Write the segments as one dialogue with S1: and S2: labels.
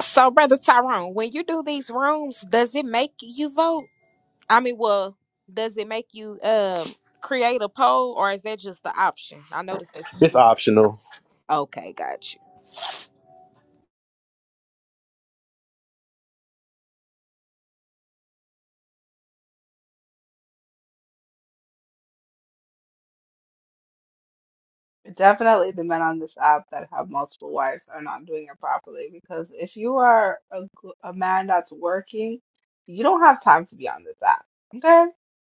S1: So, Brother Tyrone, when you do these rooms, does it make you vote? I mean, well, does it make you um create a poll or is that just the option? I noticed that's
S2: It's
S1: new.
S2: optional.
S1: Okay, got you.
S3: Definitely the men on this app that have multiple wives are not doing it properly because if you are a, g- a man that's working, you don't have time to be on this app. Okay?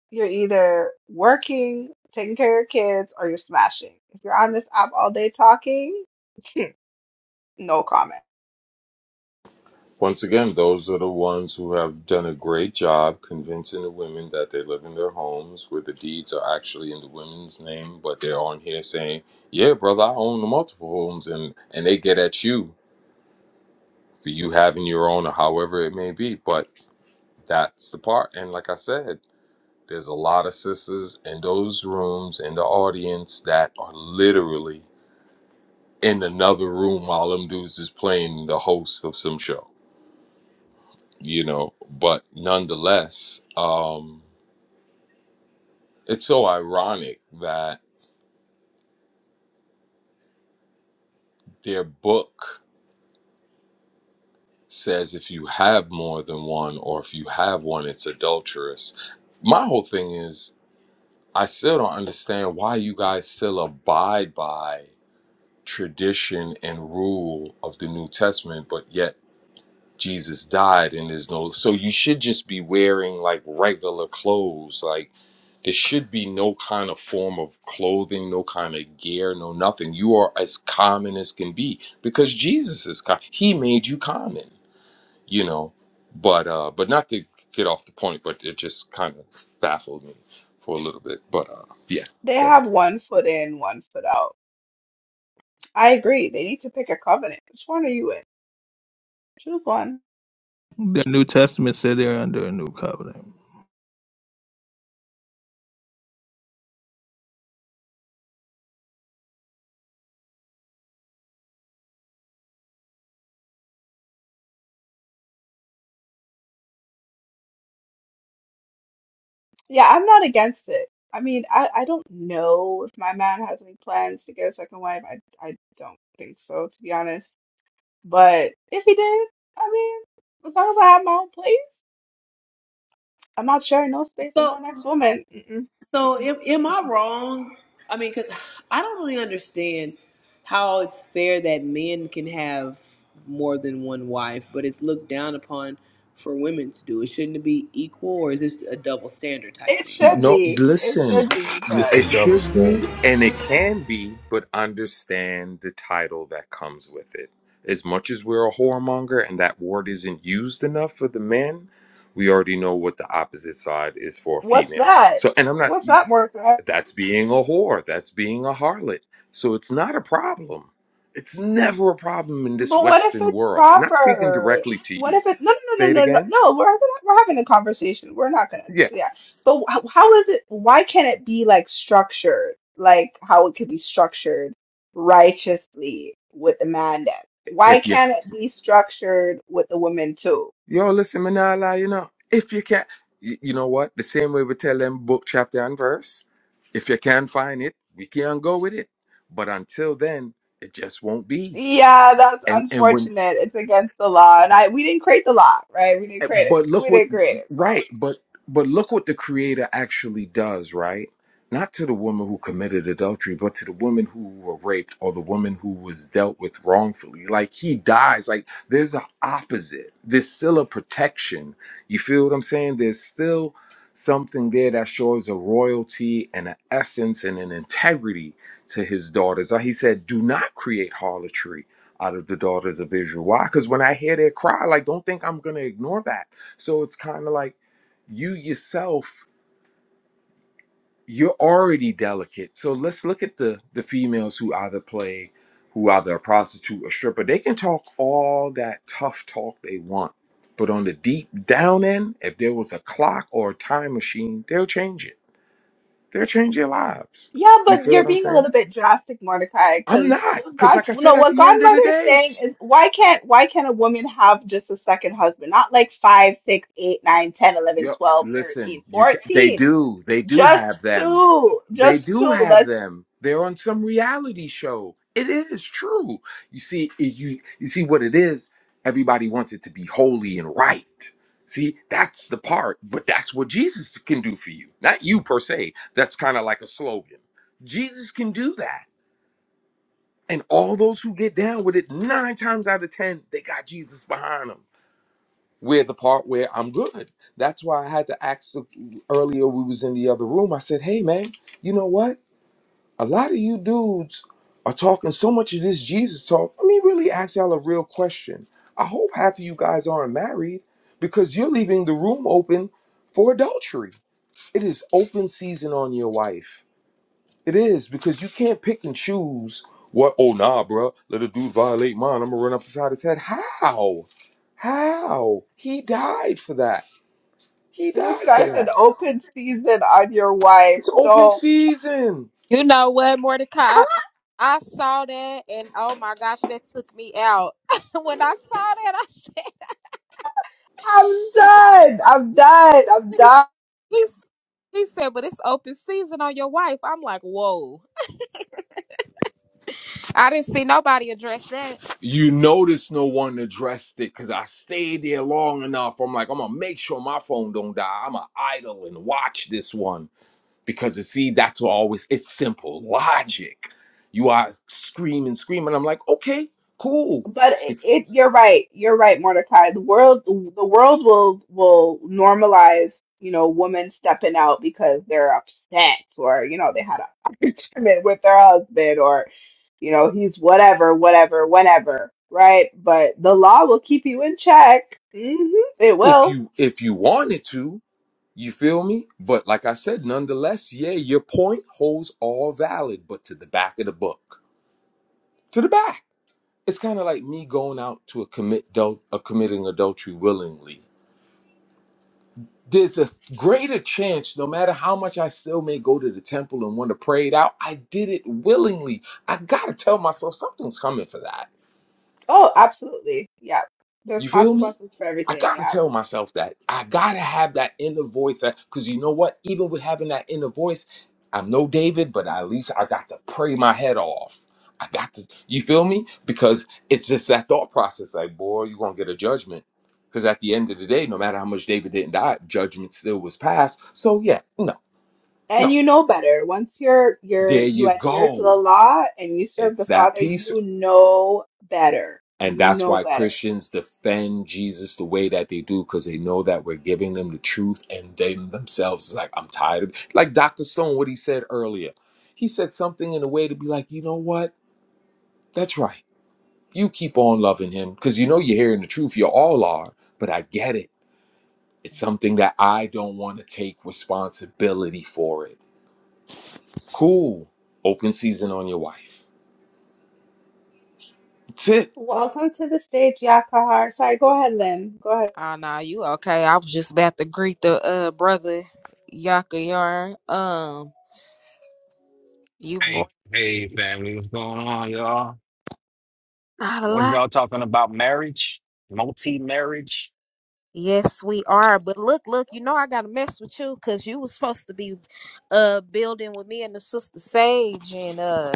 S3: You're either working, taking care of your kids, or you're smashing. If you're on this app all day talking, no comment.
S4: Once again, those are the ones who have done a great job convincing the women that they live in their homes where the deeds are actually in the women's name, but they're on here saying, Yeah, brother, I own the multiple homes and, and they get at you for you having your own or however it may be. But that's the part. And like I said, there's a lot of sisters in those rooms in the audience that are literally in another room while them dudes is playing the host of some show you know but nonetheless um it's so ironic that their book says if you have more than one or if you have one it's adulterous my whole thing is i still don't understand why you guys still abide by tradition and rule of the new testament but yet Jesus died and there's no so you should just be wearing like regular clothes like there should be no kind of form of clothing no kind of gear no nothing you are as common as can be because Jesus is com- he made you common you know but uh but not to get off the point but it just kind of baffled me for a little bit but uh yeah
S3: They
S4: go ahead.
S3: have one foot in, one foot out. I agree. They need to pick a covenant. Which one are you in? Choose one.
S5: The New Testament said they're under a new covenant.
S3: Yeah, I'm not against it. I mean, I, I don't know if my man has any plans to get a second wife. I I don't think so, to be honest. But if he did, I mean, as long as I have my own place, I'm not sharing no space with no next
S6: So,
S3: woman. Mm-mm,
S6: so
S3: mm-mm,
S6: am, am I
S3: mm-mm.
S6: wrong? I mean, because I don't really understand how it's fair that men can have more than one wife, but it's looked down upon for women to do. It shouldn't it be equal, or is this a double standard type
S3: It
S6: thing?
S3: should
S4: No,
S3: be. It
S4: listen,
S3: should be.
S7: It's
S3: But
S7: a
S4: it
S7: double
S4: should be
S7: standard.
S4: and it can be, but understand the title that comes with it. As much as we're a whoremonger and that word isn't used enough for the men, we already know what the opposite side is for a
S3: what's
S4: female.
S3: that?
S4: So, and I'm not,
S3: What's that worth?
S4: that's being a whore, that's being a harlot. So it's not a problem. It's never a problem in this
S3: But what if
S4: Western
S3: it's
S4: world. I'm not speaking
S3: proper?
S4: directly to
S3: What
S4: you.
S3: if it's no, no, no,
S4: Say it
S3: no, no,
S4: again.
S3: no? We're having, we're having a conversation. We're not gonna,
S4: Yeah.
S3: yeah. But how, how is it? Why can't it be like structured, like how it could be structured righteously with the man then? Why
S4: If you
S3: can't it be structured with the woman too?
S4: Yo, listen, Manala, you know, if you can, you, you know what? The same way we tell them book, chapter, and verse. If you can find it, we can go with it. But until then, it just won't be.
S3: Yeah, that's
S4: And and when
S3: unfortunate. It's against the law, and I we didn't create the law, right? We didn't
S4: Eh,
S3: create it.
S4: But look
S3: We
S4: what
S3: didn't create it. so.
S4: right, but but look what the creator actually does, right? Not to the woman who committed adultery, but to the woman who were raped or the woman who was dealt with wrongfully. Like he dies. Like there's an opposite. There's still a protection. You feel what I'm saying? There's still something there that shows a royalty and an essence and an integrity to his daughters. Like he said, do not create harlotry out of the daughters of Israel. Why? Because when I hear their cry, like, don't think I'm going to ignore that. So it's kind of like you yourself, you're already delicate. So let's look at the the females who either play, who either a prostitute or stripper. They can talk all that tough talk they want. But on the deep down end, if there was a clock or a time machine, they'll change it. They'll change your lives.
S3: Yeah,
S4: You
S3: but
S4: feel
S3: you're
S4: what I'm
S3: being a
S4: saying?
S3: little bit drastic, Mordecai,
S4: I'm
S3: because
S4: not.
S3: what
S4: Because
S3: God,
S4: like I
S3: no,
S4: said, at
S3: what
S4: the end of the
S3: Godmother is
S4: day,
S3: saying is why can't why can't a woman have just a second husband? Not like five, six, eight, nine, ten, eleven,
S4: Yep.
S3: twelve,
S4: Listen,
S3: thirteen,
S4: you can, they
S3: fourteen.
S4: do. They do
S3: Just
S4: have them.
S3: two.
S4: They
S3: Just
S4: do
S3: two.
S4: have
S3: Let
S4: them. They're on some reality show. It is true. You see, it- you you see what it is. Everybody wants it to be holy and right. See, that's the part. But that's what Jesus can do for you, not you per se. That's kind of like a slogan. Jesus can do that, and all those who get down with it, nine times out of ten, they got Jesus behind them we're the part where I'm good. That's why I had to ask the- earlier. We was in the other room. I said, "Hey, man, you know what? A lot of you dudes are talking so much of this Jesus talk. Let me really ask y'all a real question. I hope half of you guys aren't married because you're leaving the room open for adultery. It is open season on your wife. It is because you can't pick and choose." What? Oh nah, bruh. Let a dude violate mine. I'm gonna run up beside his head. How? How? He died for that. He
S3: this
S4: died for
S3: guy's an
S4: that.
S3: open season on your wife.
S4: It's open
S3: Don't
S4: season.
S1: You know what, Mordecai? I, I saw that and oh my gosh, that took me out. when I saw that, I said,
S3: I'm
S1: "Hey,"
S3: done. I'm done. I'm done.
S1: he's, he's, he said, but it's open season on your wife. I'm like, whoa. I didn't see nobody address that.
S4: You notice no one addressed it because I stayed there long enough. I'm like, I'm gonna make sure my phone don't die. I'm gonna idle and watch this one because you see, that's what always it's simple logic. You are screaming, screaming. I'm like, okay, cool.
S3: But it, it, you're right. You're right, Mordecai. The world, the world will will normalize, you know, women stepping out because they're upset or, you know, they had an argument with their husband or, you know, he's whatever, whatever, whenever, right? But the law will keep you in check. hmm It
S4: If
S3: will.
S4: you if you wanted to, you feel me? But like I said, nonetheless, yeah, your point holds all valid, but to the back of the book. To the back. it's kind of like me going out to a commit adul- a committing adultery willingly. There's a greater chance, no matter how much I still may go to the temple and want to pray it out, I did it willingly. I gotta tell myself something's coming for that.
S3: Oh, absolutely. Yeah. There's
S4: You feel me?
S3: consequences for
S4: I
S3: everything.
S4: gotta
S3: Yeah.
S4: tell myself that. I gotta have that inner voice that because you know what? Even with having that inner voice, I'm no David, but at least I got to pray my head off. I got to, you feel me? Because it's just that thought process like, boy, you're gonna get a judgment. Because at the end of the day, no matter how much David didn't die, judgment still was passed. So yeah, no,
S3: And
S4: no.
S3: you know better. Once you're you're
S4: There
S3: you
S4: you
S3: adhere to the
S4: go.
S3: law and you serve
S4: It's
S3: the
S4: that
S3: Father,
S4: piece
S3: you know better.
S4: And
S3: You
S4: that's
S3: know
S4: why
S3: better.
S4: Christians defend Jesus the way that they do, because they know that we're giving them the truth, and they themselves is like, I'm tired of it. like Dr. Stone, what he said earlier. He said something in a way to be like, you know what? That's right. You keep on loving him because you know you're hearing the truth. You all are, but I get it. It's something that I don't want to take responsibility for it. Cool. Open season on your wife. That's it.
S3: Welcome to the stage, Yakahar. Sorry, go ahead, Lynn. Go ahead.
S1: Oh no, you okay. I was just about to greet the uh brother Yaka Yar. Um, you more
S8: Hey, hey, family, what's going on, y'all?
S1: not a
S8: What
S1: lot.
S8: y'all talking about? Marriage, multi-marriage,
S1: Yes, we are. But look, look, you know I gotta mess with you because you was supposed to be uh building with me and the sister Sage and uh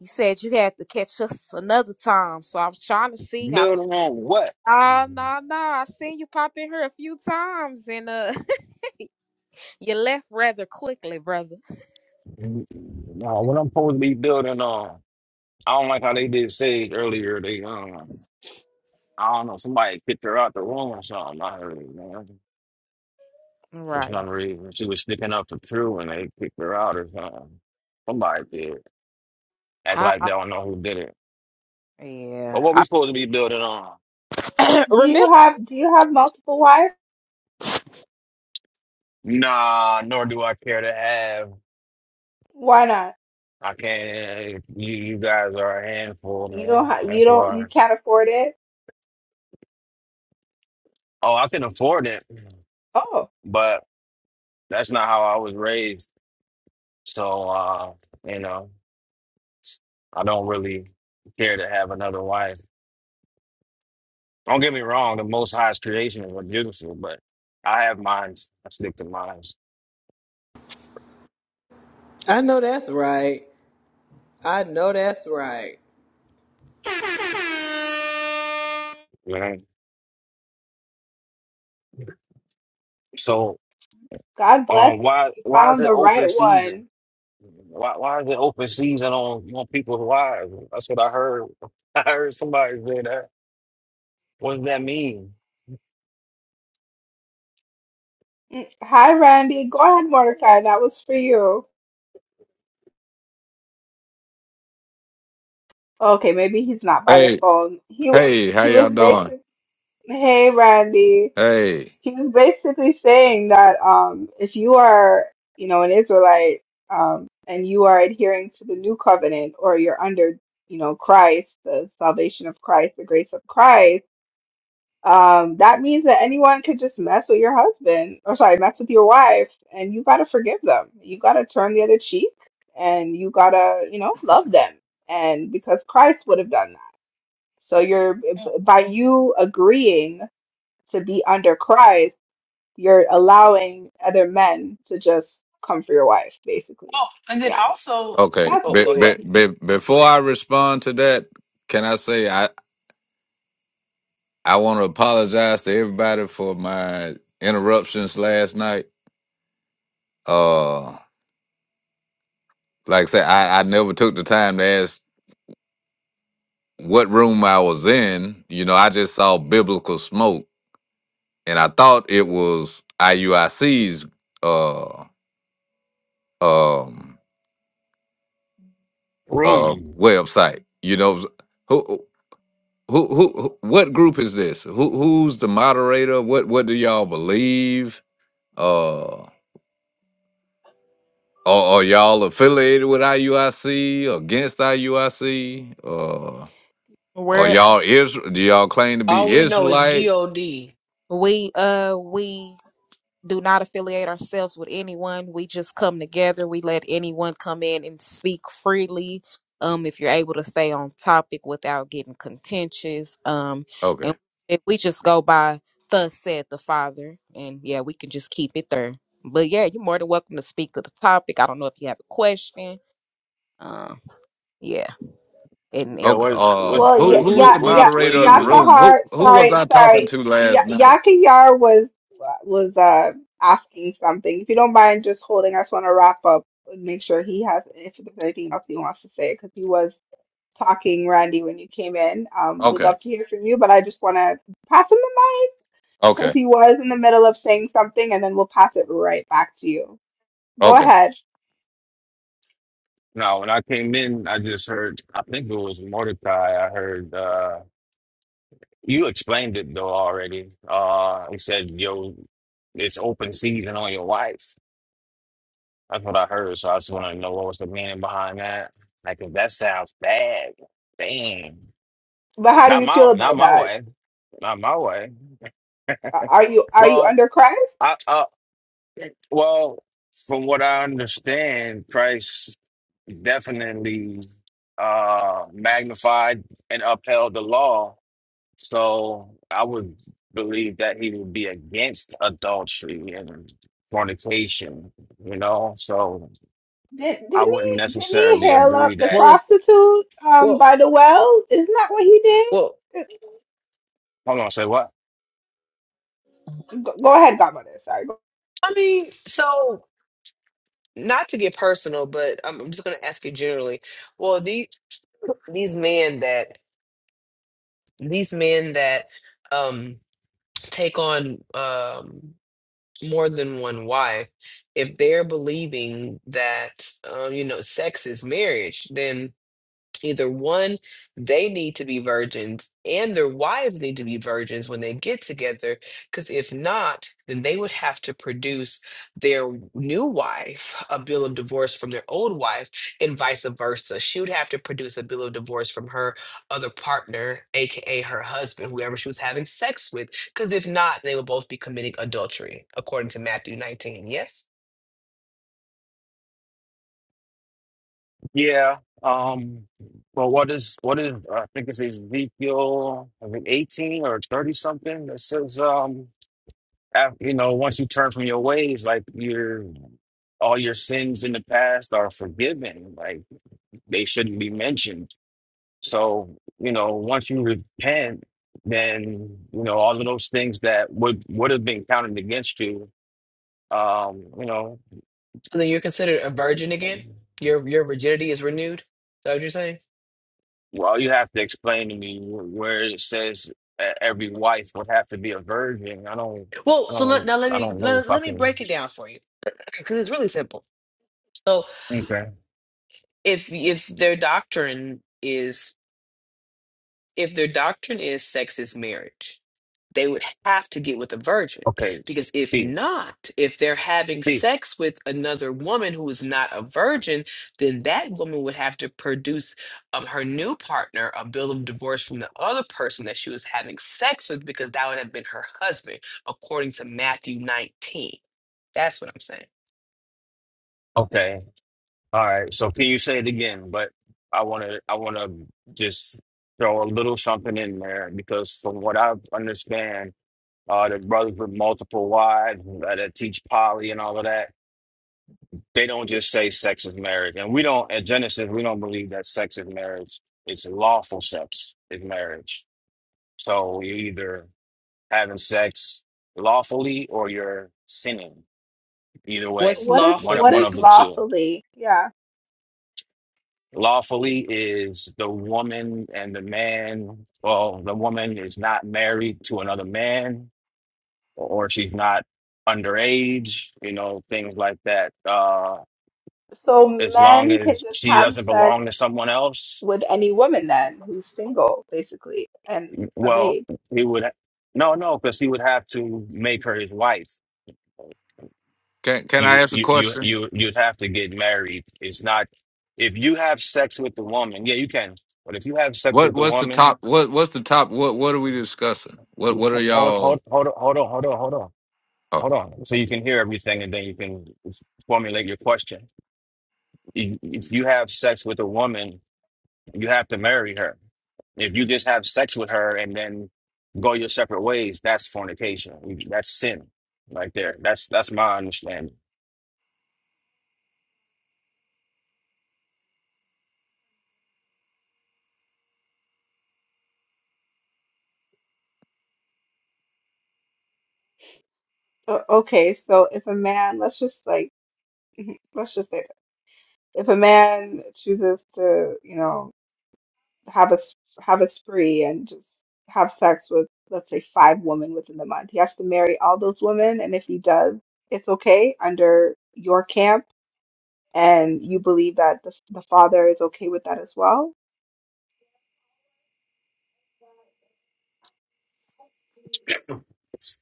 S1: you said you had to catch us another time. So I was trying to see. I
S8: building on what?
S1: Nah, nah, nah. I seen you pop in here a few times and uh you left rather quickly, brother.
S8: No, what I'm supposed to be building on. I don't like how they did Sage earlier. They, um, I don't know, somebody kicked her out the room or something. I heard it, man. For
S1: Right.
S8: some reason, she was sticking up for True, and they kicked her out or something. Somebody did act
S1: I,
S8: like
S1: I
S8: they don't know who did it. But
S1: yeah.
S8: what
S1: I
S8: we supposed to be building on?
S3: Do
S1: remember
S3: you have do you have multiple wives?
S8: Nah, nor do I care to have.
S3: Why not?
S8: I can't. You you guys are a handful,
S3: You
S8: man.
S3: don't ha you
S8: That's
S3: don't you
S8: why.
S3: can't afford it?
S8: Oh, I can afford it,
S3: Oh,
S8: but that's not how I was raised. So uh, you know, I don't really care to have another wife. Don't get me wrong. The Most High's creations are beautiful, but I have mines. I stick to mines.
S6: I know that's right. I know that's right.
S8: You know. So,
S3: God bless.
S8: um, why
S3: You
S8: why is
S3: found
S8: it
S3: the
S8: open
S3: right
S8: season?
S3: one.
S8: Why why is it open season on on people's wives? That's what I heard. I heard somebody say that. What does that mean?
S3: Mm. Hi, Randy. Go ahead, Mordecai. That was for you. Okay, maybe he's not by the
S9: Hey,
S3: phone. He w-
S9: hey, how
S3: he
S9: y'all
S3: was
S9: doing?
S3: basically, hey, Randy.
S9: Hey,
S3: He was basically saying that um, if you are, you know, an Israelite um, and you are adhering to the new covenant or you're under, you know, Christ, the salvation of Christ, the grace of Christ, um, that means that anyone could just mess with your husband, or sorry, mess with your wife, and you got to forgive them. You got to turn the other cheek and you got to, you know, love them. And because Christ would have done that. So you're, by you agreeing, to be under Christ you're allowing other men to just come for your wife, basically.
S6: And then,
S3: Yeah,
S6: oh,
S9: okay.
S3: that's
S9: Be,
S6: go
S3: really
S6: ahead.
S3: what
S9: be,
S3: he.
S9: be, before I respond to that, can I say I, I want to apologize to everybody for my interruptions last night. Uh, like I said, I, I never took the time to ask what room I was in. You know, I just saw biblical smoke, and I thought it was IUIC's uh um uh
S8: Room.
S9: website. You know, who? Who, who, who- what group is this? Who, who's the moderator? What, what do y'all believe? Uh, are, are y'all affiliated with IUIC? Against IUIC? Uh, are
S1: where
S9: y'all Israel? Do y'all claim to
S6: All
S9: be
S6: we know is
S9: Israelites?
S6: God.
S1: we uh we do not affiliate ourselves with anyone. We just come together. We let anyone come in and speak freely. Um, if you're able to stay on topic without getting contentious, um,
S9: Okay.
S1: and if we just go by "Thus said the Father," and yeah, we can just keep it there. But yeah, you're more than welcome to speak to the topic. I don't know if you have a question. Um, yeah. And, and
S8: Yeah,
S9: Okay.
S8: what what
S9: Uh,
S3: Well, yeah,
S9: who,
S8: what
S9: who's
S8: what
S9: the
S3: yeah,
S8: what, do you-
S3: yeah.
S8: what do
S9: moderator of
S8: you
S9: the
S8: believe?
S9: room? Who,
S3: Yakahar,
S9: who was
S3: sorry,
S9: I talking
S3: sorry.
S9: to
S3: Ya
S9: last night?
S3: Yakayar was was uh asking something. If you don't mind just holding, I just want to wrap up and make sure he has if there's anything else he wants to say because he was talking, Randy, when you came in. Um, we'd
S9: Okay.
S3: love to hear from you, but I just want to pass him the mic because
S9: Okay.
S3: he was in the middle of saying something, and then we'll pass it right back to you. Go
S9: Okay.
S3: ahead.
S8: No, when I came in, I just heard I think it was Mordecai. I heard uh you explained it though already. Uh he said, Yo, it's open season on your wife. That's what I heard. So I just wanna know what was the meaning behind that. Like if that sounds bad. Damn.
S3: But how do
S8: Not
S3: you feel
S8: my not
S3: about
S8: my
S3: that?
S8: way. Not my way.
S3: Are are you are you
S8: Well,
S3: under Christ?
S8: I, I Well, from what I understand, Christ definitely uh magnified and upheld the law. So I would believe that he would be against adultery and fornication, you know? So
S3: Did
S8: I
S3: didn't
S8: wouldn't
S3: he didn't he
S8: necessarily
S3: hail
S8: agree
S3: up the
S8: that
S6: Well, if
S3: prostitute um by
S6: well,
S3: the well? Isn't that what he did?
S6: well,
S8: hold on, say what?
S3: Go, go ahead, Godmother. Sorry.
S6: I mean, so not to get personal, but I'm I'm just gonna ask you generally. Well, the these men that these men that um take on um more than one wife if they're believing that um you know sex is marriage then Either one, they need to be virgins and their wives need to be virgins when they get together, because if not, then they would have to produce their new wife a bill of divorce from their old wife and vice versa. She would have to produce a bill of divorce from her other partner, aka her husband, whoever she was having sex with, because if not, they would both be committing adultery, according to Matthew 19. Yes?
S8: Yeah. Um well what is what is I think it's Ezekiel I think eighteen or thirty something that says um af- you know, once you turn from your ways, like your all your sins in the past are forgiven. Like they shouldn't be mentioned. So, you know, once you repent, then, you know, all of those things that would would have been counted against you, um, you know,
S6: So then you're considered a virgin again? Your your virginity is renewed? Is that what you're saying?
S8: well, you have to explain to me wh- where it says e- every wife would have to be a virgin. I don't, I
S6: Well, so let,
S8: don't,
S6: now let
S8: I
S6: me
S8: don't know if
S6: let,
S8: I
S6: let me
S8: can.
S6: break it down for you because it's really simple. So
S8: Okay.
S6: if if their doctrine is if their doctrine is sex is marriage, they would have to get with a virgin
S8: Okay.
S6: because if
S8: See,
S6: not, if they're having
S8: see.
S6: sex with another woman who is not a virgin, then that woman would have to produce um, her new partner a bill of divorce from the other person that she was having sex with because that would have been her husband according to Matthew 19. That's what I'm saying.
S8: Okay. All right. So can you say it again? But I want to I want to just throw a little something in there because from what I understand, uh, the brothers with multiple wives that, that teach poly and all of that, they don't just say sex is marriage. And we don't at Genesis, we don't believe that sex is marriage. It's lawful sex is marriage. So you're either having sex lawfully or you're sinning. Either way,
S6: What's
S3: What is
S8: one
S6: lawful
S8: of,
S3: what
S8: one
S3: is
S8: of the
S6: sex?
S8: two.
S3: lawfully? Yeah.
S8: Lawfully is the woman and the man, well, the woman is not married to another man or she's not underage, you know, things like that. Uh,
S3: So
S8: as long
S3: men can
S8: as
S3: just
S8: she
S3: have
S8: doesn't belong
S3: sex
S8: to someone else,
S3: with any woman then who's single, basically, and of
S8: well,
S3: age.
S8: he would, no, no, because he would have to make her his wife.
S9: Can, can I
S8: You,
S9: ask a
S8: you, you,
S9: question?
S8: you, you'd have to get married. It's not, if you have sex with the woman, yeah, you can. But if you have sex
S9: What,
S8: with the
S9: what's the
S8: woman,
S9: top? What, what's the top? What, what are we discussing? What, what
S8: Which-
S9: are
S8: Hold, hold,
S9: y'all?
S8: hold on, hold on, hold on, hold on,
S9: Oh.
S8: hold on. So you can hear everything, and then you can s- formulate your question. If if you have sex with a woman, you have to marry her. If you just have sex with her and then go your separate ways, that's fornication. That's sin, right there. That's that's my understanding.
S3: O- Okay, so if a man, let's just like let's just say, this. if a man chooses to, you know. have a s- have a spree and just have sex with let's say five women within the month. He has to marry all those women, and if he does, it's okay under your camp, and you believe that the, the father is okay with that as well.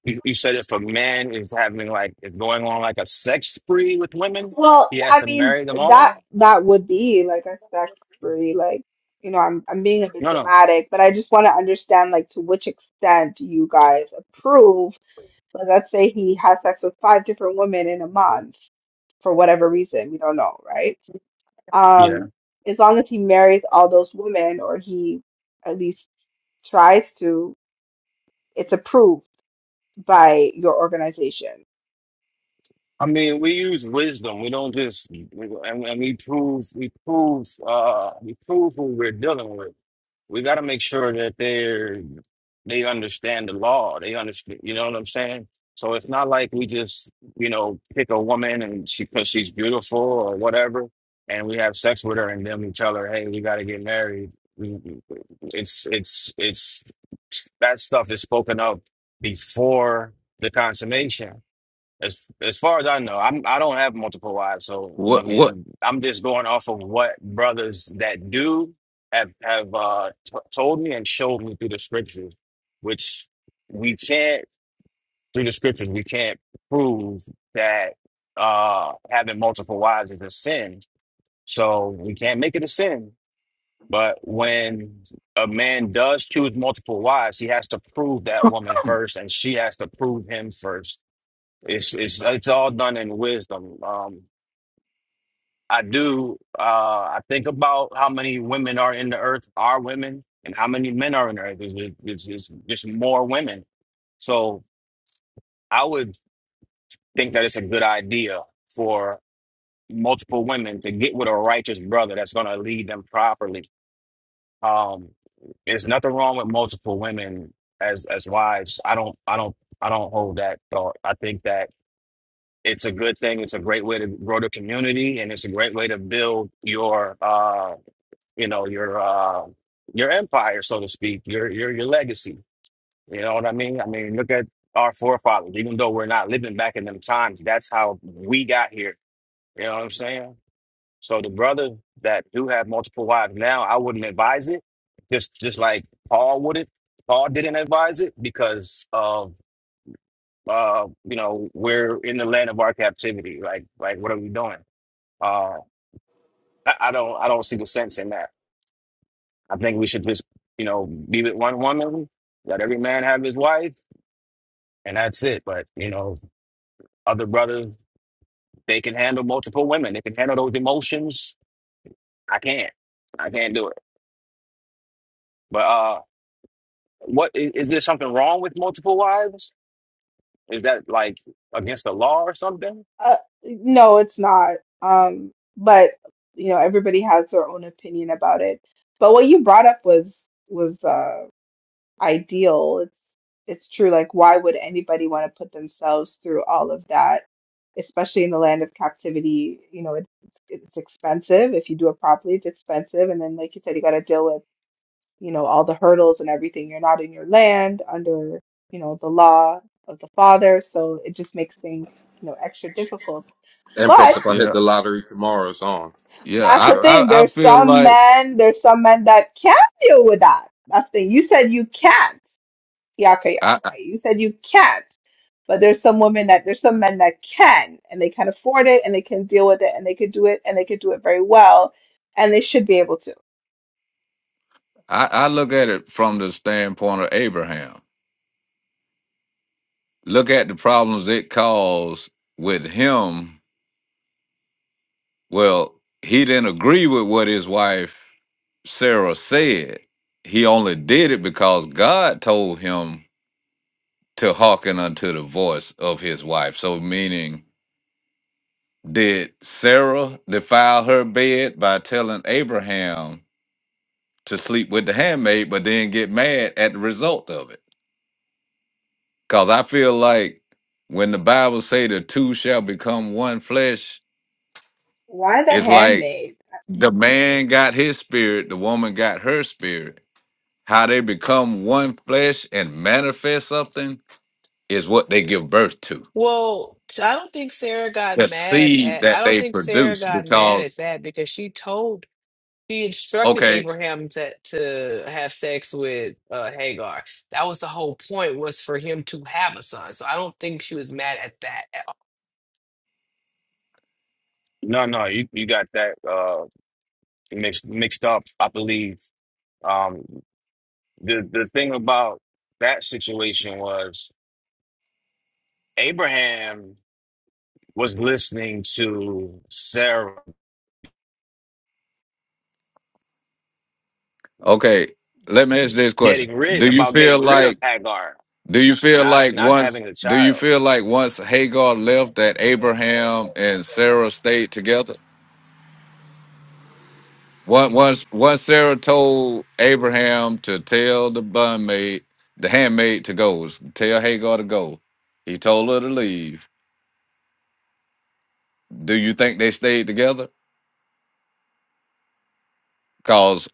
S8: You, you said if a man is having like is going on like a sex spree with women, he
S3: Well,
S8: has
S3: I
S8: to
S3: mean
S8: marry them
S3: that
S8: all.
S3: that would be like a sex spree, like. You know, I'm I'm being a bit
S8: No,
S3: dramatic, but I just want to understand like to which extent you guys approve. Like, let's say he has sex with five different women in a month for whatever reason, we don't know, right?
S8: no.
S3: Um, as long as he marries all those women, or he at least tries to, it's approved by your organization.
S8: I mean, we use wisdom. We don't just, we, and, and we prove, we prove, uh, we prove who we're dealing with. We got to make sure that they're, they understand the law. They understand, you know what I'm saying? So it's not like we just, you know, pick a woman and she, cause she's beautiful or whatever, and we have sex with her and then we tell her, hey, we got to get married. We- we- It's, it's, it's, that stuff is spoken of before the consummation. As as far as I know, I'm I don't have multiple wives, so I
S9: what what
S8: mean, I'm just going off of what brothers that do have have uh t told me and showed me through the scriptures, which we can't through the scriptures we can't prove that uh having multiple wives is a sin. So we can't make it a sin. But when a man does choose multiple wives, he has to prove that woman first, and she has to prove him first. It's it's it's all done in wisdom. Um, I do. Uh, I think about how many women are in the earth are women, and how many men are in the earth. It's, it's, it's just more women. So I would think that it's a good idea for multiple women to get with a righteous brother that's going to lead them properly. Um, there's nothing wrong with multiple women as as wives. I don't. I don't. I don't hold that thought. I think that. it's a good thing. It's a great way to grow the community, and it's a great way to build your, uh, you know, your uh, your empire, so to speak, your your your legacy. You know what I mean? I mean, look at our forefathers. Even though we're not living back in them times, that's how we got here. You know what I'm saying? So the brothers that do have multiple wives now, I wouldn't advise it. Just just like Paul wouldn't. Paul didn't advise it because of uh, you know, we're in the land of our captivity. Like like, what are we doing? Uh, I, I don't I don't see the sense in that. I think we should just you know be with one woman, let every man have his wife, and that's it. But you know, other brothers they can handle multiple women. They can handle those emotions. I can't. I can't do it. But uh, what is, is there something wrong with multiple wives? Is that like against the law or something?
S3: Uh, no, it's not. Um, but you know, everybody has their own opinion about it. But what you brought up was was uh, ideal. It's it's true. Like, why would anybody want to put themselves through all of that? especially in the land of captivity, you know, it, it's it's expensive. If you do it properly, it's expensive. And then, like you said, you got to deal with you know, all the hurdles and everything. You're not in your land under, you know, the law of the father. So it just makes things, you know, extra difficult.
S4: Empress,
S3: But
S4: if I hit
S9: Yeah,
S4: the lottery tomorrow, it's on.
S9: yeah.
S3: that's the
S9: I,
S4: Yeah.
S3: thing.
S9: I, I
S3: There's
S9: feel
S3: some
S9: like
S3: men, there's some men that can deal with that. That's the thing. You said you can't. Yeah, okay, all
S9: I,
S3: right. You said you can't. But there's some women that there's some men that can and they can afford it and they can deal with it and they could do it and they could do it very well and they should be able to.
S9: I, I look at it from the standpoint of Abraham. Look at the problems it caused with him. Well, he didn't agree with what his wife Sarah said. He only did it because God told him to hearken unto the voice of his wife. So, meaning, did Sarah defile her bed by telling Abraham to sleep with the handmaid, but then get mad at the result of it? Cause I feel like when the Bible say the two shall become one flesh,
S3: Why the
S9: it's like
S3: handmaid?
S9: the man got his spirit, the woman got her spirit. How they become one flesh and manifest something is what they give birth to.
S6: Well, t- I don't think Sarah got
S9: The
S6: mad
S9: seed
S6: at I
S9: that
S6: don't
S9: they
S6: think Sarah
S9: produce.
S6: got mad
S9: Because
S6: at that because she told she instructed
S9: okay,
S6: Abraham to to have sex with uh Hagar. That was the whole point was for him to have a son. So I don't think she was mad at that at all.
S8: No, no, you you got that uh mixed mixed up. I believe um the the thing about that situation was. Abraham was listening to Sarah
S9: okay, let me ask this question.
S8: getting rid
S9: Do you
S8: about getting
S9: feel
S8: rid of
S9: like
S8: Hagar,
S9: do you feel
S8: not
S9: like
S8: not
S9: once
S8: having a
S9: do you
S8: child.
S9: feel like once Hagar left that Abraham and Sarah stayed together? Once once once Sarah told Abraham to tell the bun maid, the handmaid to go, tell Hagar to go. He told her to leave. Do you think they stayed together? Cause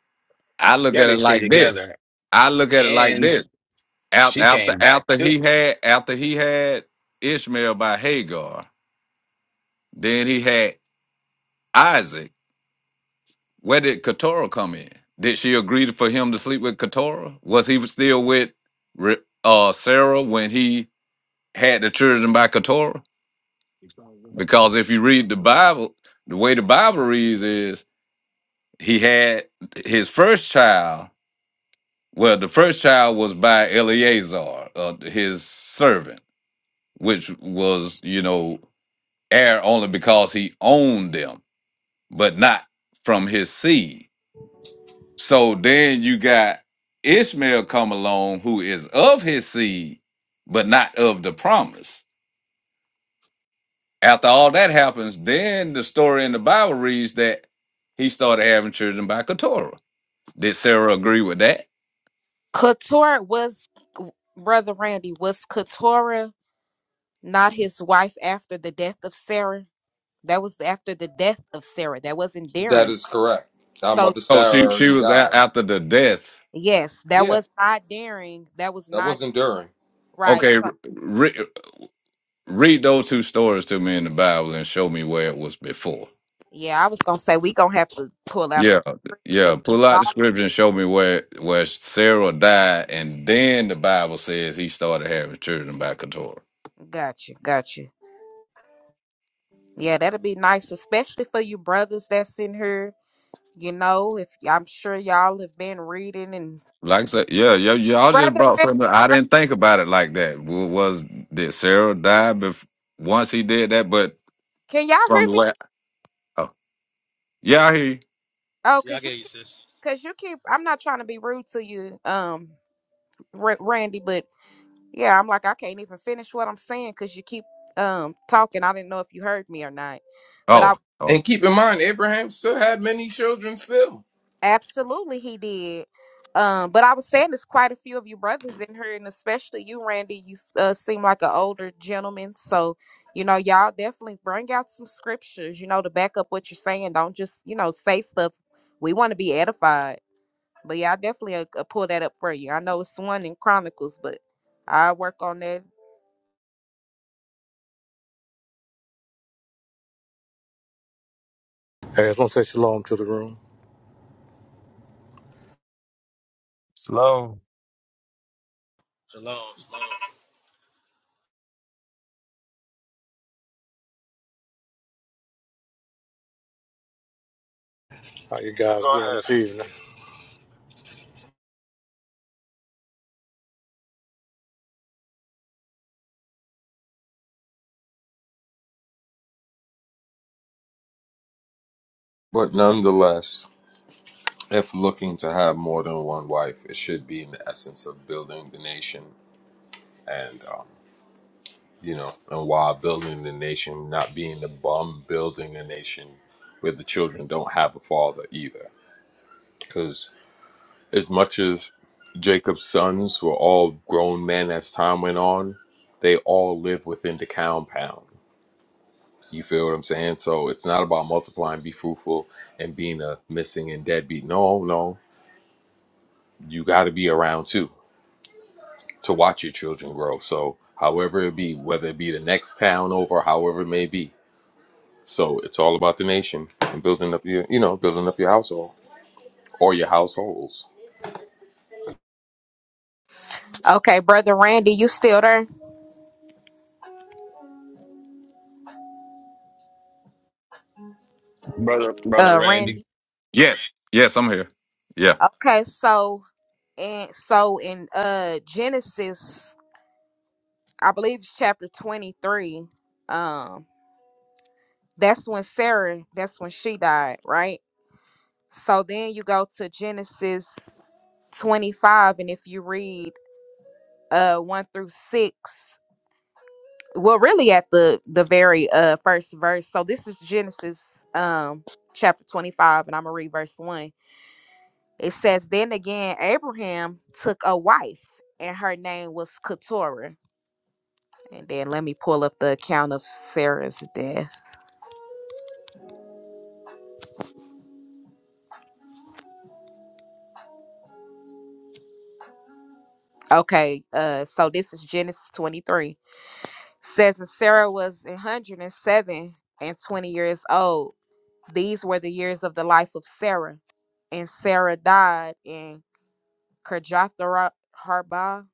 S9: I look
S8: Yeah,
S9: at
S8: they
S9: it
S8: stayed
S9: like this.
S8: together,
S9: I look at it like
S8: and
S9: this. After
S8: she
S9: after
S8: came back
S9: after
S8: too,
S9: he had after he had Ishmael by Hagar, then he had Isaac. Where did Keturah come in? Did she agree for him to sleep with Keturah? Was he still with Re- uh Sarah when he had the children by Keturah? Because if you read the Bible, the way the Bible reads is he had his first child. Well, the first child was by Eleazar, uh, his servant, which was, you know, heir only because he owned them, but not from his seed. So then you got Ishmael come along, who is of his seed, but not of the promise. After all that happens, then the story in the Bible reads that he started having children by Keturah. Did Sarah agree with that?
S1: Katora was brother Randy was Katora not his wife after the death of Sarah? That was after the death of Sarah. That wasn't
S4: That
S1: daring.
S4: is correct. Our
S1: So
S4: mother
S9: Oh,
S4: Sarah
S9: she she
S4: already
S9: was
S4: died.
S9: a- after the death.
S1: yes, that
S4: Yeah,
S1: was not daring. That was
S4: that
S1: not
S4: wasn't during.
S1: right. so
S9: Okay, re- read those two stories to me in the Bible and show me where it was before.
S1: Yeah, I was gonna say we gonna have to pull out
S9: Yeah,
S1: some. shit.
S9: yeah. Pull out the scripture and show me where where Sarah died, and then the Bible says he started having children by Keturah.
S1: Gotcha, gotcha. Yeah, that'll be nice, especially for you brothers that's in here. You know, if I'm sure y'all have been reading and
S9: Like I said, yeah, y- y'all just
S1: brother
S9: brought
S1: Randy,
S9: something. I
S1: brother,
S9: didn't think about it like that. W- Was did Sarah die bef- once he did that? But
S1: can y'all
S9: from
S1: hear
S9: the
S1: me?
S9: way, oh, yeah, I hear you.
S1: Oh,
S10: Yeah, I
S1: cause you,
S10: get you,
S1: keep-
S10: sis.
S1: cause you keep. I'm not trying to be rude to you, um, Ra- Randy, but yeah, I'm like I can't even finish what I'm saying because you keep um talking. I didn't know if you heard me or not, but I.
S9: Oh, oh,
S4: And keep in mind, Abraham still had many children still.
S1: Absolutely, he did. Um, but I was saying there's quite a few of you brothers in here, and especially you, Randy. You uh, seem like an older gentleman, so you know y'all definitely bring out some scriptures, you know, to back up what you're saying. Don't just you know say stuff. We want to be edified, but yeah, I definitely uh, uh, pull that up for you. I know it's one in Chronicles, but I work on that.
S11: Hey, I just want to say shalom to the room.
S7: Slow.
S10: Shalom, shalom.
S11: How you guys doing this evening?
S4: But nonetheless, if looking to have more than one wife, it should be in the essence of building the nation and, um, you know, and while building the nation, not being the bum building a nation where the children don't have a father either. because. As much as Jacob's sons were all grown men as time went on, they all live within the compound. You feel what I'm saying? So it's not about multiplying, be fruitful, and being a missing and deadbeat. No, no. You got to be around too to watch your children grow. So, however it be, whether it be the next town over, however it may be. So it's all about the nation and building up your, you know, building up your household or your households.
S1: Okay, brother Randy, you still there?
S8: brother. Brother
S1: Uh,
S8: Randy,
S1: Randy.
S9: yes, yes, I'm here. Yeah.
S1: Okay, so and so in uh Genesis. I believe it's chapter 23. Um, that's when Sarah, that's when she died, right? So then you go to Genesis 25, and if you read uh one through six, well, really at the the very uh first verse. So this is Genesis um chapter 25, and I'm gonna read verse one. It says, Then again, Abraham took a wife, and her name was Keturah. And then let me pull up the account of Sarah's death. Okay, uh, so this is Genesis 23. Says, and Sarah was a 107 and seven and 20 years old. These were the years of the life of Sarah. And Sarah died in Kirjathara Harbah,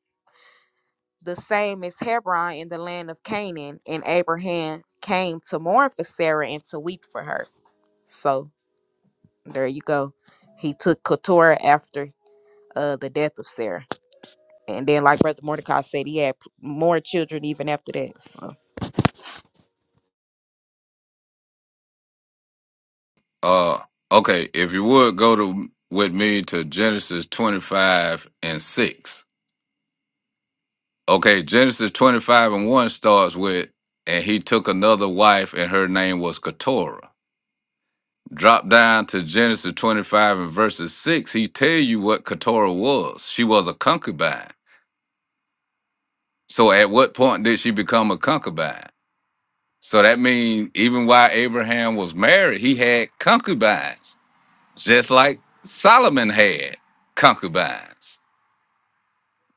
S1: the same as Hebron in the land of Canaan. And Abraham came to mourn for Sarah and to weep for her. So there you go. He took Keturah after uh, the death of Sarah. And then, like Brother Mordecai said, he had p- more children even after that. So.
S9: Uh, okay. If you would go to with me to Genesis 25 and six. Okay, Genesis 25 and one starts with, and he took another wife, and her name was Keturah. drop down to Genesis 25 and verses 6, he tell you what Keturah was. She was a concubine. So at what point did she become a concubine? So that means even while Abraham was married, he had concubines, just like Solomon had concubines.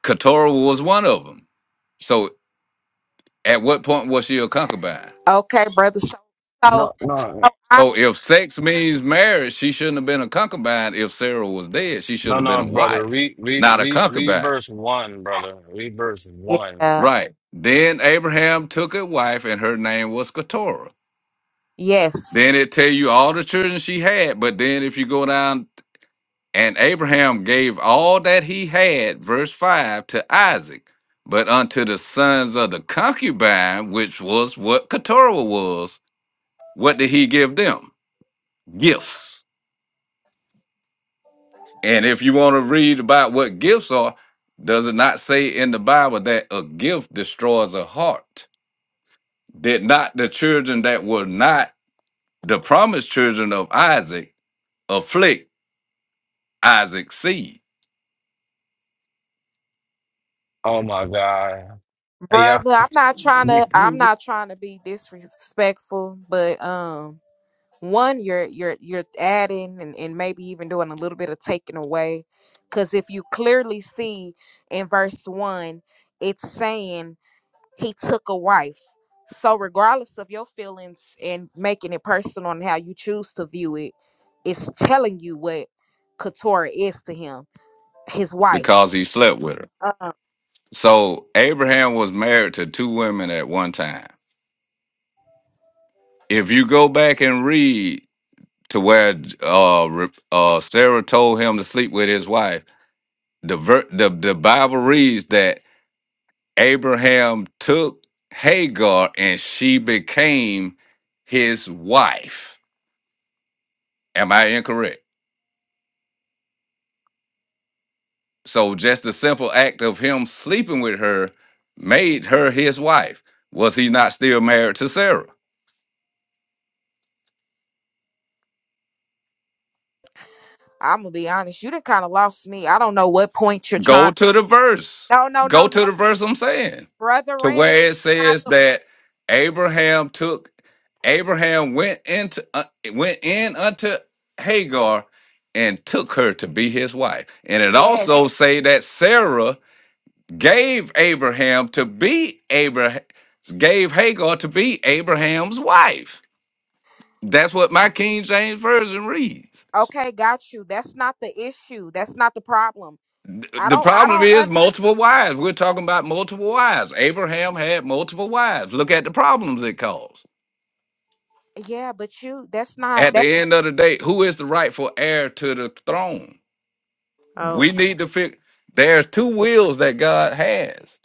S9: Keturah was one of them. So at what point was she a concubine?
S1: Okay, brother. So, so,
S8: no,
S1: so
S8: no,
S1: I,
S9: So if sex means marriage, she shouldn't have been a concubine. If Sarah was dead, she should
S8: no,
S9: have been
S8: no,
S9: a
S8: brother.
S9: wife,
S8: Re, re,
S9: not a
S8: re,
S9: concubine.
S8: reverse one, brother. Reverse one.
S1: yeah,
S9: Right. Then Abraham took a wife, and her name was Keturah.
S1: yes,
S9: Then it tell you all the children she had, but then if you go down, and Abraham gave all that he had, verse five, to Isaac, but unto the sons of the concubine, which was what Keturah was, what did he give them? Gifts. And if you want to read about what gifts are, does it not say in the Bible that a gift destroys a heart? Did not the children that were not The promised children of Isaac afflict Isaac's seed
S8: Oh my God. Hey, yeah.
S1: brother. I'm not trying to. I'm not trying to be disrespectful, but um, one, you're you're you're adding and and maybe even doing a little bit of taking away, because if you clearly see in verse one, it's saying he took a wife. So regardless of your feelings and making it personal and how you choose to view it, it's telling you what Keturah is to him his wife.
S9: because he slept with her.
S1: Uh,
S9: So Abraham was married to two women at one time. If you go back and read to where uh, re- uh, Sarah told him to sleep with his wife, the, ver- the the Bible reads that Abraham took Hagar and she became his wife. Am I incorrect? So just the simple act of him sleeping with her made her his wife. Was he not still married to Sarah?
S1: I'm gonna be honest, you done kind of lost me. I don't know what point you're
S9: Go
S1: trying.
S9: to the verse.
S1: No, no,
S9: Go
S1: no,
S9: to
S1: no,
S9: the verse I'm saying.
S1: brother
S9: To
S1: Randy.
S9: where it
S1: Not
S9: says
S1: the
S9: that Abraham took Abraham went into uh, went in unto Hagar and took her to be his wife. And it also
S1: yes.
S9: say that Sarah gave Abraham to be Abraham gave Hagar to be Abraham's wife. That's what my King James Version reads.
S1: Okay, got you. That's not the issue. That's not the problem.
S9: Th-
S1: I
S9: The
S1: don't. I
S9: problem
S1: don't.
S9: is
S1: Un-
S9: multiple wives. We're talking about multiple wives. Abraham had multiple wives. Look at the problems it caused.
S1: yeah, but you. That's not
S9: At
S1: that.
S9: the end of the day, who is the rightful heir to the throne?
S1: Oh
S9: We
S1: my.
S9: need to fix. There's two wills that God has.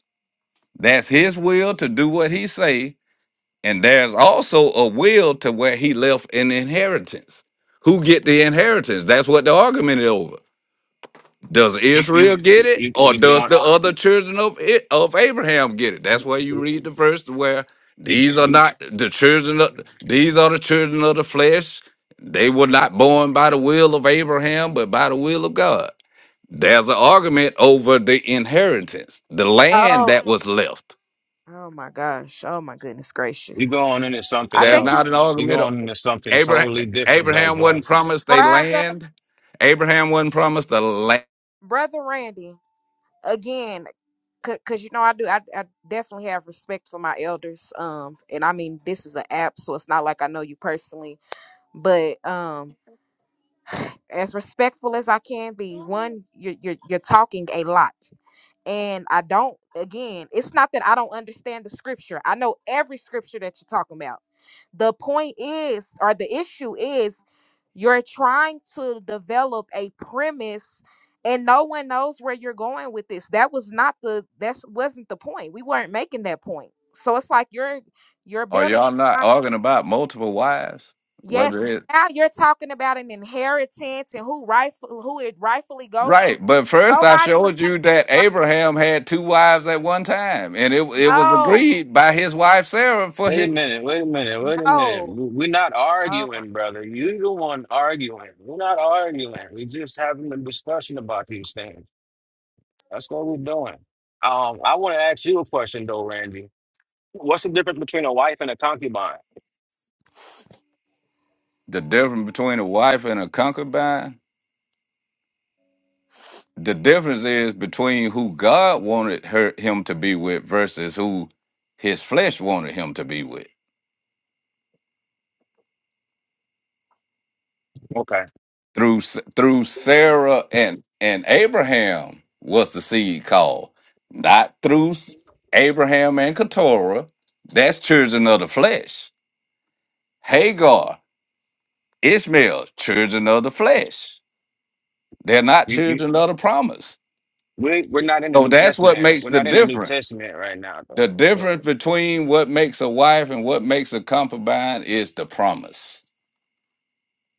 S9: That's His will to do what He say, and there's also a will to where He left an inheritance. Who get the inheritance? That's what the argument is over. Does
S8: You, you,
S9: Israel get it,
S8: you,
S9: or
S8: you
S9: does
S8: going?
S9: the other children of it, of Abraham get it? That's why you read the verse where
S8: You,
S9: these are
S8: you
S9: not the children of these are the children of the flesh. They were not born by the will of Abraham, but by the will of God. There's an argument over the inheritance, the land
S1: Oh.
S9: that was left.
S1: Oh my gosh. Oh my goodness
S8: You're
S1: gracious.
S8: going into something
S1: I
S9: There's
S1: think you,
S9: not
S8: else.
S9: an
S8: You're
S9: argument. Of,
S8: going into something
S9: Abraham
S8: totally different, though,
S9: Abraham
S8: bro.
S9: wasn't promised a
S1: brother,
S9: land. Abraham wasn't promised a land.
S1: brother Randy. Again, because you know I do I, I definitely have respect for my elders um and I mean this is an app so it's not like I know you personally but um as respectful as I can be one you're you're, you're talking a lot and I don't again, it's not that I don't understand the scripture. I know every scripture that you're talking about. The point is or the issue is you're trying to develop a premise and no one knows where you're going with this. That was not the that's wasn't the point. We weren't making that point. So it's like you're you're
S9: Are
S1: building
S9: y'all not
S1: on-
S9: arguing about multiple wives?
S1: yes,
S9: Whether
S1: but
S9: it
S1: now you're talking about an inheritance and who rightful who it rightfully goes to.
S9: Right, but first I
S1: Nobody was
S9: showed
S1: having
S9: you that Abraham had two wives at one time, and it it was
S1: no,
S9: agreed by his wife Sarah for
S8: Wait a
S9: him.
S8: minute. Wait a minute. Wait a minute.
S1: no.
S8: We- We're not
S1: Oh my.
S8: arguing, brother. you the one arguing. We're not arguing. We're just having a discussion about these things. That's what we're doing. Um, I want to ask you a question, though, Randy. What's the difference between a wife and a concubine?
S9: The difference between a wife and a concubine, the difference is between who God wanted her him to be with versus who his flesh wanted him to be with.
S8: Okay.
S9: Through S- through Sarah and and Abraham was the seed called, not through Abraham and Keturah. That's children of the flesh. Hagar Ishmael, children of the flesh. They're not
S8: You, you,
S9: children of the promise.
S8: we, we're not in the
S9: So
S8: New
S9: that's what
S8: Testament.
S9: makes
S8: We're
S9: the
S8: not in the New
S9: difference.
S8: Testament right now,
S9: The
S8: though.
S9: difference between what makes a wife and what makes a concubine is the promise.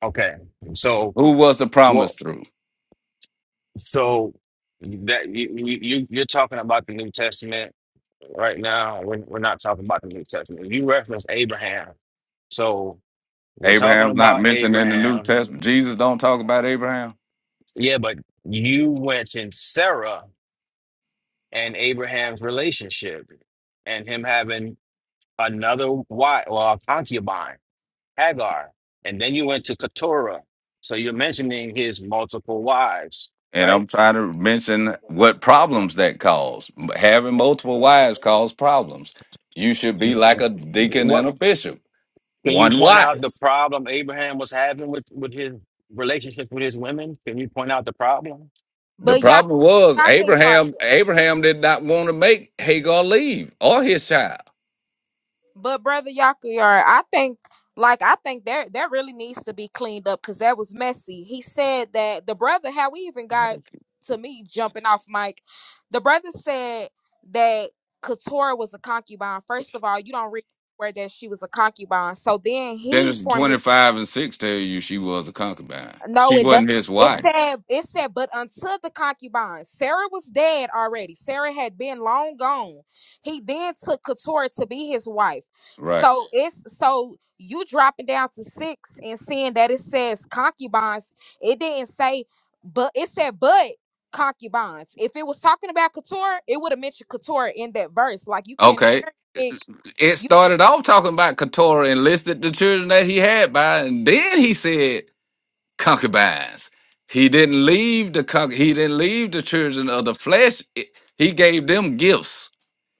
S8: Okay. So,
S9: Who was the
S8: what?
S9: promise through?
S8: So that you, you you- you're talking about the New Testament right now. We're, we're not talking about the New Testament. You referenced Abraham, so we're talking
S9: Abraham's not
S8: about
S9: mentioned in the New
S8: Abraham.
S9: Testament. Jesus don't talk about Abraham.
S8: Yeah, but you went in Sarah and Abraham's relationship, and him having another wife, well, a concubine, Hagar, and then you went to Keturah. So you're mentioning his multiple wives,
S9: And
S8: right?
S9: I'm trying to mention what problems that caused. Having multiple wives caused problems. You should be like a deacon
S8: What
S9: and a bishop,
S8: can you
S9: one
S8: point out the
S9: wife.
S8: problem Abraham was having with with his relationship with his women? Can you point out the problem?
S9: The
S1: But Yaka
S9: problem was
S1: Yaka Yard.
S9: Abraham. Abraham did not want to make Hagar leave or his child.
S1: But brother Yaka Yard, I think like I think that that really needs to be cleaned up because that was messy. He said that the brother, how we even got to me jumping off mic, the brother said that Katora was a concubine. First of all, you don't read where that she was a concubine. So then he
S9: Genesis
S1: formulated.
S9: twenty five and six tell you she was a concubine.
S1: No,
S9: She
S1: it does.
S9: wasn't his
S1: It
S9: wife,
S1: said it said, but until the concubine, Sarah was dead already. Sarah had been long gone. He then took Keturah to be his wife.
S9: right?
S1: So it's so you dropping down to six and seeing that it says concubines. It didn't say, but it said but concubines. If it was talking about Keturah, it would have mentioned Keturah in that verse. Like you can't
S9: Okay.
S1: cherry pick
S9: It
S1: you
S9: started off talking about Keturah and listed the children that he had by, and then he said concubines. He didn't leave the conc- he didn't leave the children of the flesh. It- He gave them gifts.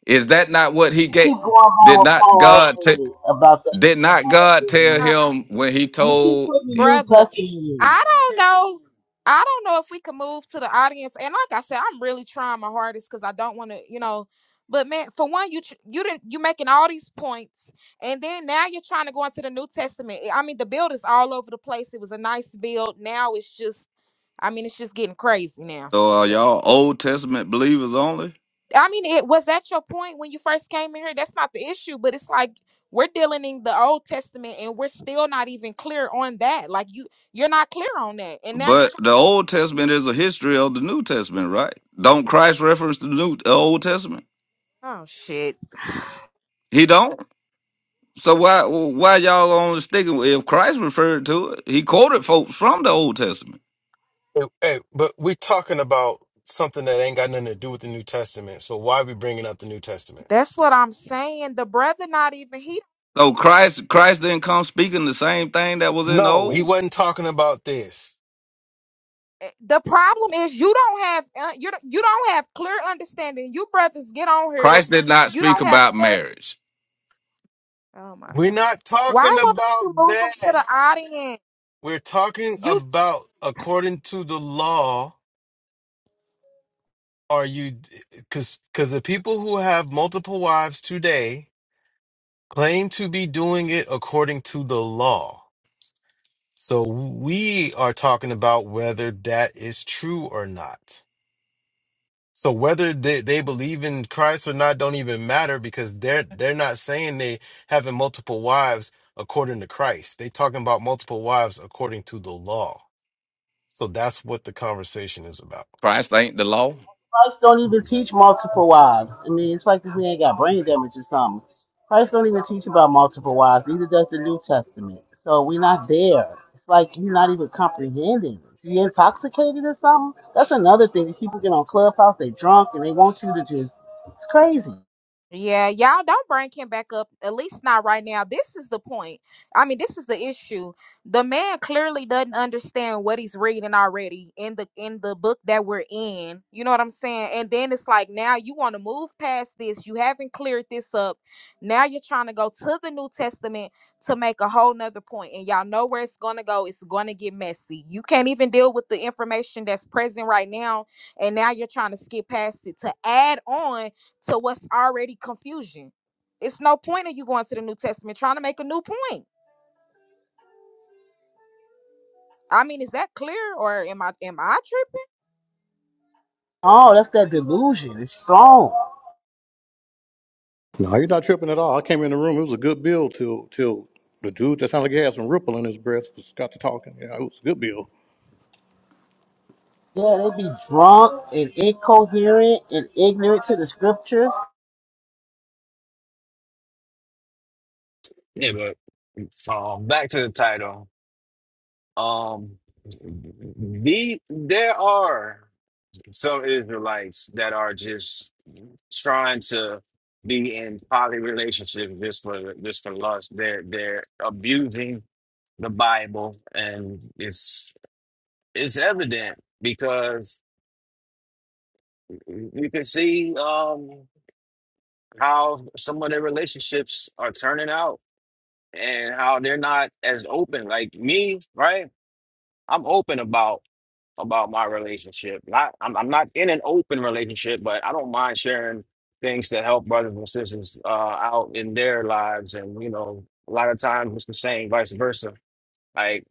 S9: Is that not what he
S12: You
S9: gave?
S12: keep going by
S9: Did
S12: with
S9: not
S12: Paul
S9: God? take?
S12: said about the other
S9: Did not God tell
S12: one.
S9: him when he
S12: And we keep
S9: told
S12: putting the New
S1: brother.
S12: Testament in.
S1: I don't know. I don't know if we can move to the audience. And like I said, I'm really trying my hardest because I don't want to, you know. But man, for one, you tr- you didn't you making all these points, and then now you're trying to go into the New Testament. I mean, the build is all over the place. It was a nice build. Now it's just, I mean, it's just getting crazy now.
S9: so are
S1: It-
S9: y'all Old Testament believers only?
S1: I mean, it was that your point when you first came in here. That's not the issue, but it's like we're dealing in the Old Testament, and we're still not even clear on that. Like you, you're not clear on that and now you're trying
S9: But the Old Testament is a history of the New Testament, right? Don't Christ reference the New the Old Testament?
S1: Oh shit.
S9: He don't. So why why y'all only sticking with if Christ referred to it? He quoted folks from the Old Testament.
S7: Hey, hey, but we're talking about something that ain't got nothing to do with the New Testament. So why we bringing up the New Testament?
S1: That's what I'm saying. The brother not even he.
S9: So Christ Christ didn't come speaking the same thing that was in the
S7: No, he
S9: old.
S7: wasn't talking about this.
S1: eh, The problem is you don't have uh, you don't- you don't have clear understanding. You brothers get on here.
S9: Christ did not
S1: You
S9: speak
S1: don't have
S9: about
S1: clear.
S9: marriage.
S1: Oh my
S7: We're
S1: god.
S7: not
S1: Why
S7: talking
S1: won't
S7: about
S1: you move him to
S7: that.
S1: the audience?
S7: We're talking
S1: You
S7: about according to the law. Are you because because the people who have multiple wives today claim to be doing it according to the law? So we are talking about whether that is true or not. So whether they, they believe in Christ or not don't even matter because they're they're not saying they having multiple wives according to Christ. They talking about multiple wives according to the law. So that's what the conversation is about.
S9: Christ ain't the law.
S12: Christ don't even teach multiple wives. I mean, it's like this man got brain damage or something. Christ don't even teach about multiple wives. Neither does the New Testament. So we're not there. It's like you're not even comprehending. You intoxicated or something? That's another thing. These people get on Clubhouse, they drunk, and they want you to just. It's crazy.
S1: Yeah, y'all don't bring him back up, at least not right now. This is the point. I mean, this is the issue. The man clearly doesn't understand what he's reading already in the in the book that we're in. You know what I'm saying? And then it's like now you want to move past this. You haven't cleared this up. Now you're trying to go to the New Testament to make a whole nother point. And y'all know where it's gonna go. It's gonna get messy. You can't even deal with the information that's present right now. And now you're trying to skip past it to add on to what's already confusion. It's no point in you going to the New Testament trying to make a new point. I mean, is that clear or am I am I tripping?
S12: Oh, that's that delusion. It's strong.
S11: No, you're not tripping at all. I came in the room. It was a good bill till till the dude that sounded like he had some ripple in his breath was got to talking. Yeah, it was a good bill.
S12: Yeah, they be drunk and incoherent and ignorant to the scriptures.
S8: Yeah, but um, back to the title. Um, the there are some Israelites that are just trying to be in poly relationships just for just for lust. They're they're abusing the Bible, and it's it's evident because. you can see um, how some of their relationships are turning out and how they're not as open. Like me, right? I'm open about about my relationship. Not I'm I'm not in an open relationship, but I don't mind sharing things that help brothers and sisters uh, out in their lives. And you know, a lot of times it's the same, vice versa. Like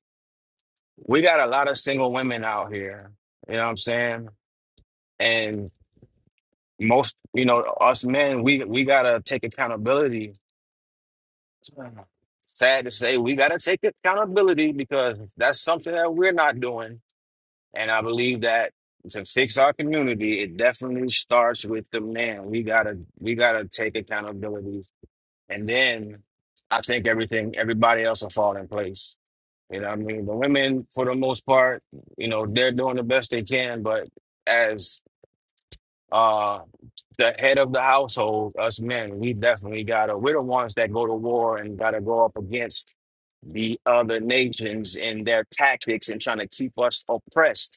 S8: we got a lot of single women out here. You know what I'm saying? And most, you know, us men, we we gotta take accountability sad to say, we got to take accountability because that's something that we're not doing. And I believe that to fix our community, it definitely starts with the man. We gotta, we gotta take accountability, and then I think everything, everybody else will fall in place. You know, what I mean, the women, for the most part, you know, they're doing the best they can, but as uh the head of the household, us men, we definitely gotta we're the ones that go to war and gotta go up against the other nations and their tactics and trying to keep us oppressed.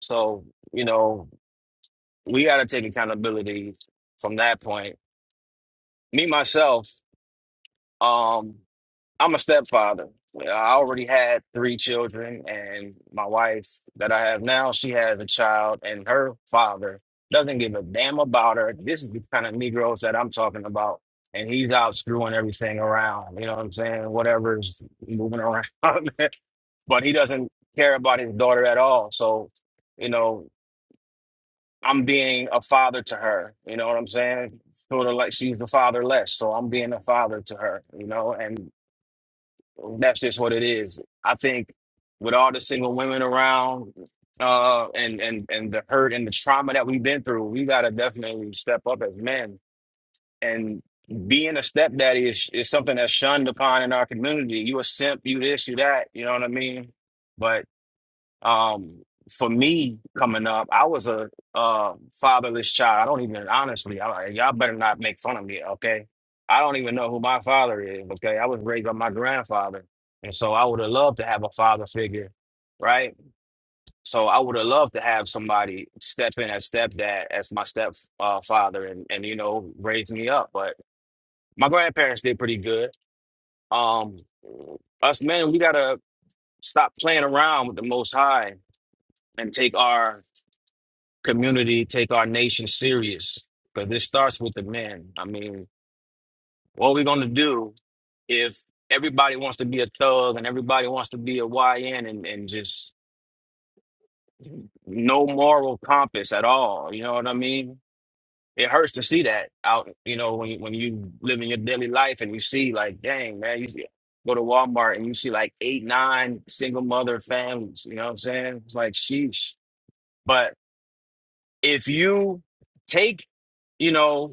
S8: So, you know, we gotta take accountability from that point. Me myself, um. I'm a stepfather. Well, I already had three children, and my wife that I have now, she has a child, and her father doesn't give a damn about her. This is the kind of Negroes that I'm talking about, and he's out screwing everything around. You know what I'm saying? Whatever's moving around, but he doesn't care about his daughter at all. So, you know, I'm being a father to her. You know what I'm saying? Sort of like she's the fatherless, so I'm being a father to her. You know, and that's just what it is. I think with all the single women around, uh, and and and the hurt and the trauma that we've been through, we gotta definitely step up as men. And being a stepdaddy is is something that's shunned upon in our community. You a simp, you this, you that. You know what I mean? But. Um, for me coming up, I was a uh fatherless child. I don't even honestly, I, y'all better not make fun of me, okay? I don't even know who my father is, okay? I was raised by my grandfather, and so I would have loved to have a father figure, right? So I would have loved to have somebody step in as stepdad, as my step uh, father, and and you know raise me up. But my grandparents did pretty good. Um, us men, we gotta stop playing around with the Most High and take our community take our nation serious because this starts with the men. I mean, what are we going to do if everybody wants to be a thug and everybody wants to be a YN and, and just no moral compass at all? You know what I mean? It hurts to see that out, you know, when you, when you live in your daily life and you see like, dang, man, you see, go to Walmart and you see like eight, nine single mother families, you know what I'm saying? It's like, sheesh. But if you take, you know,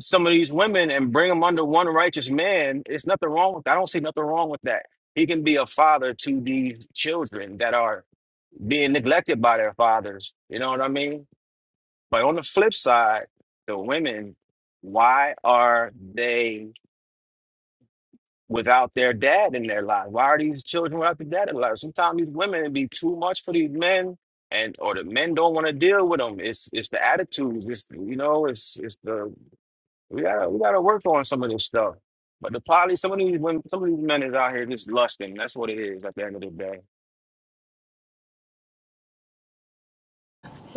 S8: some of these women and bring them under one righteous man, it's nothing wrong with I don't see nothing wrong with that. He can be a father to these children that are being neglected by their fathers. You know what I mean? But on the flip side, the women, why are they without their dad in their life? Why are these children without their dad in their life? Sometimes these women be too much for these men, and or the men don't want to deal with them. It's it's the attitudes. It's you know, it's it's the we gotta we gotta work on some of this stuff. But the poly, some of these women, some of these men is out here just lusting. That's what it is at the end of the day.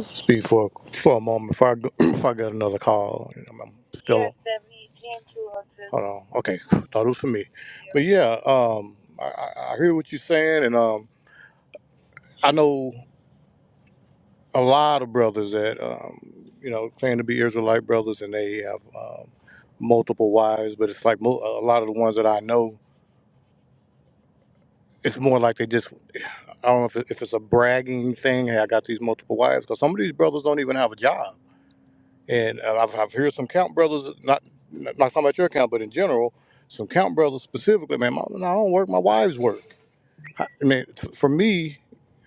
S11: Speak for for a moment. If I go, if I get another call, you know, I'm still. Hold on. Okay, thought it was for me, but yeah, um, I, I I hear what you're saying, and um, I know. a lot of brothers that um, you know claim to be Israelite brothers, and they have um, multiple wives. But it's like mo- a lot of the ones that I know, it's more like they just I don't know if, it, if it's a bragging thing. Hey, I got these multiple wives because some of these brothers don't even have a job. And uh, I've, I've heard some count brothers, not not talking about your count, but in general, some count brothers specifically. Man, my, no, I don't work. My wives work. I, I mean, t- for me.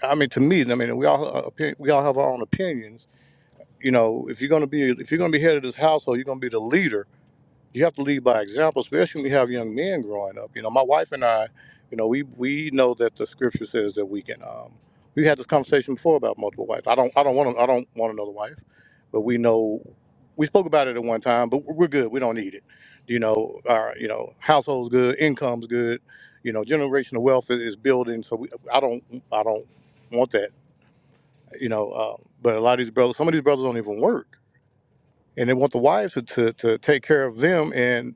S11: I mean, to me, I mean, we all uh, opi- we all have our own opinions, you know, if you're gonna be if you're gonna be head of this household, you're gonna be the leader. You have to lead by example, especially when you have young men growing up. You know, my wife and I, you know, we we know that the scripture says that we can. Um, we had this conversation before about multiple wives. I don't I don't want I don't want another wife, but we know we spoke about it at one time. But we're good. We don't need it. You know, our you know household's good, income's good. You know, generational wealth is is building. So we, I don't I don't want that. You know, uh, but a lot of these brothers, some of these brothers don't even work and they want the wives to, to, to take care of them and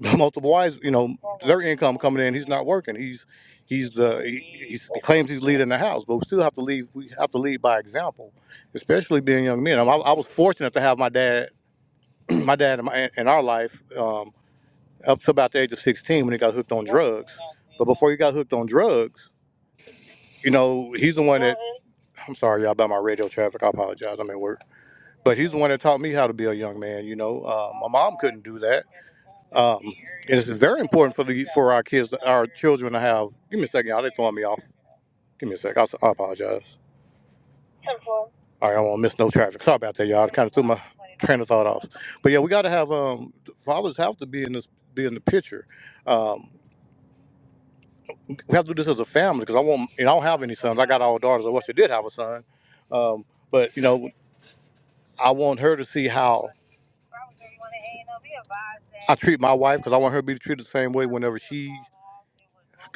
S11: multiple wives you know their income coming in he's not working he's he's the he, he's, he claims he's leading the house but we still have to lead we have to lead by example especially being young men i, I was fortunate to have my dad my dad in, my, in our life um, up to about the age of 16 when he got hooked on drugs but before he got hooked on drugs you know he's the one that i'm sorry y'all about my radio traffic i apologize i'm at work but he's the one that taught me how to be a young man. You know, uh, my mom couldn't do that. Um, and it's very important for the for our kids, our children to have. Give me a second, y'all. They throwing me off. Give me a sec. I, s- I apologize. All right, I won't miss no traffic. Sorry about that, y'all. I kind of threw my train of thought off. But yeah, we got to have um fathers have to be in this be in the picture. Um, we have to do this as a family because I won't. You know, I don't have any sons. I got all daughters. I wish I did have a son. Um, but you know, I want her to see how. I treat my wife because I want her to be treated the same way whenever she.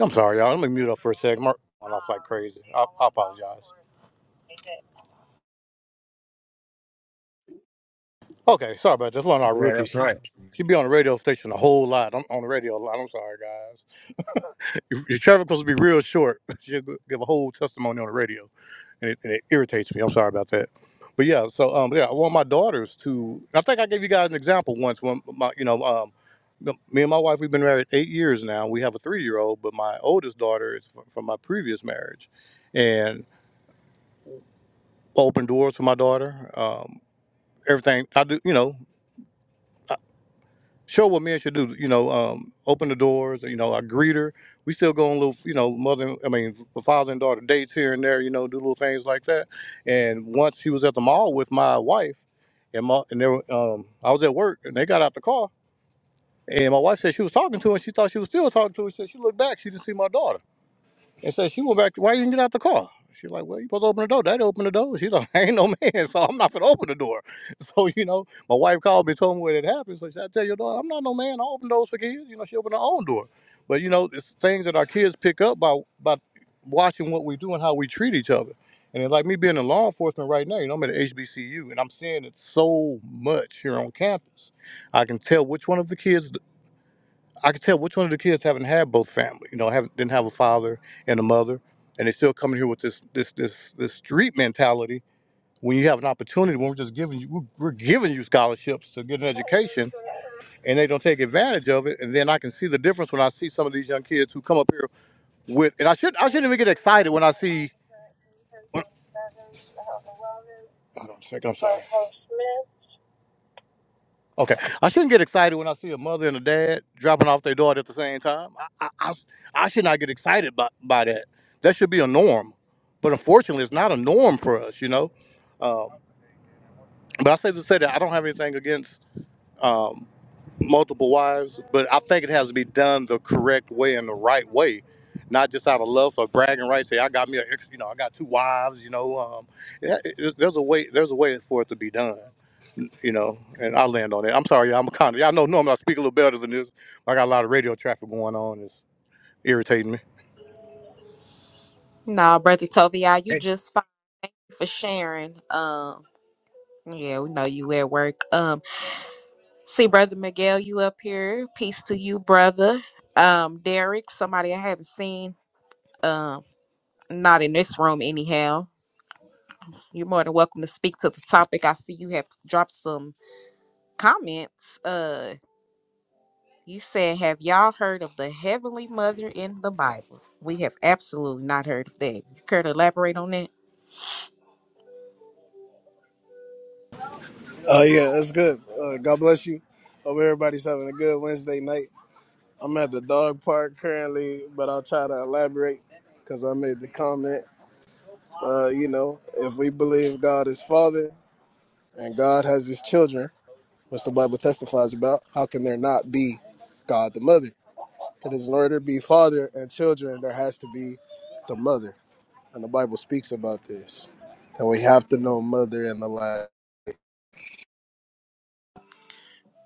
S11: I'm sorry, y'all. Let me mute up for a sec. My went off like crazy. I, I apologize. Okay, sorry about this. One of our
S8: Yeah,
S11: rookies,
S8: that's
S11: she
S8: right.
S11: she be on the radio station a whole lot. I'm on the radio a lot. I'm sorry, guys. Your, your traffic supposed to be real short. She'll give a whole testimony on the radio, and it, and it irritates me. I'm sorry about that. But yeah, so um, yeah, I want my daughters to. I think I gave you guys an example once when my, you know, um, m- me and my wife we've been married eight years now. We have a three year old, but my oldest daughter is from, from my previous marriage, and open doors for my daughter. Um, everything I do, you know. show what men should do. You know, um, open the doors. You know, I greet her. We still go on little, you know, mother. I mean, father and daughter dates here and there. You know, do little things like that. And once she was at the mall with my wife, and my and they were, um, I was at work, and they got out the car, and my wife said she was talking to her, and she thought she was still talking to her. She said she looked back, she didn't see my daughter. And so she went back, why you didn't get out the car? She's like, well, you supposed to open the door. Daddy opened the door. She's like, I ain't no man, so I'm not going to open the door. So, you know, my wife called me, told me what had happened. So she said, I tell your daughter, I'm not no man. I open doors for kids. You know, she opened her own door. But, you know, it's things that our kids pick up by, by watching what we do and how we treat each other. And it's like me being in law enforcement right now, you know, I'm at HBCU and I'm seeing it so much here on campus. I can tell which one of the kids I could tell which one of the kids haven't had both family, you know, haven't didn't have a father and a mother, and they still coming here with this this this this street mentality. When you have an opportunity, when we're just giving you, we're we're giving you scholarships to get an education, and they don't take advantage of it. And then I can see the difference when I see some of these young kids who come up here with, and I should I shouldn't even get excited when I see. Hold on a second, I'm sorry. Okay, I shouldn't get excited when I see a mother and a dad dropping off their daughter at the same time. I, I, I, I should not get excited by, by that. That should be a norm, but unfortunately, it's not a norm for us, you know. Um, but I say to say that I don't have anything against um, multiple wives, but I think it has to be done the correct way and the right way, not just out of love for bragging rights. Say I got me a, ex- you know, I got two wives, you know. Um, yeah, it- it- there's a way, there's a way for it to be done you know, and I land on it. I'm sorry, y'all, I'm a kind of, y'all know normally I speak a little better than this. I got a lot of radio traffic going on. It's irritating me.
S1: No, brother Toby, you
S8: Eh,
S1: just fine. Thank you for sharing. Um, yeah, we know you at work. Um. See, brother Miguel, you up here. Peace to you, brother. Um, Derek, somebody I haven't seen. Um, not in this room anyhow. You're more than welcome to speak to the topic. I see you have dropped some comments. Uh, you said, "Have y'all heard of the Heavenly Mother in the Bible?" We have absolutely not heard of that. You care to elaborate on that?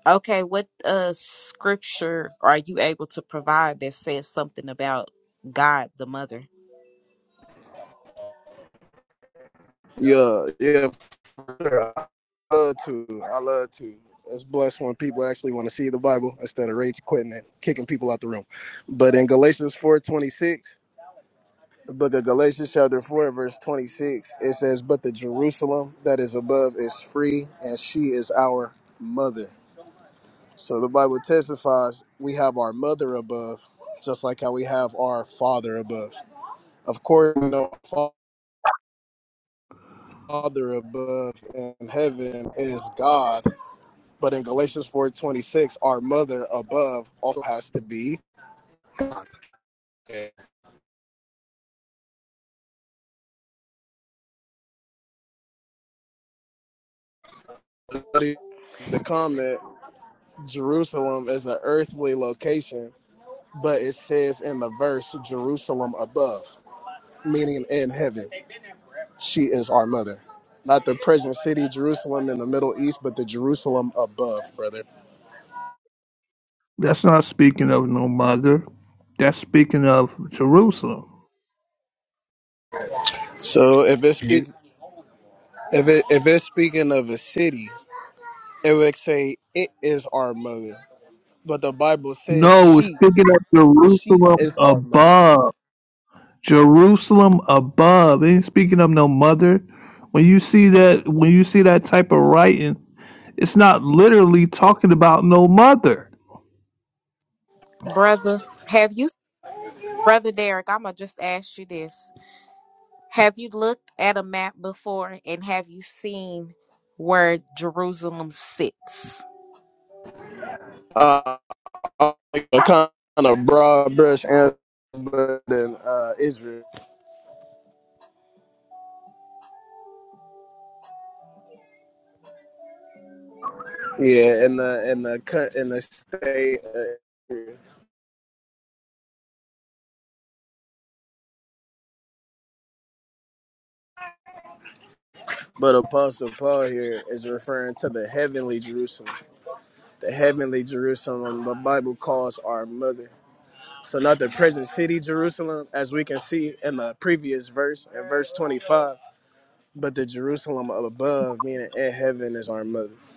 S1: Okay, what uh scripture are you able to provide that says something about God the Mother,
S5: That's not speaking of no mother. That's speaking of Jerusalem.
S8: You
S5: No, it's speaking of Jerusalem above. Jerusalem above. It ain't speaking of no mother. When you see that when you see that type of writing, it's not literally talking about no mother.
S1: brother? Have you? Brother Derek, I'm gonna just ask you this. Have you looked at a map before and have you seen where Jerusalem sits?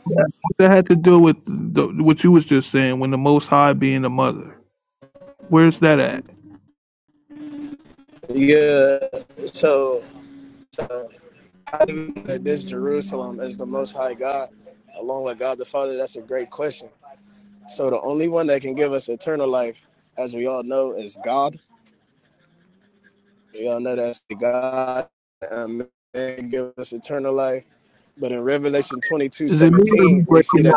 S5: Yeah. That had to do with the, what you was just saying when the Most High being the mother. Where's that at? Is it me or you breaking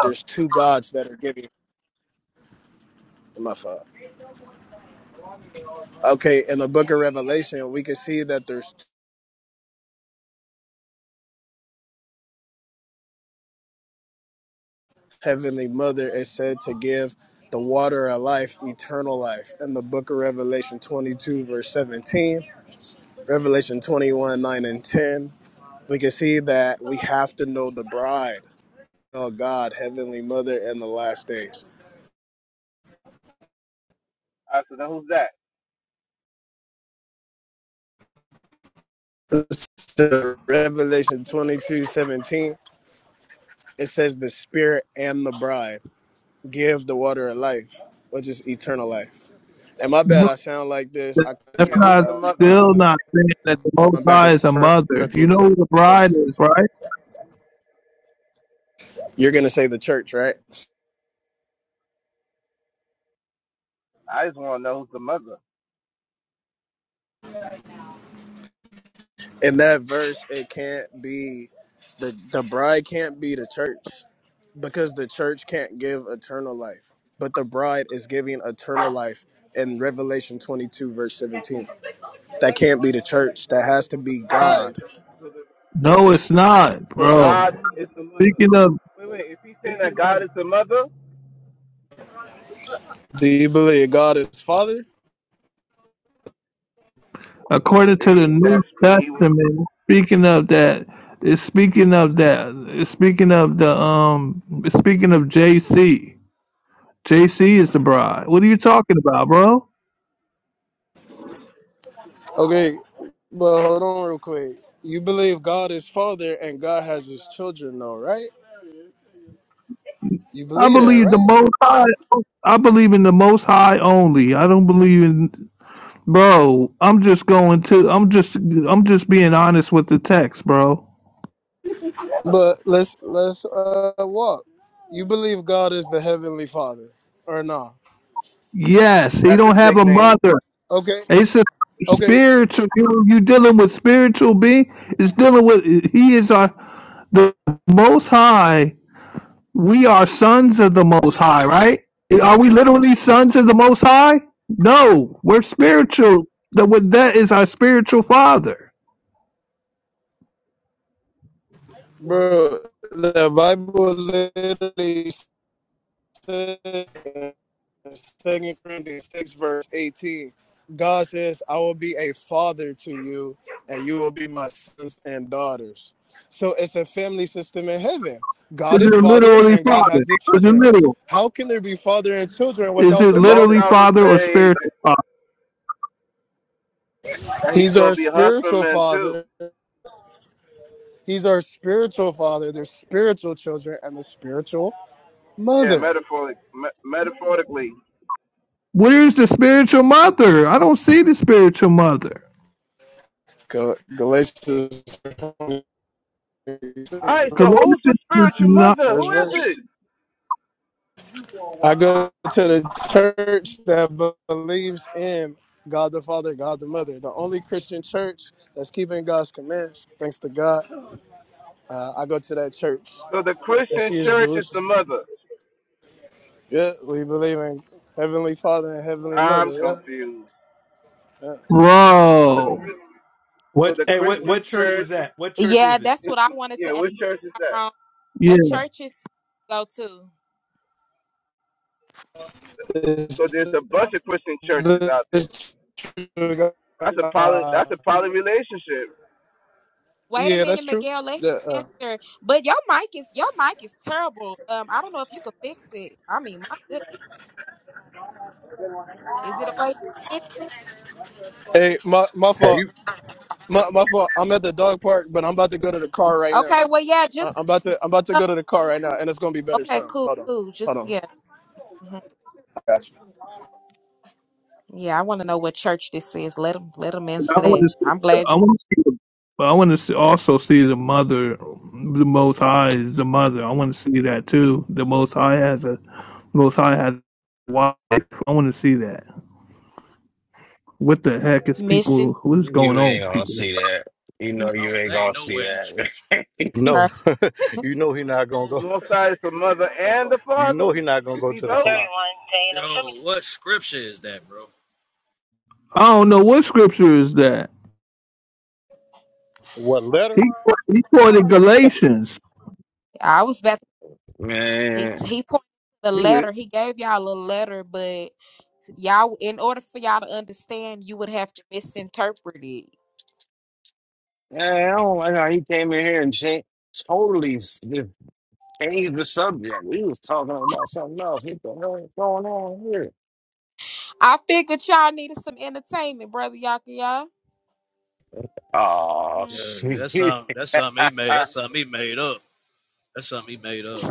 S13: I said, now who's that?
S5: up? That's
S13: Yeah, who's
S5: not
S13: the mother?
S5: still not saying that the Most High is a mother. You know who the bride is, right?
S13: I just want to know who's the mother. So, so the bride. So, the,
S5: No, it's not,
S13: so God
S5: bro.
S13: is the mother.
S5: Speaking of,
S13: Wait, wait. If he's saying that God is the mother,
S5: according to the
S13: he,
S5: New
S13: that's he was.
S5: Testament, speaking of that, it's speaking of that, it's speaking of the um, it's speaking of J C. J C is the bride. What are you talking about, bro? I believe the Most High. I believe in the Most High only. I don't believe in. Bro, I'm just going to I'm just I'm just being honest with the text, bro. Yes, he
S13: That's
S5: don't
S13: his
S5: have a
S13: nickname.
S5: mother. It's a spiritual you you dealing with spiritual being. It's dealing with he is our the most high. We are sons of the most high, right? Are we literally sons of the most high? No. We're spiritual. The with that is our spiritual father. It's your literally father. It's your literal. Is it
S13: The most
S5: literally
S13: authors
S5: father or
S13: say
S5: spiritual father?
S13: that he's going to be a husbandman too. Yeah, metaphorically. Me- metaphorically.
S5: Where's the spiritual mother? I don't see the spiritual mother.
S13: All right. So who's
S5: Colossians
S13: the
S5: is
S13: spiritual
S5: not,
S13: mother? Who is it? So the Christian church is the mother. I'm confused. So the
S5: bro.
S13: so the Christian church
S1: Yeah, that's what
S13: It's,
S1: I wanted
S13: yeah,
S1: to ask
S13: what church is that?
S1: Tyrone.
S5: Yeah,
S1: What churches you go to?
S13: Because there's a bunch of Christian churches out there. That's a poly. That's a poly relationship.
S1: Wait a minute, Miguel, let him answer. But your mic is your mic is terrible. Um, I don't know if you could fix it. I mean, my goodness. Is it a way to fix
S11: Hey, you
S1: it? Okay, well yeah, just uh, okay, cool, cool. Just yeah. hmm Yeah, I want to know what church this is. Let them let them
S5: I
S1: answer
S5: want
S1: that.
S5: to see.
S1: I'm glad you
S5: I want to see. The, but I want to see, also see the mother. The Most High is the mother. I want to see that too. The Most High has a Most High has a wife. I want to see that. What the heck is
S1: Missing.
S5: people? What is going
S8: you
S5: on,
S8: ain't
S5: with
S8: gonna
S5: people?
S8: see that. You know
S10: I
S8: you
S10: don't
S8: ain't
S10: that ain't
S8: gonna see
S10: nowhere in the scripture.
S8: that.
S11: know, you know he not gonna
S13: The
S11: go.
S13: Most High is the mother and the
S11: You know
S13: father.
S11: he not gonna
S13: Is
S11: go
S13: he
S11: to the
S13: both?
S11: Tanakh.
S10: Yo, what scripture is that, bro?
S5: I don't know what scripture is that.
S11: What letter?
S5: He he quoted Galatians.
S1: I was about. He
S8: Man.
S1: he pointed the
S8: He good.
S1: letter. He gave y'all a letter, but y'all, in order for y'all to understand, you would have to misinterpret it.
S8: Man, I don't like how he came in here and changed, totally s- just changed the subject. We was talking about something else. What the hell is going on here?
S1: I figured y'all needed some entertainment, brother Yakaya.
S8: Oh,
S1: Mm.
S10: Yeah, that's something that's something he made. That's something he made up. That's something he made up.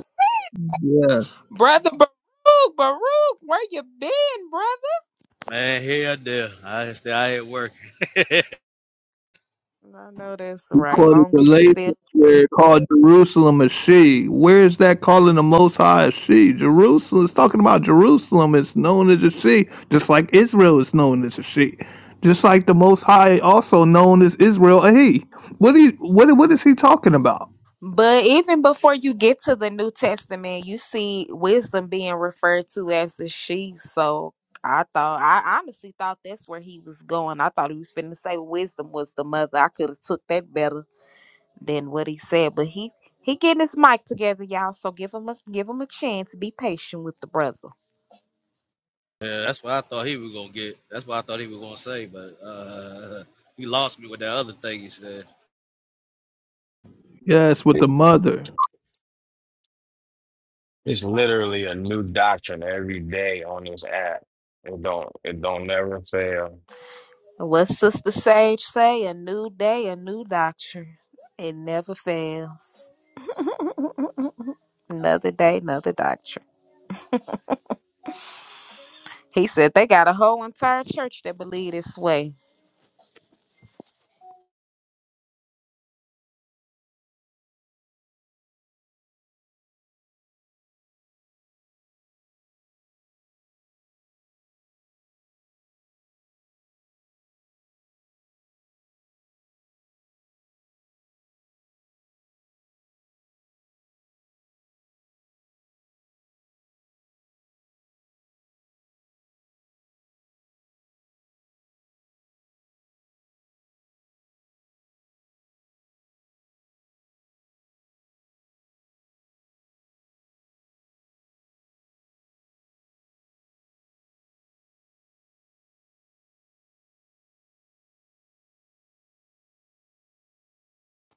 S5: Yeah.
S1: Brother Baruch, Baruch, where you been, brother?
S10: Man, here there. I stay. I at work.
S1: I know that's
S5: He
S1: right.
S5: quoted
S1: Long
S5: the
S1: as you
S5: later
S1: still.
S5: where it called Jerusalem a she. Where is that calling the Most High a she? Jerusalem is talking about Jerusalem It's known as a she, just like Israel is known as a she, just like the Most High also known as Israel a he. What he what what is he talking about?
S1: But even before you get to the New Testament, you see wisdom being referred to as the she. So I thought, I honestly thought that's where he was going. I thought he was finna say wisdom was the mother. I could have took that better than what he said. But he he getting his mic together, y'all. So give him a give him a chance. Be patient with the brother.
S10: Yeah, that's what I thought he was gonna get. That's what I thought he was gonna say, but uh he lost me with that other thing he said.
S5: Yes, with the
S8: shit.
S5: mother.
S8: It's literally a new doctrine every day on this app. It don't it don't never fail.
S1: What Sister Sage say? A new day, a new doctrine. It never fails. Another day, another doctrine. He said they got a whole entire church that believe this way.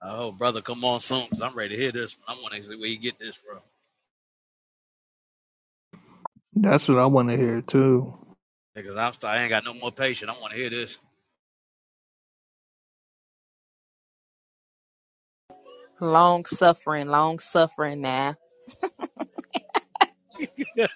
S10: Oh brother, come on soon, cause I'm ready to hear this. I wanna see where you get this from.
S5: That's what I want to hear too.
S10: Because I'm still, I ain't got no more patience. I wanna hear this.
S1: Long suffering, long suffering now.
S10: Yeah,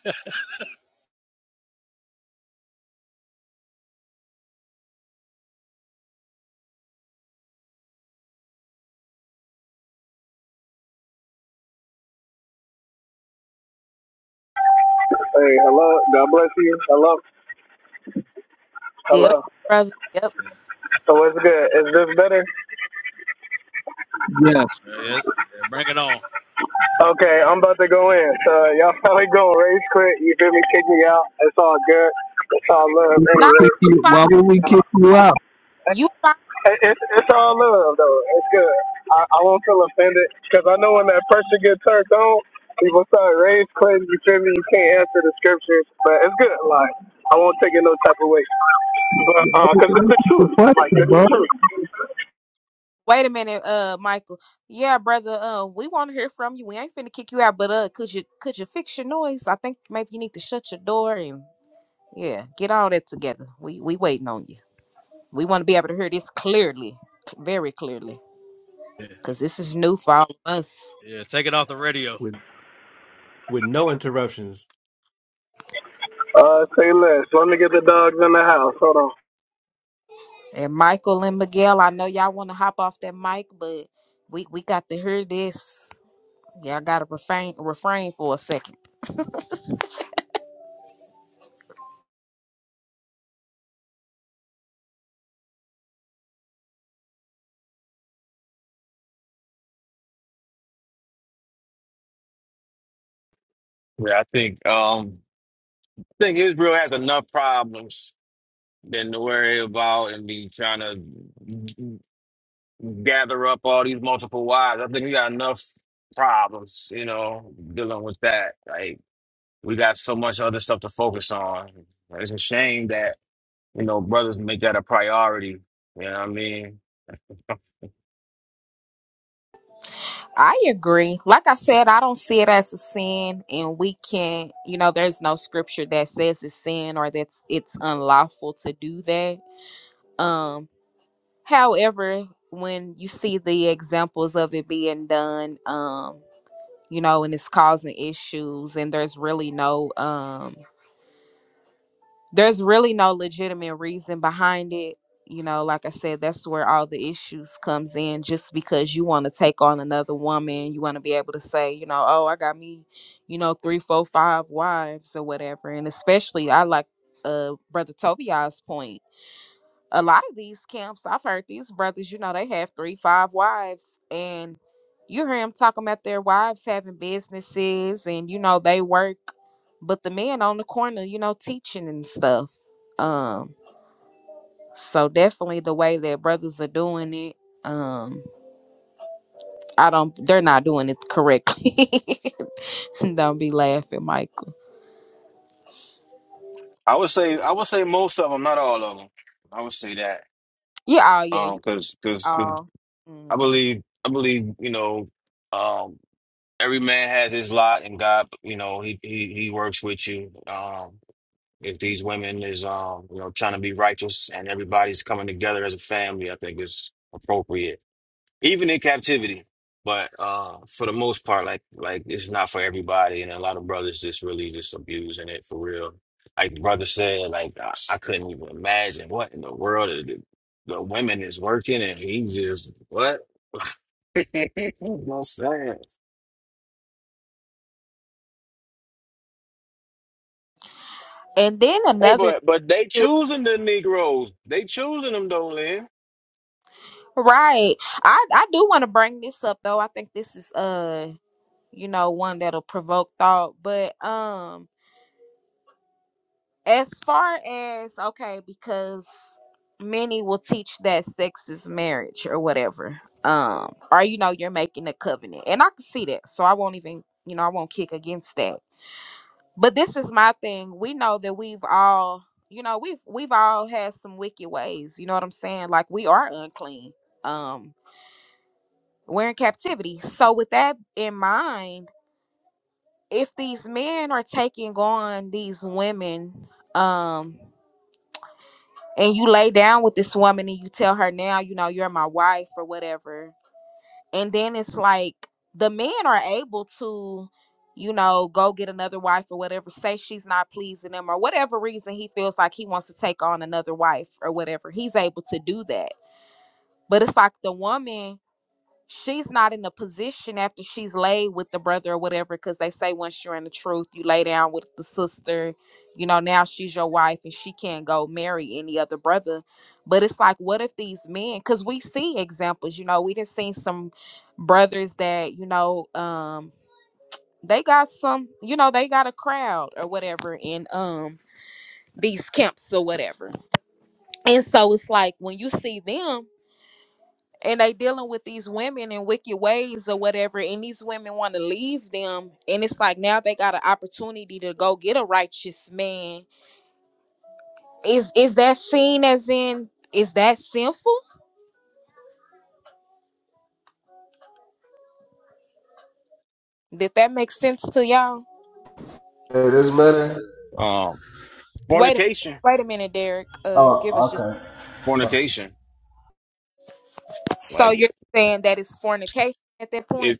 S1: Yep, brother. Yep.
S5: Yes.
S10: yeah, yeah, bring it on.
S1: Nah,
S5: Kick
S1: you
S5: you-
S1: fine.
S5: Why would we kick you out?
S1: You fine.
S14: It's it's all love though. It's good. I, I won't feel offended because I know when that pressure gets turned on, people start raising claims. You feel me? You can't answer the scriptures, but it's good. Like I won't take it no type of way, but because it's
S5: That's
S14: the
S5: the
S14: truth. Like
S5: question,
S14: it's
S5: bro.
S14: the truth.
S1: Wait a minute, uh, Michael. Yeah, brother. Uh, we want to hear from you. We ain't finna kick you out, but uh, could you could you fix your noise? I think maybe you need to shut your door and yeah, get all that together. We we waiting on you. We want to be able to hear this clearly, very clearly,
S10: Yeah,
S1: cause this is new for all of us.
S10: yeah, take it off the radio.
S7: with with no interruptions.
S1: And Michael and Miguel, I know y'all want to hop off that mic, but we we got to hear this. Y'all got to refrain refrain for a second.
S8: Yeah, I think um I think Israel has enough problems than to worry about and be trying to gather up all these multiple wives. I think we got enough problems, you know, dealing with that. Like we got so much other stuff to focus on. It's a shame that, you know, brothers make that a priority. You know what I mean?
S1: I agree. Like I said, I don't see it as a sin, and we can't. You know, there's no scripture that says it's sin or that it's unlawful to do that. Um, however, when you see the examples of it being done, um, you know, and it's causing issues, and there's really no um there's really no legitimate reason behind it you know like i said that's where all the issues comes in just because you want to take on another woman you want to be able to say you know oh i got me you know three four five wives or whatever and especially i like uh brother tobias point a lot of these camps, I've heard these brothers, you know, they have three, five wives, and you hear them talking about their wives having businesses and, you know, they work, but the men on the corner, you know, teaching and stuff. Um, so definitely the way that brothers are doing it, um, I don't, they're not doing it correctly. don't be laughing, Michael.
S8: I would say I would say most of them, not all of them. I would say that
S1: Yeah, oh, yeah,
S8: um,
S1: you,
S8: because because
S1: oh.
S8: I
S1: mhm.
S8: believe I believe you know um, every man has his lot, and God, you know, he he he works with you. Um, if these women is um you know trying to be righteous, and everybody's coming together as a family, I think it's appropriate even in captivity. But uh, for the most part, like like it's not for everybody, and a lot of brothers just really just abusing it for real. Like the brother said, like I, I couldn't even imagine what in the world the, the women is working, and he just what. no saying.
S1: And then
S8: Hey,
S1: another
S8: but but they choosing the Negroes. They choosing them though, Lynn.
S1: Right. I I do want to bring this up though. I think this is uh you know one that'll provoke thought, but um as far as okay because many will teach that sex is marriage or whatever. Um or you know you're making a covenant. And I can see that. So I won't even, you know, I won't kick against that. But this is my thing. We know that we've all, you know, we've we've all had some wicked ways, you know what I'm saying? Like we are unclean. Um. we're in captivity. So with that in mind, if these men are taking on these women, um, and you lay down with this woman and you tell her now, you know, you're my wife or whatever, and then it's like the men are able to, you know, go get another wife or whatever, say she's not pleasing him or whatever reason he feels like he wants to take on another wife or whatever, he's able to do that. But it's like the woman she's not in a position after she's laid with the brother or whatever because they say once you're in the truth you lay down with the sister you know now she's your wife and she can't go marry any other brother but it's like what if these men because we see examples you know we did seen some brothers that you know um they got some you know they got a crowd or whatever in um these camps or whatever and so it's like when you see them and they dealing with these women in wicked ways or whatever and these women want to leave them and it's like now they got an opportunity to go get a righteous man is is that seen as in is that sinful did that make sense to y'all
S14: Hey, this better?
S8: Um,
S1: wait a minute
S8: fornication,
S1: wait a minute derek uh give us
S14: Oh,
S1: just
S14: okay.
S8: fornication.
S1: so
S8: Like
S1: you're saying that it's fornication at that
S8: if.
S1: point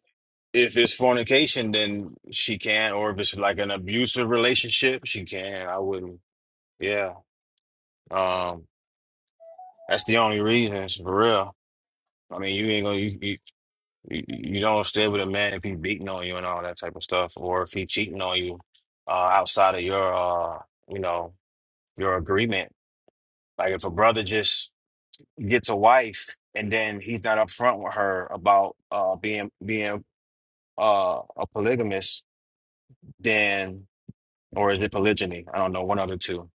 S8: If it's fornication, then she can, or if it's like an abusive relationship, she can. I wouldn't. Yeah. Um, that's the only reason, it's for real. I mean, you ain't gonna you, you you you don't stay with a man if he beating on you and all that type of stuff, or if he cheating on you uh, outside of your uh, you know, your agreement. Like if a brother just gets a wife and then he's not upfront with her about uh being being uh a polygamist, then. or is it polygyny? I don't know, one of the two.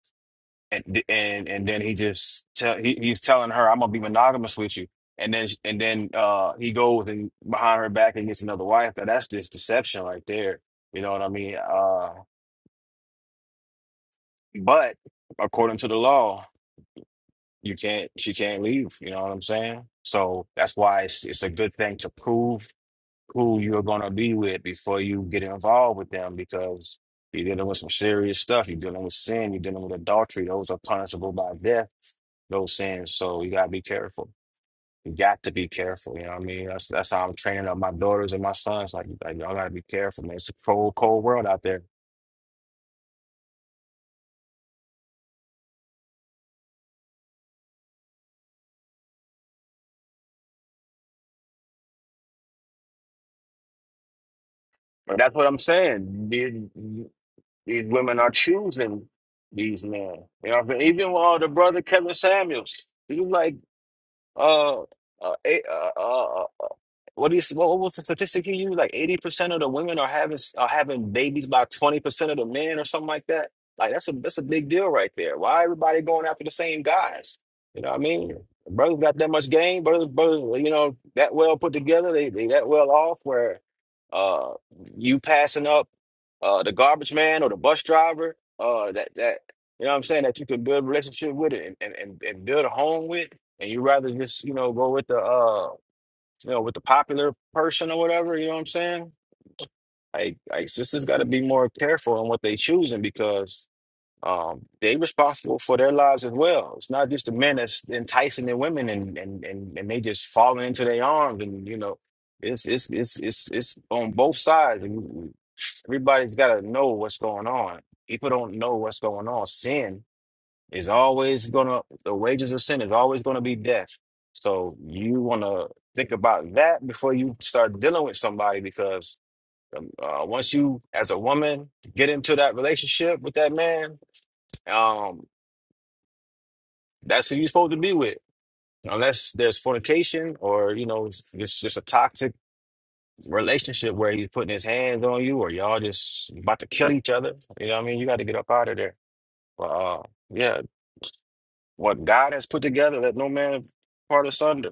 S8: And and and then he just tell he, he's telling her, "I'm gonna be monogamous with you," and then sh- and then uh he goes and behind her back and gets another wife. Now that's just deception right there. You know what I mean? Uh, but according to the law, you can't she can't leave. You know what I'm saying? So that's why it's it's a good thing to prove who you're gonna be with before you get involved with them because you're dealing with some serious stuff. You're dealing with sin. You're dealing with adultery. Those are punishable by death. Those sins. So you gotta be careful. You got to be careful. You know what I mean? That's that's how I'm training up my daughters and my sons. Like, like y'all gotta be careful, man. It's a cold, cold world out there. But that's what I'm saying. These, these women are choosing these men. You know, what I mean? even with all the brother Kevin Samuels. He was like Uh, uh, eight, uh, uh, uh, uh, what do you what, what was the statistic you used? Like eighty percent of the women are having are having babies by twenty percent of the men, or something like that. Like that's a that's a big deal right there. Why everybody going after the same guys? You know what I mean? Brothers got that much game. Brothers, brothers, you know that well put together. They they that well off. Where uh, you passing up uh the garbage man or the bus driver uh that that you know what I'm saying that you can build a relationship with it and and, and and build a home with and you rather just you know go with the uh you know with the popular person or whatever you know what i'm saying like like sisters got to be more careful in what they choosing because um they responsible for their lives as well it's not just the men that's enticing the women and and and, and they just falling into their arms and you know it's it's it's it's it's on both sides and we- we- everybody's got to know what's going on people don't know what's going on sin is always gonna the wages of sin is always gonna be death. So you wanna think about that before you start dealing with somebody because um, uh, once you as a woman get into that relationship with that man, um, that's who you're supposed to be with. Unless there's fornication or you know it's it's just a toxic relationship where he's putting his hands on you or y'all just about to kill each other. You know what I mean? You got to get up out of there. But uh, yeah, what God has put together, let no man part asunder.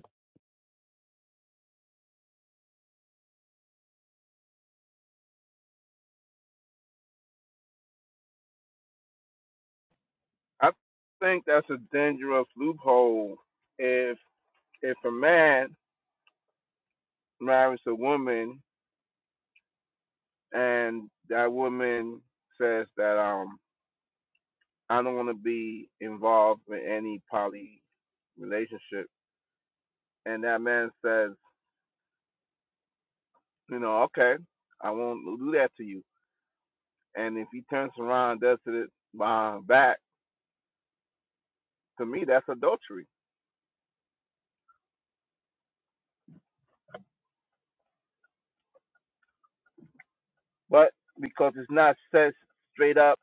S13: I think that's a dangerous loophole. If if a man marries a woman and that woman says that um I don't want to be involved in any poly relationship, and that man says, you know, okay, I won't do that to you And if he turns around and does it uh, back, to me, that's adultery. But because it's not said straight up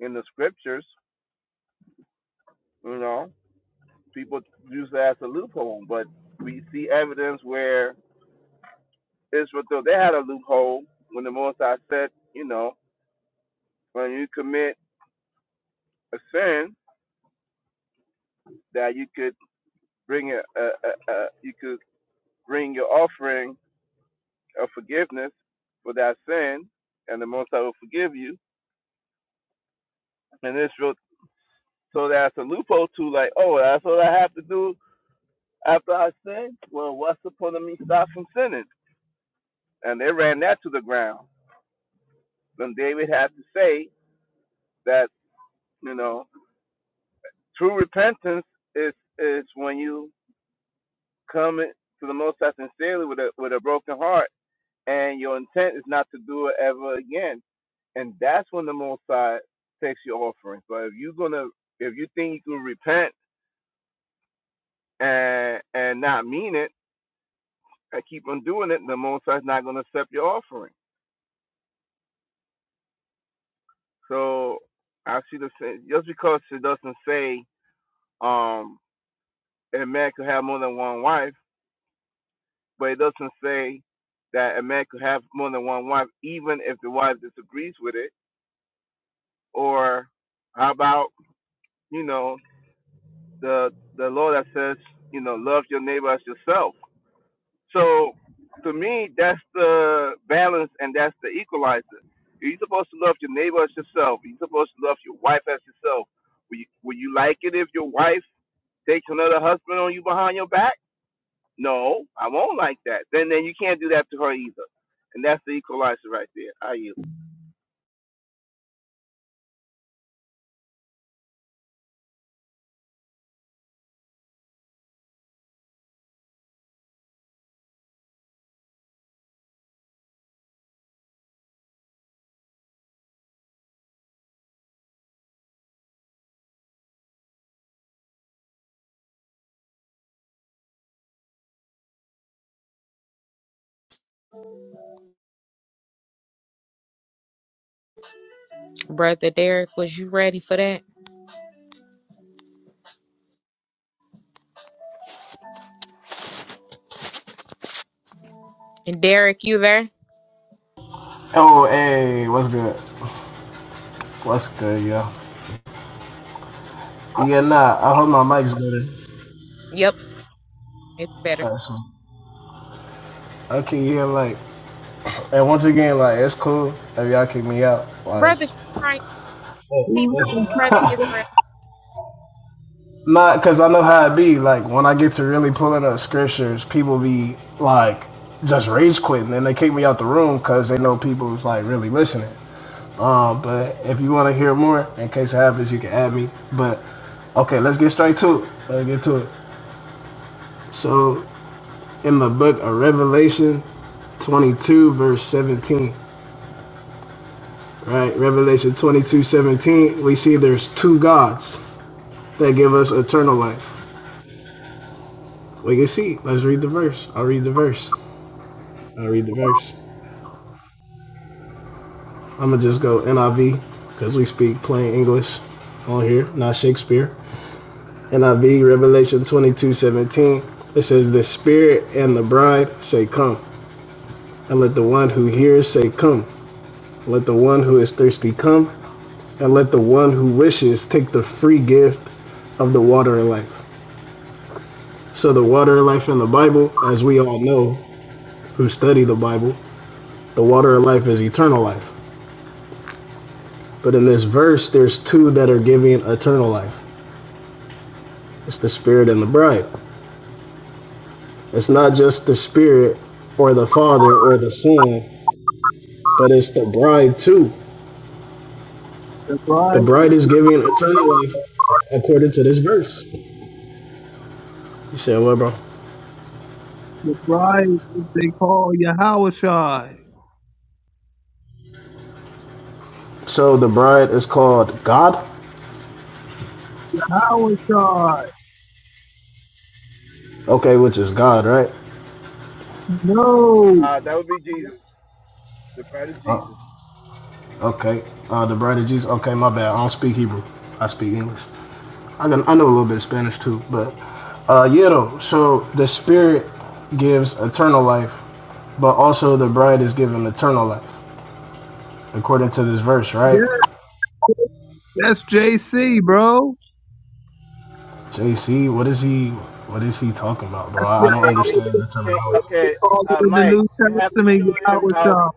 S13: in the scriptures, you know, people use that as a loophole. But we see evidence where Israel, though they had a loophole when the Most High said, you know, when you commit a sin, that you could bring a, a, a, a you could bring your offering of forgiveness for that sin, and the Most High will forgive you. And Israel So that's a loophole to like, oh, that's what I have to do after I sin. Well, what's supposed to me stop from sinning? And they ran that to the ground. Then David had to say that you know true repentance is is when you come to the Most High sincerely with a with a broken heart, and your intent is not to do it ever again. And that's when the Most High takes your offering. But if you're gonna if you think you can repent and and not mean it I keep on doing it, the Most High is not going to accept your offering. So I see the said, just because it doesn't say um, a man could have more than one wife, but it doesn't say that a man could have more than one wife, even if the wife disagrees with it. Or how about you know the the law that says you know love your neighbor as yourself? So to me, that's the balance and that's the equalizer. You're supposed to love your neighbor as yourself. You're supposed to love your wife as yourself. Will you, will you like it if your wife takes another husband on you behind your back? No, I won't like that. Then then you can't do that to her either. And that's the equalizer right there. Are you?
S1: brother derek was you ready for that and derek you there
S14: Oh, hey, what's good? What's good, yo? Yeah, nah, I hope my mic's better.
S1: yep it's better
S14: That's all. Okay, yeah, like, and once again, like, it's cool if y'all kick me out. Like,
S1: brother Frank, peace, brother israel
S14: Not because I know how it be. Like when I get to really pulling up scriptures, people be like just rage quitting, and they kick me out the room because they know people is like really listening. Um, but if you want to hear more, in case it happens, you can add me. But okay, let's get straight to it. Let's get to it. So in the book of Revelation 22, verse 17, right? Revelation 22:17. we see there's two gods that give us eternal life. We can see. Let's read the verse. I'll read the verse. I read the verse. I'm gonna just go NIV because we speak plain English on here, not Shakespeare. NIV Revelation 22:17. It says, "The Spirit and the Bride say, Come, and let the one who hears say, Come. Let the one who is thirsty come, and let the one who wishes take the free gift of the water of life." So the water of life in the Bible, as we all know who study the Bible, the water of life is eternal life. But in this verse, there's two that are giving eternal life. It's the Spirit and the bride. It's not just the Spirit or the Father or the Son, but it's the bride too.
S5: That's
S14: The
S5: right.
S14: bride is giving eternal life according to this verse. You said what, bro?
S5: That's right. They call you Howard Shy.
S14: So the bride is called God? Okay, which is God, right?
S5: No.
S13: Uh, that would be Jesus, the blood of
S14: Uh,
S13: Jesus.
S14: okay. Uh, the bride of Jesus. Okay, my bad. I don't speak Hebrew. I speak English. I, can, I know a little bit of Spanish too, but uh, yeah, though. So the Spirit gives eternal life, but also the bride is given eternal life. according to this verse,
S5: Yeah,
S14: right?
S5: that's JC, bro.
S14: JC, what is he? What is he talking about, bro?
S5: Yeah,
S14: I don't
S13: Hey,
S5: Howard
S13: can you?
S14: understand
S5: Shy.
S14: the
S13: Can,
S14: terminology.
S5: They
S13: okay,
S5: call it
S13: uh,
S5: in the
S13: Mike,
S5: New
S13: you have to
S5: Testament, you
S13: show him
S5: Howard
S13: how
S5: Shy.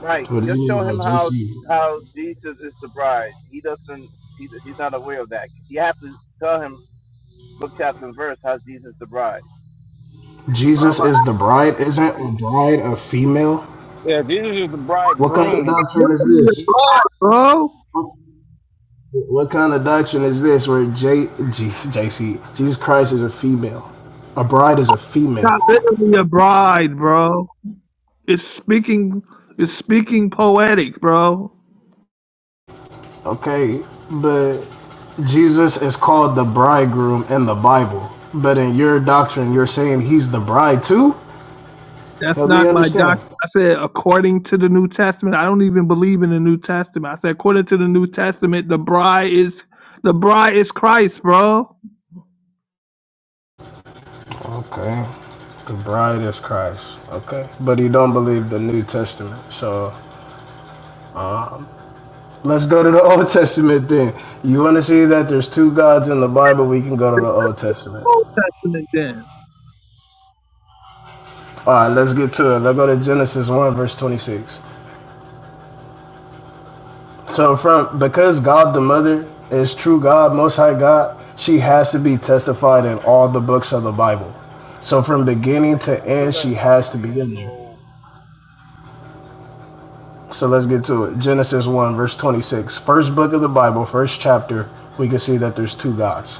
S13: Right.
S14: What does he
S13: Just show
S14: mean by
S13: him how
S14: JC?
S13: how Jesus is the bride. He doesn't. He, he's not aware of that. You have to tell him book chapter and verse how Jesus the bride.
S5: I'm
S14: Jesus
S5: like,
S14: is the bride, isn't a bride a female?
S8: Yeah, Jesus is the
S14: What kind of
S8: bridegroom.
S5: look
S14: doctrine is
S5: at your
S14: this?
S5: bride, bro.
S14: What kind of doctrine is this where J, G, JC, Jesus Christ is a female? A bride is a
S5: Not
S14: female.
S5: literally a bride, bro. It's speaking. It's speaking poetic, bro.
S14: Okay, but Jesus is called the bridegroom in the Bible. But in your doctrine, you're saying he's the bride too?
S5: That's
S14: Help me
S5: not my doc.
S14: understand.
S5: I said according to the New Testament. I don't even believe in the New Testament. I said according to the New Testament, the bride is the bride is Christ, bro.
S14: Okay. The bride is Christ. Okay. But he don't believe the New Testament. So um, let's go to the Old Testament then. You want to see that there's two gods in the Bible? We can go to the Old Testament.
S5: Old Testament then.
S14: All right, let's get to it. Let's go to Genesis 1, verse 26. So, from because God the Mother is true God, Most High God, she has to be testified in all the books of the Bible. So, from beginning to
S13: I feel
S14: end,
S13: that
S14: she
S13: we
S14: has to
S13: being
S14: be in there.
S13: told.
S14: So let's get to it. Genesis 1, verse 26. First book of the Bible, first chapter, we can see that there's two gods.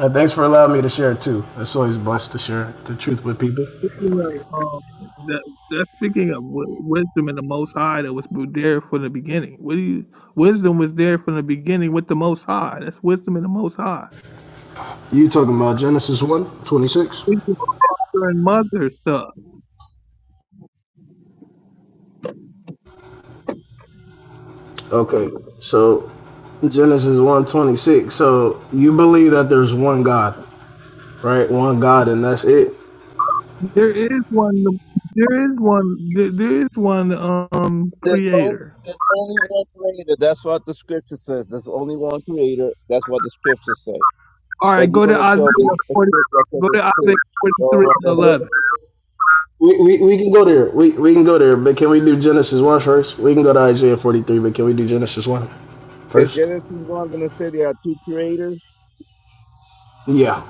S14: And thanks for allowing me to share it too. It's always blessed to share the truth with people.
S5: You know, um, that, that's speaking of w- wisdom and the Most High that was there from the beginning. What do you? Wisdom was there from the beginning with the Most High. That's wisdom and the Most High.
S14: You talking about Genesis one 26?
S5: It's Father and mother stuff.
S14: Okay, so Genesis one 26. So you believe that there's one God, right? One God, and that's it.
S5: There is one. There is one. There, there is one um
S13: There's only,
S5: creator.
S13: there's only one creator. That's what the scripture says. There's only one creator. That's what the scriptures say.
S5: All
S13: But
S5: right,
S13: you're
S5: go to
S13: going to show us
S5: Isaiah
S13: a
S5: 40,
S13: script that says
S5: go to
S13: it's two.
S5: Isaiah 43
S13: Go
S5: and
S13: right ahead.
S5: 11.
S14: We, we, we can go there. We, we can go there, but can we do Genesis one first? We can go to Isaiah 43, but can we do Genesis one
S13: Is
S14: first?
S13: Genesis 1 going to say there are two creators?
S14: Yeah.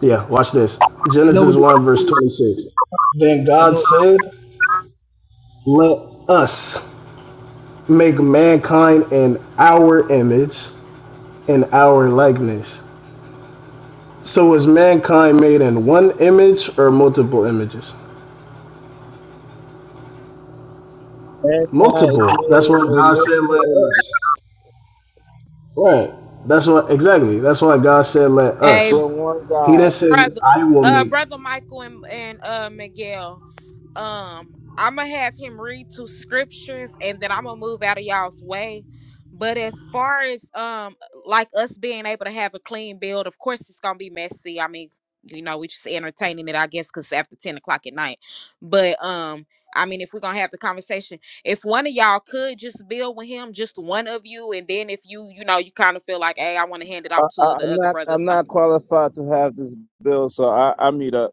S14: Yeah, watch this. Genesis
S5: Nobody,
S14: 1, verse 26. Then
S5: I
S14: God
S5: know.
S14: said, Let us make mankind in our image, in our likeness. So was mankind made in one image or multiple images?
S13: Mankind is
S14: Multiple. That's
S13: made
S14: why
S13: in
S14: God said, Let
S13: multiple
S14: us.
S13: images
S14: Right. That's what, exactly. That's why God said, Let
S1: hey.
S14: us.
S13: from one
S14: He
S13: God.
S14: didn't say,
S1: brothers,
S14: I will
S1: uh,
S14: make.
S1: brother Michael and and uh Miguel. Um, I'm gonna have him read two scriptures, and then I'm gonna move out of y'all's way. But as far as um, like us being able to have a clean build, of course it's gonna be messy. I mean, you know, we just entertaining it, I guess, because after ten o'clock at night. But um, I mean, if we're gonna have the conversation, if one of y'all could just build with him, just one of you, and then if you, you know, you kind of feel like, hey, I want to hand it
S13: I,
S1: off
S13: I,
S1: to
S13: I'm
S1: the other
S13: not.
S1: brother or
S13: I'm
S1: something
S13: not qualified to have this bill, so I, I meet up.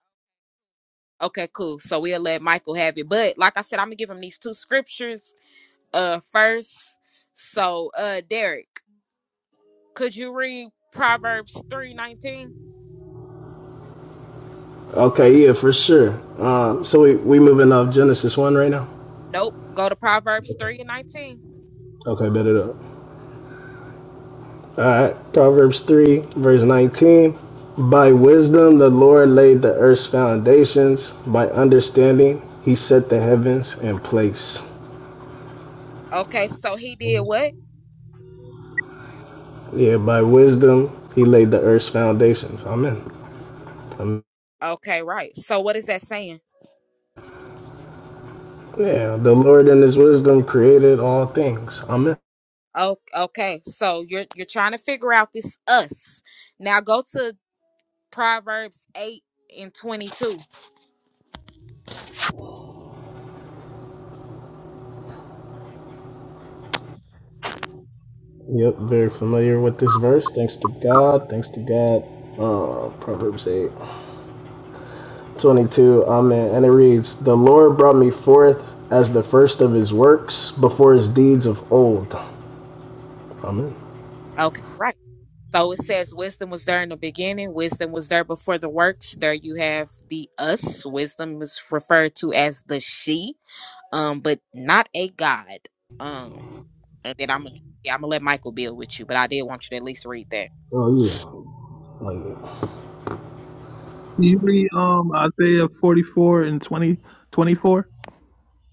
S1: Okay, cool. So we'll let Michael have it. But like I said, I'm gonna give him these two scriptures uh first. So uh Derek, could you read Proverbs three nineteen?
S14: Okay, yeah, for sure. Uh, so we, we moving off Genesis 1 right now?
S1: Nope. Go to Proverbs three and nineteen.
S14: Okay, bet it up. All right, Proverbs 3, verse 19. By wisdom the Lord laid the earth's foundations, by understanding he set the heavens in place.
S1: Okay, so he did what?
S14: Yeah, by wisdom he laid the earth's foundations. Amen. Amen.
S1: Okay, right. So what is that saying?
S14: Yeah, the Lord in his wisdom created all things. Amen.
S1: Oh, okay. So you're you're trying to figure out this us. Now go to Proverbs eight and twenty two.
S14: Yep, very familiar with this verse. Thanks to God. Thanks to God. Uh, Proverbs 8. 22, Amen. And it reads, The Lord brought me forth as the first of his works before his deeds of old. Amen.
S1: Okay, right. So it says wisdom was there in the beginning, wisdom was there before the works. There you have the us. Wisdom is referred to as the she, um, but not a god. Um, and then I'm gonna yeah, I'm gonna let Michael build with you, but I did want you to at least read that.
S14: Oh, yeah. Oh, yeah.
S5: Can you read um, Isaiah 44 and twenty, twenty-four?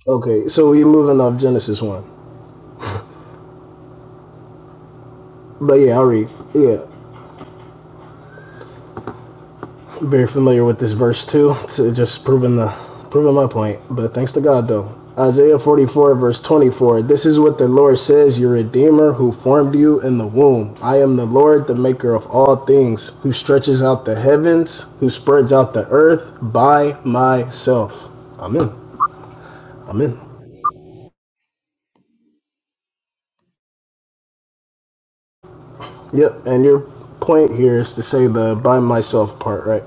S14: Okay, so we're moving off Genesis 1. But yeah, I'll read. Yeah. very familiar with this verse too. So just proving the proving my point. But thanks to God though. Isaiah 44 verse 24. This is what the Lord says, your Redeemer who formed you in the womb. I am the Lord, the maker of all things, who stretches out the heavens, who spreads out the earth by myself. Amen. Amen. Yep, and your point here is to say the by myself part, right?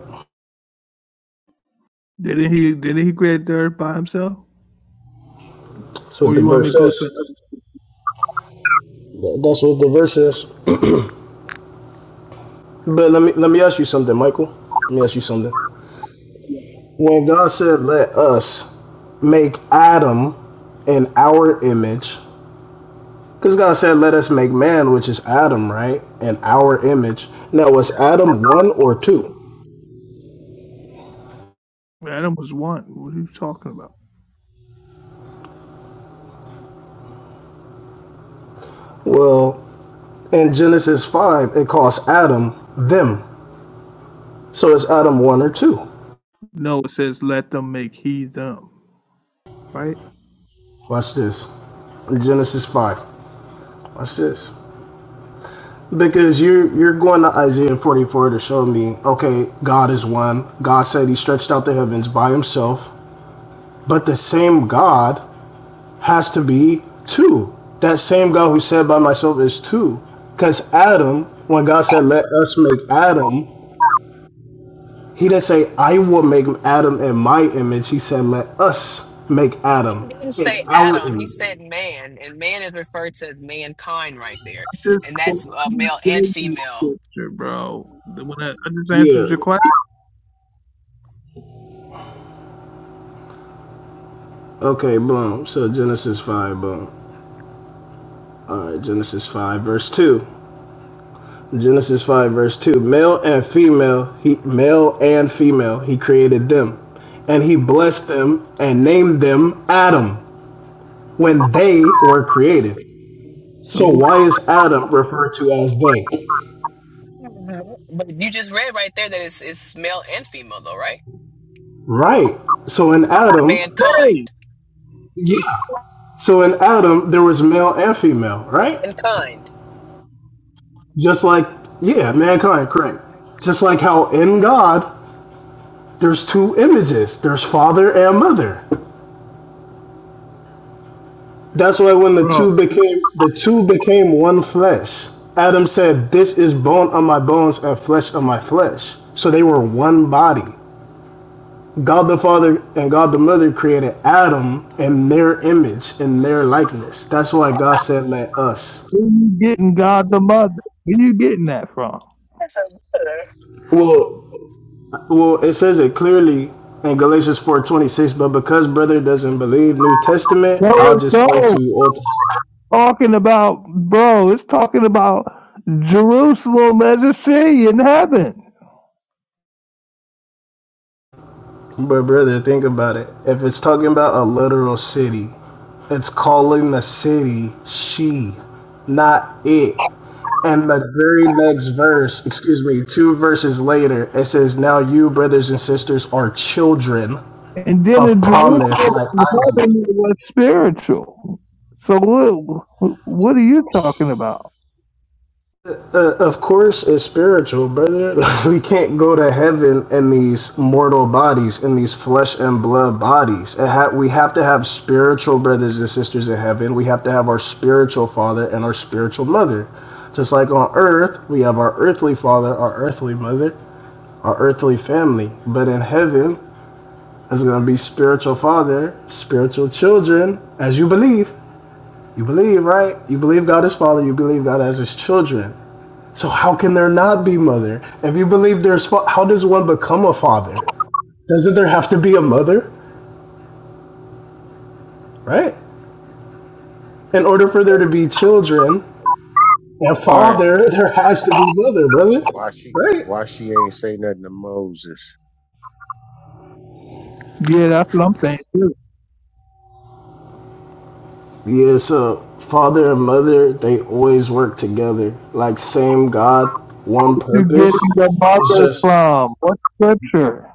S5: Didn't he didn't he create the earth by himself?
S14: That's
S5: Or
S14: what the
S5: you want me
S14: verse
S5: to go
S14: says.
S5: to
S14: That's what the verse says. But let me let me ask you something, Michael. Let me ask you something. When God said, let us make Adam in our image, because God said, let us make man, which is Adam, right? In our image. Now, was Adam one or two?
S5: another? Adam was one. What are you talking about?
S14: Well, in Genesis 5, it calls Adam them. So is Adam one or two?
S5: No, it says let them make he them, right?
S14: Watch this. Genesis 5. Watch this. Because you're you're going to Isaiah 44 to show me, okay, God is one. God said he stretched out the heavens by himself. But the same God has to be two. That same God who said by myself is two. Because Adam, when God said, let us make Adam, he didn't say, I will make Adam in my image. He said, let us make
S6: He
S14: Adam
S6: didn't
S14: in
S6: say
S14: our
S6: Adam, he
S14: image.
S6: said man, and man is referred to as mankind right there.
S5: This
S6: And
S5: quote-
S6: that's uh,
S5: I just
S6: male and
S5: gave you
S6: female.
S5: the scripture, bro. When I, I just answered
S14: Yeah.
S5: your question.
S14: Okay, boom. So Genesis 5, boom. All right, Genesis 5, verse 2. Genesis 5, verse 2. Male and female, he, male and female, he created them. And he blessed them and named them Adam. when they were created.
S5: So
S14: So why is Adam referred to as they?
S6: Mhm. But you just read right there that it's it's male and female though, right?
S14: Right. So in Adam,
S5: hey,
S6: Mankind.
S14: yeah. So in Adam, there was male and female, right?
S6: Mankind.
S14: Just like, yeah, mankind, correct. Just like how in God, there's two images. There's father and mother. That's why when the
S5: bro,
S14: two became the two became one flesh. Adam said, "This is bone of my bones and flesh of my flesh." So they were one body. God the Father and God the Mother created Adam in their image, in their likeness. That's why God said, "Let us."
S5: where you getting God the Mother? Where you getting that from?
S6: That's a good.
S14: Well, well, it says it clearly in Galatians four twenty six. But because brother doesn't believe New Testament,
S5: No,
S14: I'll
S5: it's
S14: just say
S5: not
S14: to Old. Testament.
S5: talking about, bro. It's talking about Jerusalem as a city in heaven,
S14: But brother, think about it. If it's talking about a literal city, it's calling the city she, not it. And the very next verse, excuse me, two verses later, it says, Now you, brothers and sisters, are children
S5: and then the
S14: of
S5: Jerusalem
S14: promise, like
S5: in
S14: Isaac.
S5: heaven it was spiritual. So what? What are you talking about?
S14: Uh, of course, it's spiritual, brother. we can't go to heaven in these mortal bodies, in these flesh and blood bodies. It ha- we have to have spiritual brothers and sisters in heaven. We have to have our spiritual father and our spiritual mother. Just like on earth, we have our earthly father, our earthly mother, our earthly family. But in heaven, It's gonna be spiritual father, spiritual children, as you believe. You believe, right? You believe God is father, you believe God as his children. So how can there not be mother? If you believe there's fa- how does one become a father? Doesn't there have to be a mother, right? In order for there to be children and
S5: All right.
S14: father, there has to be mother, brother,
S15: Why she
S14: right?
S15: why she ain't say nothing to Moses
S5: Yeah, that's what I'm saying. Where
S14: Yeah, so father and mother, they always work together. Like same God, one
S5: you get
S14: purpose.
S5: the
S14: It's
S5: Bible
S14: just
S5: from? What scripture?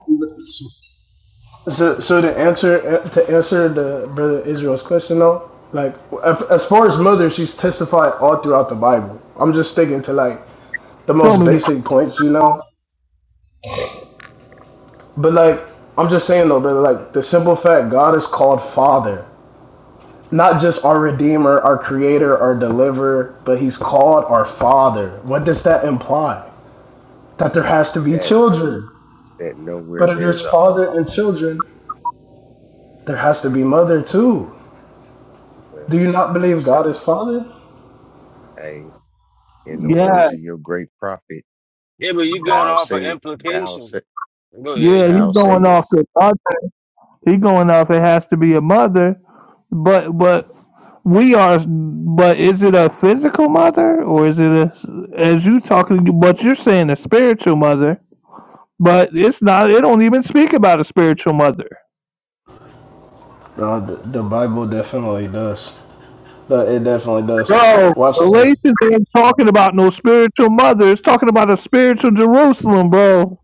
S14: So, so to answer uh, to answer the brother Israel's question though, like as far as mother, she's testified all throughout the Bible. I'm just sticking to like the
S5: Show
S14: most
S5: me that.
S14: basic points, you know. But like I'm just saying though, brother, like the simple fact God is called Father, not just our Redeemer, our Creator, our Deliverer, but He's called our Father. What does that imply? That there has to be
S15: that
S14: children.
S15: that nowhere
S14: But if there's
S15: there's a
S14: father and
S15: Amma.
S14: children, there has to be mother too. Do
S15: Well,
S14: you not
S15: you
S14: believe
S15: say
S14: God is Father?
S15: hey, in the
S5: Yeah,
S15: words of your great prophet,
S8: Yeah, but you going
S15: thou
S8: off of
S15: say thou
S8: implication.
S15: say
S8: Go ahead,
S5: yeah. He's
S15: thou
S8: Drew.
S5: going off
S15: sayest
S5: the Bible. He going off. It has to be a mother, but but we are. But is it a physical mother or is it a as you talking? But you're saying a spiritual mother, but it's not. It don't even speak about a spiritual mother.
S14: No, the, the Bible definitely does. The- It definitely does.
S5: Bro,
S14: Watch,
S5: Galatians ain't talking about no spiritual mother. It's talking about a spiritual Jerusalem, bro.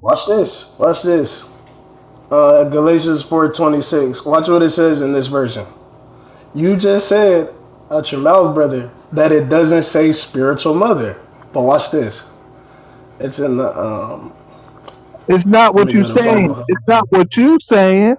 S14: watch this. Watch this. Uh, Galatians four twenty six. Watch what it says in this version. You just said out your mouth, brother, that it doesn't say spiritual mother. But watch this. It's in the um.
S5: It's not
S14: Let me
S5: what you
S14: go to Bible.
S5: saying.
S14: Hub.
S5: It's not what you saying.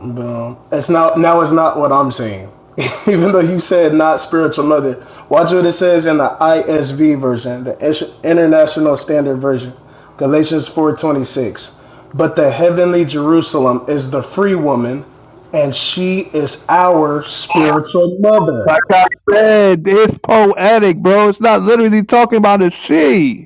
S14: Boom. That's not now it's not what I'm saying. Even though you said not spiritual mother, watch what it says in the ISV version, the International Standard Version, Galatians 4:26. But the heavenly Jerusalem is the free woman, and she is our spiritual
S5: Like
S14: mother.
S5: I said, it's poetic, bro. It's not literally talking about a she.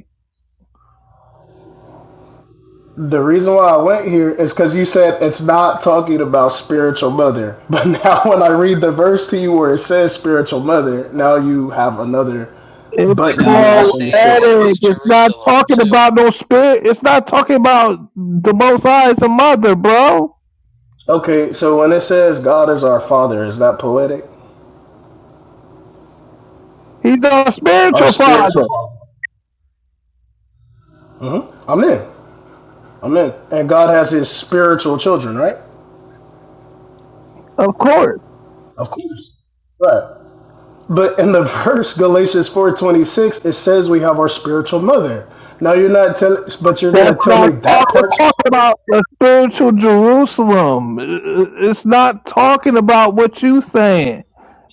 S14: The reason why I went here is because you said it's not talking about spiritual mother. But now when I read the verse to you where it says spiritual mother, now you have another
S5: It's
S6: But
S14: But
S6: it
S14: you
S6: also
S14: mash on
S6: said
S14: the stick.
S6: that it
S5: poetic.
S6: was
S5: It's not
S6: Jerusalem
S5: talking
S6: too.
S5: about no spirit. It's not talking about the Most High as a mother, bro.
S14: Okay, so when it says God is our Father, is that poetic?
S5: He's a
S14: Our
S5: spiritual father,
S14: spiritual Father. Mm-hmm. I'm in. I'm in. And God has His spiritual children, right?
S5: of course.
S14: Of course. Right. But in the verse Galatians four twenty six, it says we have our spiritual mother. Now you're not telling, but you're gonna
S5: That's
S14: tell
S5: not
S14: me
S5: talk-
S14: that
S5: it's
S14: part's
S5: talking about the spiritual Jerusalem. I- I- It's not talking about what you saying.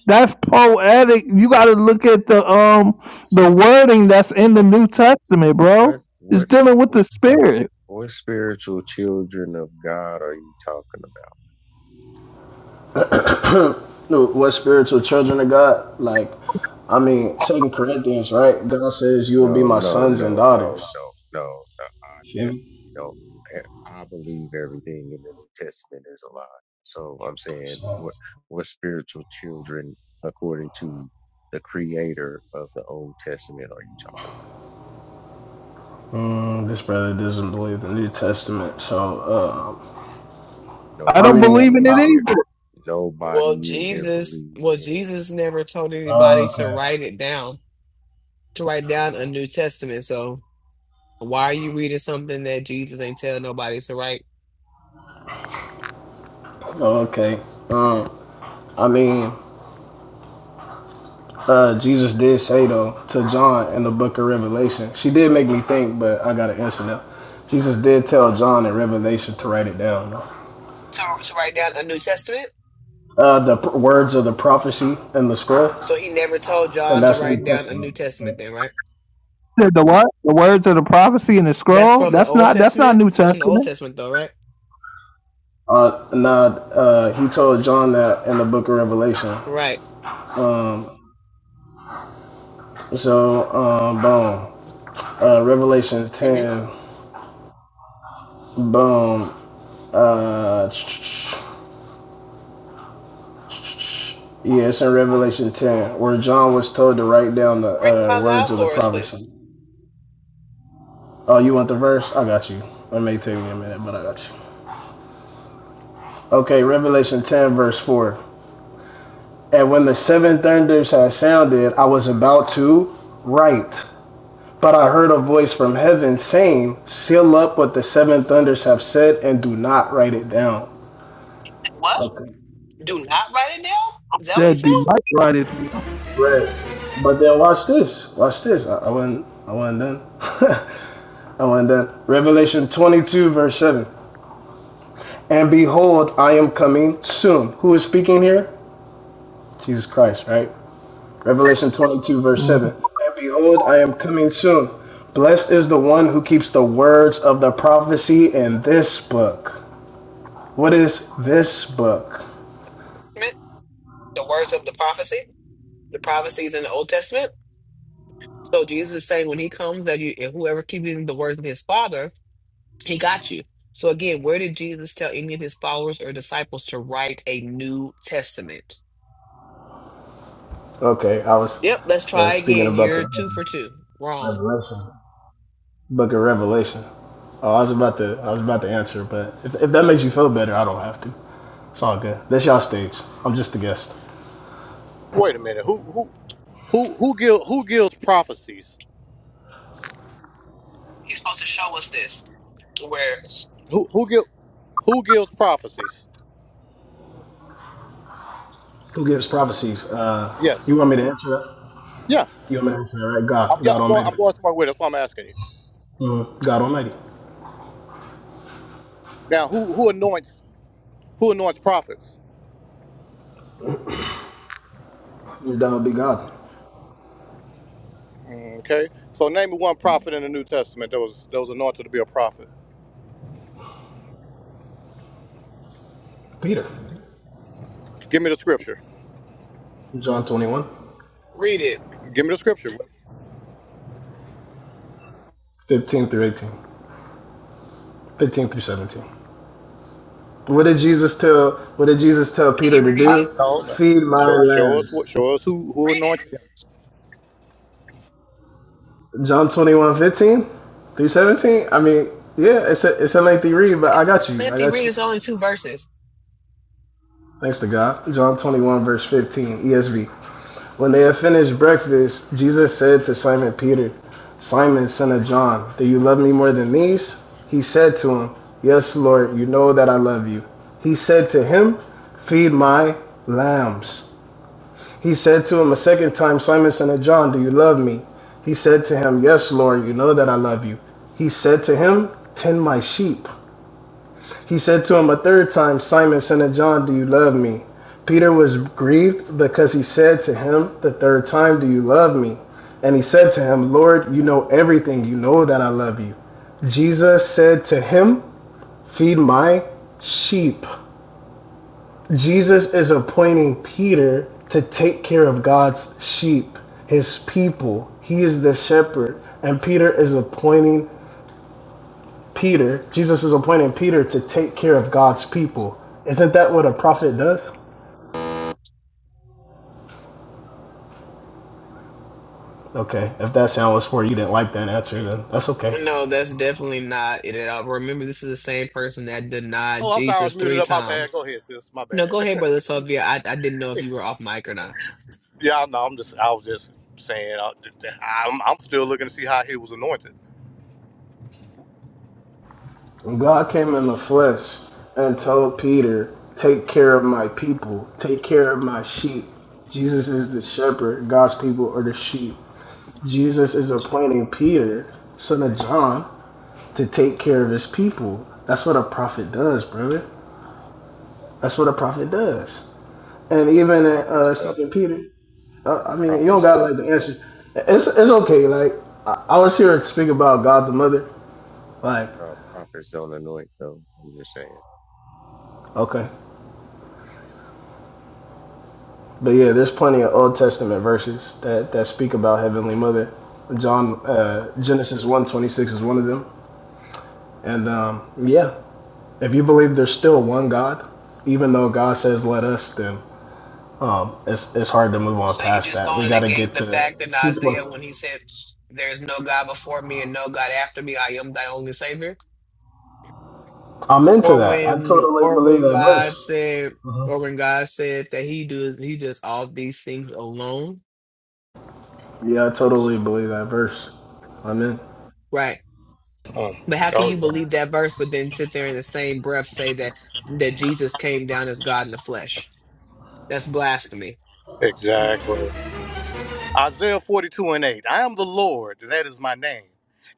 S5: That's poetic. You got to look at the um the
S15: what
S5: wording that's in the
S15: what
S5: New Testament,
S15: what
S5: bro. It's
S15: what's
S5: dealing with the spirit.
S15: what spiritual children of God are you talking about?
S14: poetic. no, what spiritual children of God? Like, I mean, Second Corinthians, right? God says you will be
S15: No,
S14: my
S15: no,
S14: sons and
S15: no, no,
S14: daughters.
S15: no, no. no I
S14: Feel me?
S15: definitely don't. I I believe everything in the New Testament is a lie. So I'm saying
S14: So,
S15: what what spiritual children, according to the creator of the Old Testament, are you talking about?
S14: Mm, this brother doesn't believe the New Testament, so uh,
S5: I
S14: I
S5: don't
S14: mean,
S5: believe
S15: Nobody
S5: in
S15: in
S5: it
S14: I,
S5: either.
S15: here.
S6: Well,
S15: Nobody in here
S6: Jesus,
S15: believes
S6: well,
S15: in it.
S6: Jesus never told
S14: uh,
S6: anybody to write it down, to write down a New Testament. So why are you reading something that Jesus ain't tell nobody to write?
S14: okay, okay. Um, I mean, uh, Jesus did say though to John in the Book of Revelation. She did make me think, but I gotta answer now. Jesus did tell John in Revelation to write it down. Though.
S6: To, to write down a New Testament?
S14: Uh, the p- words of the prophecy in the scroll,
S6: So he never told
S14: and
S6: John to
S14: that's New
S6: write down a New
S14: Testament. Right?
S6: Testament then, right?
S5: said the what? The words of the prophecy in the
S6: That's
S5: scroll?
S6: from the
S5: That's
S6: Old
S5: not that's not
S6: Testament?
S5: New
S6: That's from the Old
S5: Testament.
S6: Testament though, right?
S14: Uh, now, uh, he told John that in the Book of Revelation.
S6: Right.
S14: Um, so, um, boom. Uh, Revelation
S6: hmm
S14: 10. Boom. Uh, yeah, it's in Revelation 10, where John was told to write down
S6: Read it
S14: the uh,
S6: out loud
S14: words of the
S6: for us, please.
S14: prophecy. Oh, you want the verse? I got you. It may take me a minute, but I got you. Okay, Revelation 10, verse 4. And when the seven thunders had sounded, I was about to write. But I heard a voice from heaven saying, Seal up what the seven thunders have said and do not write it down.
S6: What?
S14: Okay.
S6: Do not write it down? Is that what he
S5: That do
S6: said?
S5: right right it
S14: Right. But then watch this. Watch this. I, I wasn't I wasn't done. I wasn't done. Revelation twenty two verse seven. And behold, I am coming soon. Who is speaking here? Jesus Christ, right? Revelation twenty two verse
S5: Mhm.
S14: seven. And behold, I am coming soon. Blessed is the one who keeps the words of the prophecy in this book. What is this book?
S6: Meant The words of the prophecy? The prophecies in the Old Testament? So Jesus is saying when he comes that you if whoever keeping the words of his father, he got you. So again, where did Jesus tell any of his followers or disciples to write a New Testament?
S14: Okay, I was
S6: Yep, let's
S14: uh,
S6: try
S14: speaking
S6: again.
S14: about
S6: You're
S14: the
S6: two for two. Wrong.
S14: Revelation. Book of Revelation. Oh, I was about to, I was about to answer, but if, if that makes you feel better, I don't have to. It's all good. That's y'all stage. I'm just a guest.
S11: Wait a minute. Who who who who gives who gives prophecies?
S6: He's supposed to show us this. Where
S11: Who who give who gives prophecies?
S14: Who gives prophecies? Uh, you
S11: Yes.
S14: want me to answer that?
S11: Yeah.
S14: You want me to answer that, right?
S11: I'm,
S14: God,
S11: yeah,
S14: God
S11: I'm going.
S14: Almighty.
S11: I'm going somewhere with. it. That's why I'm asking you.
S14: Mhm. God Almighty.
S11: Now, who who anoints who anoints prophets?
S14: That would be God.
S11: Mm, Okay. So name me one prophet in the New Testament that was that was anointed to be a prophet.
S14: Peter.
S11: Give me the scripture.
S14: John 21,
S6: read it.
S11: Give me the scripture.
S14: 15 through 18, 15 through 17. What did Jesus tell? What did Jesus tell
S6: May
S14: Peter
S6: you
S14: to
S6: read
S11: I,
S14: do?
S6: it?
S11: no. no.
S14: Feed my
S11: Show, show us
S14: lambs.
S11: what. Show us who who
S6: Read it.
S11: anointed him.
S6: It's
S14: John 21, fifteen through 17. I mean, yeah, it's a, it's a lengthy read, but I
S6: not
S14: got you. I
S6: Lengthy
S14: got
S6: read
S14: you.
S6: is only two verses.
S14: Thanks to God. John 21, verse 15, ESV. When they had finished breakfast, Jesus said to Simon Peter, Simon, son of John, do you love me more than these? He said to him, Yes, Lord, you know that I love you. He said to him, Feed my lambs. He said to him a second time, Simon, son of John, do you love me? He said to him, Yes, Lord, you know that I love you. He said to him, Tend my sheep. He said to him a third time, Simon, son of John, do you love me? Peter was grieved because he said to him the third time, Do you love me? And he said to him, Lord, you know everything. You know that I love you. Jesus said to him, Feed my sheep. Jesus is appointing Peter to take care of God's sheep, his people. He is the shepherd. And Peter is appointing Peter, Jesus is appointing Peter to take care of God's people. Isn't that what a prophet does? Okay, if that sound was for you, you didn't like that answer, then that's okay.
S6: No, that's definitely not it at all. Remember, this is the same person that denied
S11: Oh, I'm sorry. I was
S6: Jesus
S11: muted
S6: three
S11: up. My bad.
S6: times.
S11: Go ahead, sis. My
S6: No, go
S11: bad.
S6: ahead, brother Sylvia. I, I didn't know if you were off mic or not.
S11: yeah. No. I'm just. I was just saying. I, I'm. I'm still looking to see how he was anointed.
S14: God came in the flesh and told Peter, Take care of my people, take care of my sheep. Jesus is the shepherd, God's people are the sheep. Jesus is appointing Peter, son of John, to take care of his people. That's what a prophet does, brother. That's what a prophet does. And even in
S15: Prophets
S14: uh,
S15: don't.
S14: Second Peter, uh, I mean, you don't
S15: Prophets
S14: gotta
S15: don't.
S14: like the answer. It's it's okay. Like I, I was here to speak about God the Mother. Like
S15: Uh, prophets don't anoint them. I'm just saying.
S14: okay, but yeah, there's plenty of Old Testament verses that that speak about Heavenly Mother. John uh, Genesis one twenty six is one of them. And um, yeah. If you believe there's still one God, even though God says let us, then um, it's it's hard to move on
S6: So you
S14: past
S6: just
S14: that. We
S6: going to
S14: got to
S6: negate
S14: get
S6: the
S14: to
S6: fact that in
S14: two
S6: Isaiah
S14: points.
S6: when he said, "There is no God before me and no God after me. I am thy only Savior."
S14: I'm into
S6: Or
S14: that. I
S6: when
S14: totally
S6: or
S14: believe
S6: when
S14: that
S6: God
S14: verse.
S6: said or
S14: Mhm.
S6: when God said that he does he does all these things alone.
S14: Yeah, I totally believe that verse. I'm in.
S6: Right.
S11: Mm.
S6: But how can
S11: Oh
S6: you
S11: yeah.
S6: believe that verse but then sit there in the same breath say that that Jesus came down as God in the flesh? That's blasphemy.
S11: Exactly. Isaiah 42 and 8. I am the Lord, that is my name.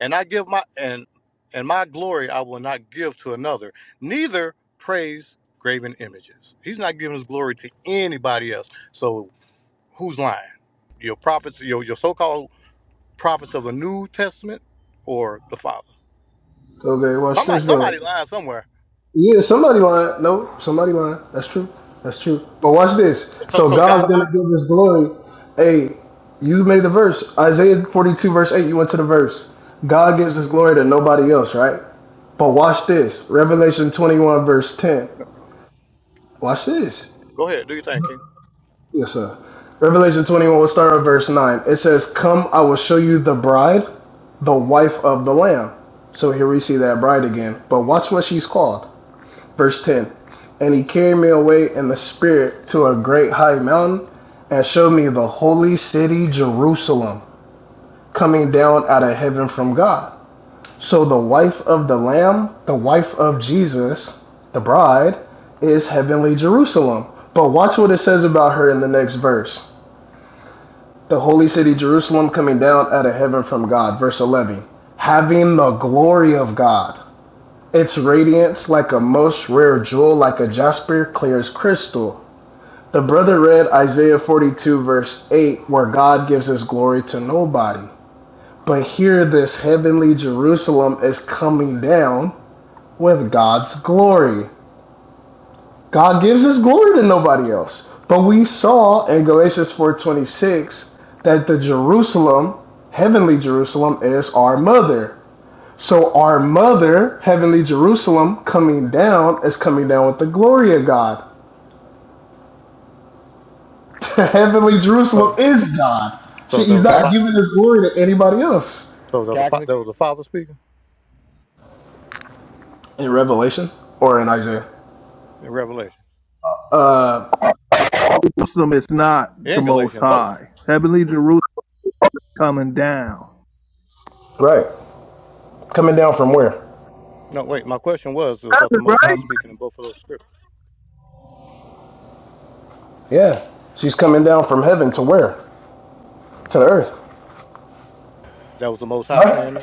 S11: And I give my and and my glory I will not give to another, neither praise graven images. He's not giving his glory to anybody else. So who's lying? Your prophets, your your so-called prophets of the New Testament or the Father?
S14: Okay, watch
S11: Somebody
S14: this though.
S11: somebody lying somewhere.
S14: Yeah, somebody lying. No, somebody lying. That's true. That's true. But watch this.
S11: So
S14: So
S11: so
S14: God's
S11: God
S14: gonna
S11: lying?
S14: give us glory. Hey, you made the verse. Isaiah 42, verse 8, you went to the verse. God gives his glory to nobody else, right? But watch this. Revelation 21, verse 10.
S11: No, no, no.
S14: Watch this.
S11: Go ahead, do your thing, King.
S14: Yes, sir. Revelation 21, we'll start at verse 9. It says, Come, I will show you the bride, the wife of the Lamb. So here we see that bride again. But watch what she's called. Verse 10 And he carried me away in the spirit to a great high mountain and showed me the holy city Jerusalem coming down out of heaven from God. So the wife of the Lamb, the wife of Jesus, the bride, is heavenly Jerusalem. But watch what it says about her in the next verse. The holy city Jerusalem coming down out of heaven from God. Verse 11 Having the glory of God. Its radiance, like a most rare jewel, like a jasper, clear as crystal. The brother read Isaiah 42, verse 8, where God gives his glory to nobody. But here, this heavenly Jerusalem is coming down with God's glory. God gives his glory to nobody else. But we saw in Galatians 4:26 that the Jerusalem, heavenly Jerusalem is our mother. So our mother, heavenly Jerusalem, coming down is coming down with the glory of God. heavenly Jerusalem
S11: So
S14: is God. See,
S11: so there
S14: he's
S11: was a
S16: Cax,
S14: not
S11: fa-
S14: giving his glory to anybody else.
S11: so there was a fa-
S16: Cax,
S11: there was a father speaking
S14: In Revelation or in Isaiah.
S11: in Revelation.
S14: Uh
S5: Jerusalem is not the
S11: In
S5: most
S11: Galatians both.
S5: high. Heavenly Jerusalem coming down.
S14: right. Coming down from where?
S11: No, wait. My question was: Was that the
S5: That's
S11: Most
S5: right
S11: High speaking in both of those scriptures?
S14: Yeah. She's coming down from heaven to where? To the earth.
S11: That was the Most High
S14: Right?
S11: saying that.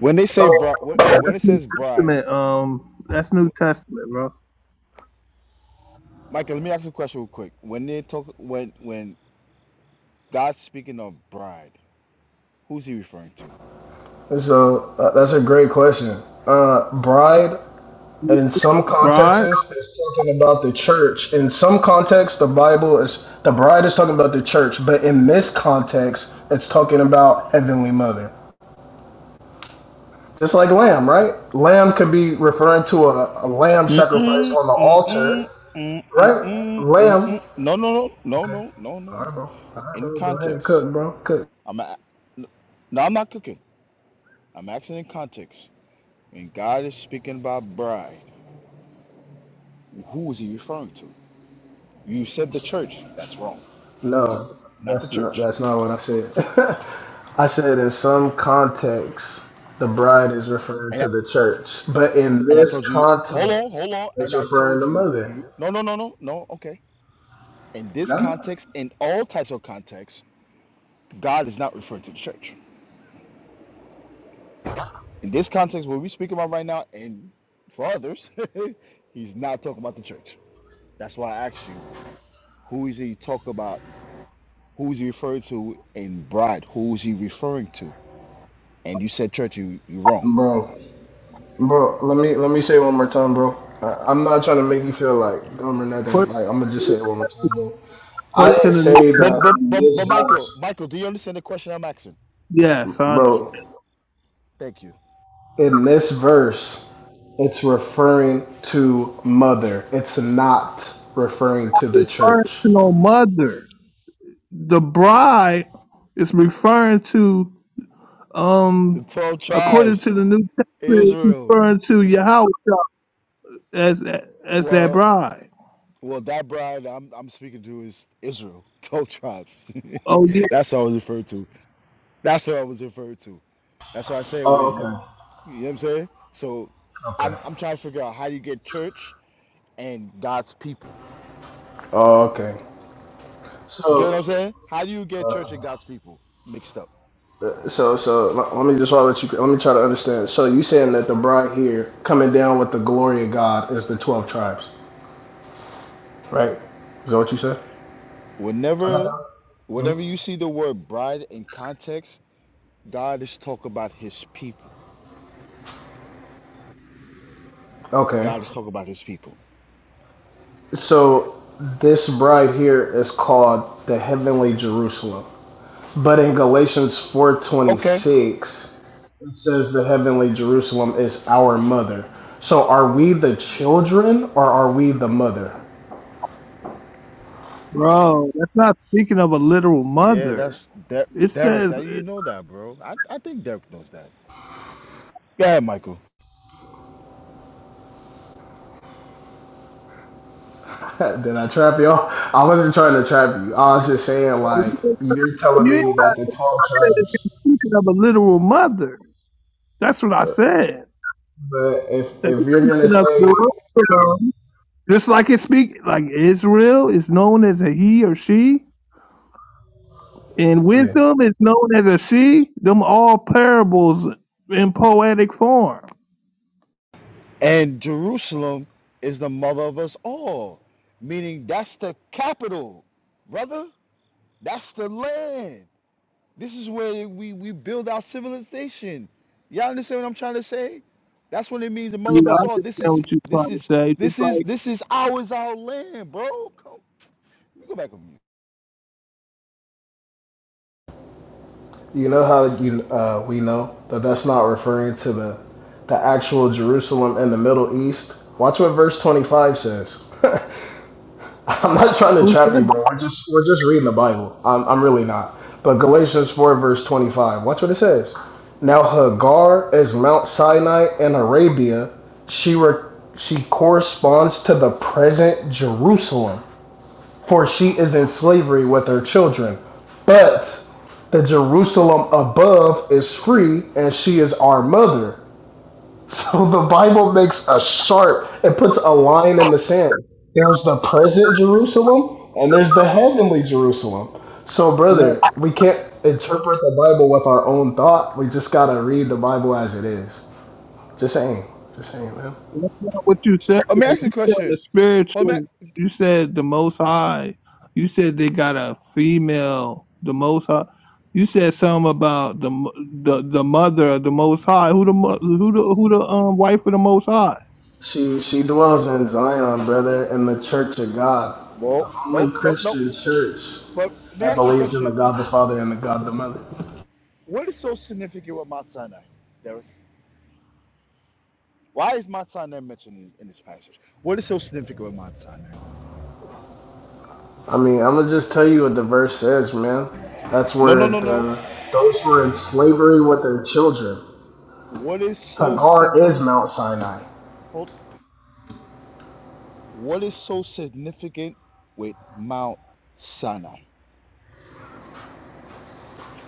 S16: when they say bri-
S14: So
S16: wh-
S14: um,
S16: when it
S5: New
S16: says bride,
S5: Testament. Um that's New Testament, bro.
S16: Michael, let me ask you a question real quick. When they talk, when when God's speaking of bride, who's he referring to?
S14: so uh, that's a great question. Uh bride And in some contexts,
S5: Right?
S14: it's talking about the church. In some contexts, the Bible is the bride is talking about the church, but in this context, it's talking about Heavenly Mother. Just like lamb, right? Lamb could be referring to a, a lamb sacrificed
S16: Mm-mm,
S14: on the
S16: mm-mm,
S14: altar,
S16: mm-mm,
S14: right?
S16: mm-mm,
S14: Lamb.
S16: mm-mm. No, no, no, no, no, no,
S14: All
S16: no.
S14: right, bro. All right,
S16: In
S14: bro. Go ahead,
S16: context,
S14: cook, bro. Cook.
S16: I'm a- no, I'm not cooking. I'm asking in context. When God is speaking about bride, who is he referring to? You said the church. That's wrong.
S14: No,
S16: Not the
S14: that's not,
S16: church.
S14: that's not what I said. I said in some contexts, the bride is referring to the church, but in
S16: And I
S14: this
S16: told you,
S14: context,
S16: hold on, hold on. And
S14: it's
S16: I
S14: referring
S16: told
S14: to
S16: you,
S14: mother.
S16: you no, no, no, no, no. Okay. In this
S14: Yeah.
S16: context, in all types of contexts, God is not referring to the church. In this context, what we speak about right now, and for others, he's not talking about the church. That's why I asked you, who is he talking about? Who is he referring to in bride? Who is he referring to? And you said church, you you wrong.
S14: Bro, bro, let me let me say it one more time, bro. I, I'm not trying to make you feel like dumb or nothing.
S5: According
S14: Like I'm gonna just say it one more time, bro. I
S5: according to
S14: didn't
S5: the New
S14: say
S16: But
S14: that
S16: but
S14: in
S16: but,
S14: this
S16: but Michael,
S14: verse,
S16: Michael, do you understand the question I'm asking?
S5: Yes, I understand.
S14: bro.
S16: Thank you.
S14: in this verse, it's referring to mother. It's not referring to the
S5: Referring
S14: church.
S5: to no mother. The bride is referring to
S16: The
S5: um
S16: twelve
S5: according
S16: tribes,
S5: to the New Testament, it's
S16: Israel.
S5: referring to Yahweh as as that
S16: Well,
S5: bride.
S16: Well, that bride I'm I'm speaking to is Israel, twelve tribes.
S5: Oh yeah,
S16: That's what I was referred to. That's what I was referred to. That's why I say,
S14: Oh,
S16: when
S14: okay.
S16: you know what I'm saying. So, I'm
S14: Okay.
S16: I'm trying to figure out how do you get church and God's people.
S14: Oh, okay.
S16: You get what I'm
S14: So,
S16: saying? How do you get church and
S14: Uh,
S16: God's people mixed up?
S14: so, so let me just let you. Let me try to understand. So, you saying that the bride here coming down with the glory of God is the twelve tribes, right? Is that what you said? I got
S16: Whenever
S14: that. hmm
S16: whenever you see the word bride in context, God is talking about His people.
S14: Okay.
S16: God is talking about His people.
S14: So, this bride here is called the heavenly Jerusalem. But in Galatians
S16: Okay.
S14: 4:26, it says the heavenly Jerusalem is our mother. So are we the children or are we the mother?
S5: bro. That's not speaking of a literal
S16: Yeah,
S5: mother.
S16: that's De-
S5: It
S16: Derek.
S5: says
S16: That you
S5: you
S16: know that, bro. I I think Derek knows that. Yeah, Michael.
S14: Did I trap y'all? I wasn't trying to trap you. I was just saying like
S5: ain't
S14: you're telling me
S5: said
S14: that the 12
S5: it's
S14: tribes,
S5: speaking of a literal mother. That's what I said.
S14: but if
S5: That
S14: if
S5: it's
S14: you're going to
S5: speaking of the
S14: say
S5: wisdom. Just like it speak like Israel is known as a he or she, and
S14: yeah,
S5: wisdom is known as a she. Them all parables in poetic form.
S16: And Jerusalem is the mother of us all, meaning that's the capital, brother. That's the land. This is where we, we build our civilization. Y'all understand what I'm trying to say? That's what it means, the mother
S5: Yeah,
S16: of us
S5: I
S16: all.
S5: understand
S16: This is
S5: what you're
S16: this
S5: trying to
S16: is
S5: say. It's
S16: this is
S5: like
S16: this is ours, our land, bro. Come, let me go back on you.
S14: you know how you uh, we know that that's not referring to the the actual Jerusalem in the Middle East. Watch what verse 25 says. I'm not trying to
S5: who
S14: trap you,
S5: said
S14: bro. We're just we're just reading the Bible. I'm I'm really not. But Galatians four verse twenty five. Watch what it says. Now Hagar is Mount Sinai in Arabia. She re- she corresponds to the present Jerusalem, for she is in slavery with her children. But the Jerusalem above is free, and she is our mother. So the Bible makes a sharp, it puts a line in the sand. There's the present Jerusalem and there's the heavenly Jerusalem. So,
S5: that?
S14: brother, we can't interpret the Bible with our own thought. We just gotta read the Bible as it is. Just saying. Just saying, man.
S5: what you said,
S16: Oh, may I ask you a
S5: you said the
S16: question? Oh, may,
S5: spiritual. You said the Most High. You said they got a female, the Most High. You said something about the mo- the the mother of the Most High. Who the mo- who the who the um wife of the Most High?
S14: She she dwells in Zion, brother, in the church of God. The
S16: well,
S14: only
S16: nope, nope, nope.
S14: Christian church
S16: But may I
S14: that
S16: ask you a
S14: believes in the
S16: question?
S14: God the Father and the God the Mother.
S16: What is so significant with Mount Sinai, Derek? Why is Mount Sinai mentioned in this passage? What is so significant with Mount Sinai?
S14: I mean, I'm gonna just tell you what the verse says, man. That's
S16: No, no,
S14: where
S16: no, no.
S14: the those who are in slavery with their children.
S16: What is so sig-
S14: Hagar is Mount Sinai.
S16: hold- What is so significant with Mount Sinai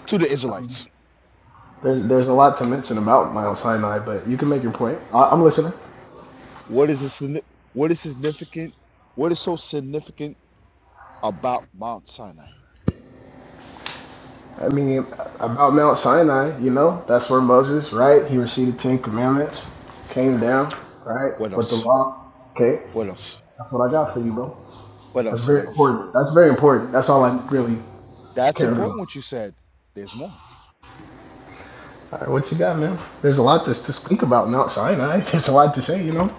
S16: to the Israelites?
S14: There's, there's a lot to mention about Mount Sinai, but you can make your point. I, I'm listening.
S16: What is it What is significant? What is so significant about Mount Sinai?
S14: I mean, about Mount Sinai, you know, that's where Moses, right? He received the Ten Commandments, came down, right,
S16: What
S14: with the
S16: else?
S14: law. Okay,
S16: What else?
S14: that's what I got for you, bro.
S16: What
S14: That's
S16: else? What
S14: very
S16: else?
S14: important. That's very important. That's all I really
S16: That's
S14: care about.
S16: important. What you said. There's more.
S14: All right, what you got, man? There's a lot to, to speak about now, so I know There's a lot to say, you know,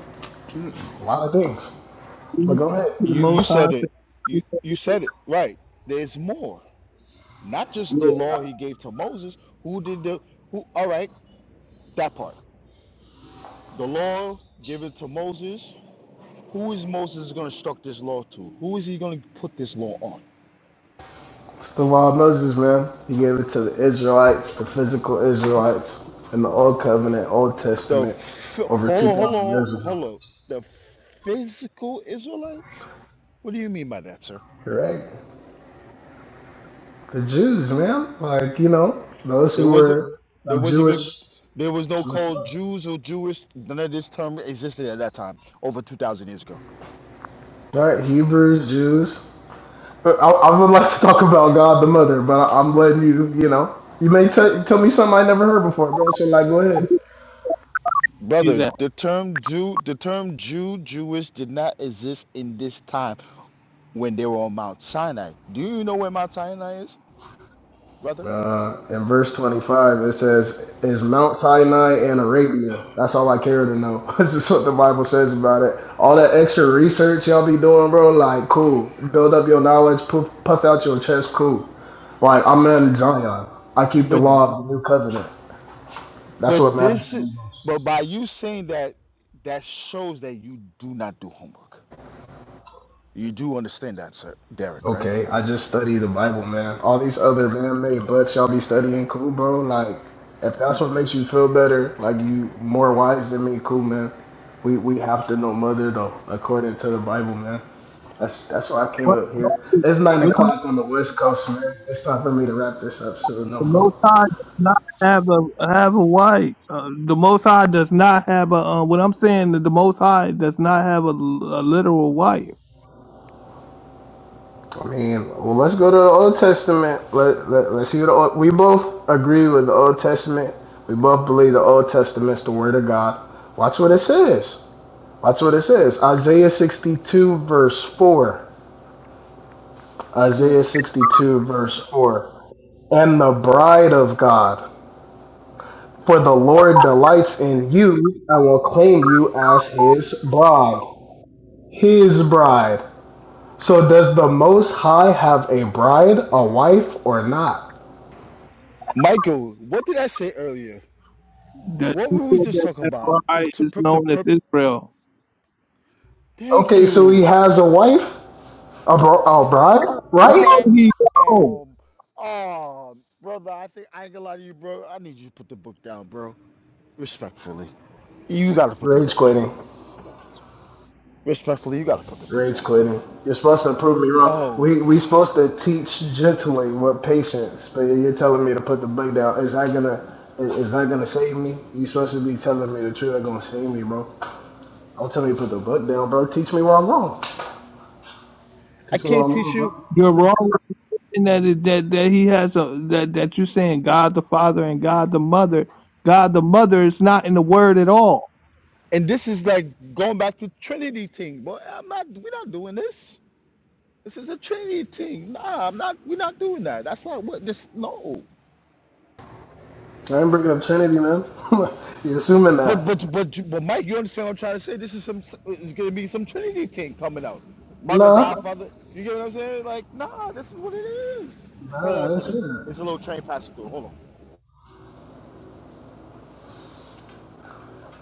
S14: a lot of things. But
S5: Who
S14: go ahead.
S5: The
S16: You you
S5: Most High
S16: said it.
S5: said
S16: You you said it right. There's more. Not just the
S14: Yeah,
S16: law he gave to Moses. Who did the who all right, that part. The law given to Moses. Who is Moses gonna instruct this law to? Who is he gonna put this law on?
S14: it's the law of Moses, man. He gave it to the Israelites, the physical Israelites, in the Old Covenant, Old
S16: The
S14: Testament,
S16: phy-
S14: over
S16: hold on, hold
S14: 2,000 years
S16: on, hold
S14: ago.
S16: on. The physical Israelites? What do you mean by that, sir?
S14: Correct. The Jews, man. Like, you know, those
S16: There
S14: who
S16: wasn't
S14: were
S16: there
S14: of
S16: wasn't
S14: Jewish,
S16: even there was no
S14: Jewish
S16: called
S14: blood.
S16: Jews or Jewish. None of this term existed at that time, over two thousand years ago.
S14: All right, Hebrews, Jews. I, I would like to talk about God the Mother, but I, I'm letting you, you know, you may t- tell me something I never heard before, bro. So like, go ahead.
S16: Brother,
S5: that.
S16: the term Jew, the term Jew, Jewish did not exist in this time when they were on Mount Sinai. Do you know where Mount Sinai is, brother?
S14: Uh, in verse 25, it says, "Is Mount Sinai and Arabia?" That's all I care to know. That's just what the Bible says about it. All that extra research y'all be doing, bro. Like, cool. Build up your knowledge. Puff, puff out your chest. Cool. Like, I'm in Zion. I keep the
S16: But
S14: law of the new covenant. That's what
S16: but
S14: matters
S16: this
S14: to me. most.
S16: but by you saying that that shows that you do not do homework. You do understand that, sir, Derek, right?
S14: Okay, I just study the Bible, man. All these other man-made butts y'all be studying, cool, bro. Like, if that's what makes you feel better, like you more wise than me, cool, man. We we have to know mother though, according to the Bible, man. That's that's why I came
S5: What-
S14: up here. It's nine
S5: what-
S14: o'clock on the West Coast, man. It's time for me to wrap this up, so no,
S5: The Most
S14: bro.
S5: High does not have a have a wife. Uh, the Most High does not have a. Um, what I'm saying, that the Most High does not have a, a literal wife.
S14: I mean, well, let's go to the Old Testament. Let, let let's hear the. Old, we both agree with the Old Testament. We both believe the Old Testament's the Word of God. Watch what it says. That's what it says. Isaiah 62, verse 4. Isaiah 62, verse 4. Am the bride of God, for the Lord delights in you and will claim you as his bride. His bride. So, does the Most High have a bride, a wife, or not?
S16: Michael, what did I say earlier?
S5: The
S16: What were we
S5: people
S16: just
S5: that
S16: talking about? The
S5: Ephraim
S16: t-
S5: is
S16: per- the
S5: known as
S16: per-
S5: Israel.
S16: Thank
S14: Okay, so he
S16: you.
S14: has a wife, a, bro- a bride,
S5: No,
S14: right?
S16: Um,
S5: he wrong.
S16: um, um, brother, I think I ain't gonna lie to you, bro. I need you to put the book down, bro. Respectfully, you gotta put the
S14: Rage
S16: book down.
S14: quitting.
S16: Respectfully, you gotta put the book
S14: Rage
S16: down,
S14: quitting.
S16: cause
S14: You're supposed to prove me wrong.
S16: oh,
S14: We we supposed to teach gently, with patience, but you're telling me to put the book down. Is that gonna is that gonna save me? You supposed to be telling me the truth. That gonna save me, bro. Don't tell me to put the book down, bro. Teach me where I'm wrong.
S16: I
S14: Teach me where
S16: can't
S14: I'm
S16: teach
S14: wrong,
S16: you.
S5: You're wrong in that it- that that he has a that that you're saying God the Father and God the Mother. God the Mother is not in the word at all.
S16: And this is like going back to Trinity thing, but I'm not. We're not doing this. This is a Trinity thing. Nah, I'm not. We're not doing that. That's not what this. No.
S14: bro. I didn't bring up Trinity, man. you assuming that?
S16: But but but but Mike, you understand what I'm trying to say? This is some it's gonna be some Trinity thing coming out. Mother,
S14: Nah,
S16: Godfather. You get what I'm saying? Like, nah, this is what it is. Hold on one
S14: nah, that's
S16: second.
S14: it.
S16: It's a little train passing through. Hold on.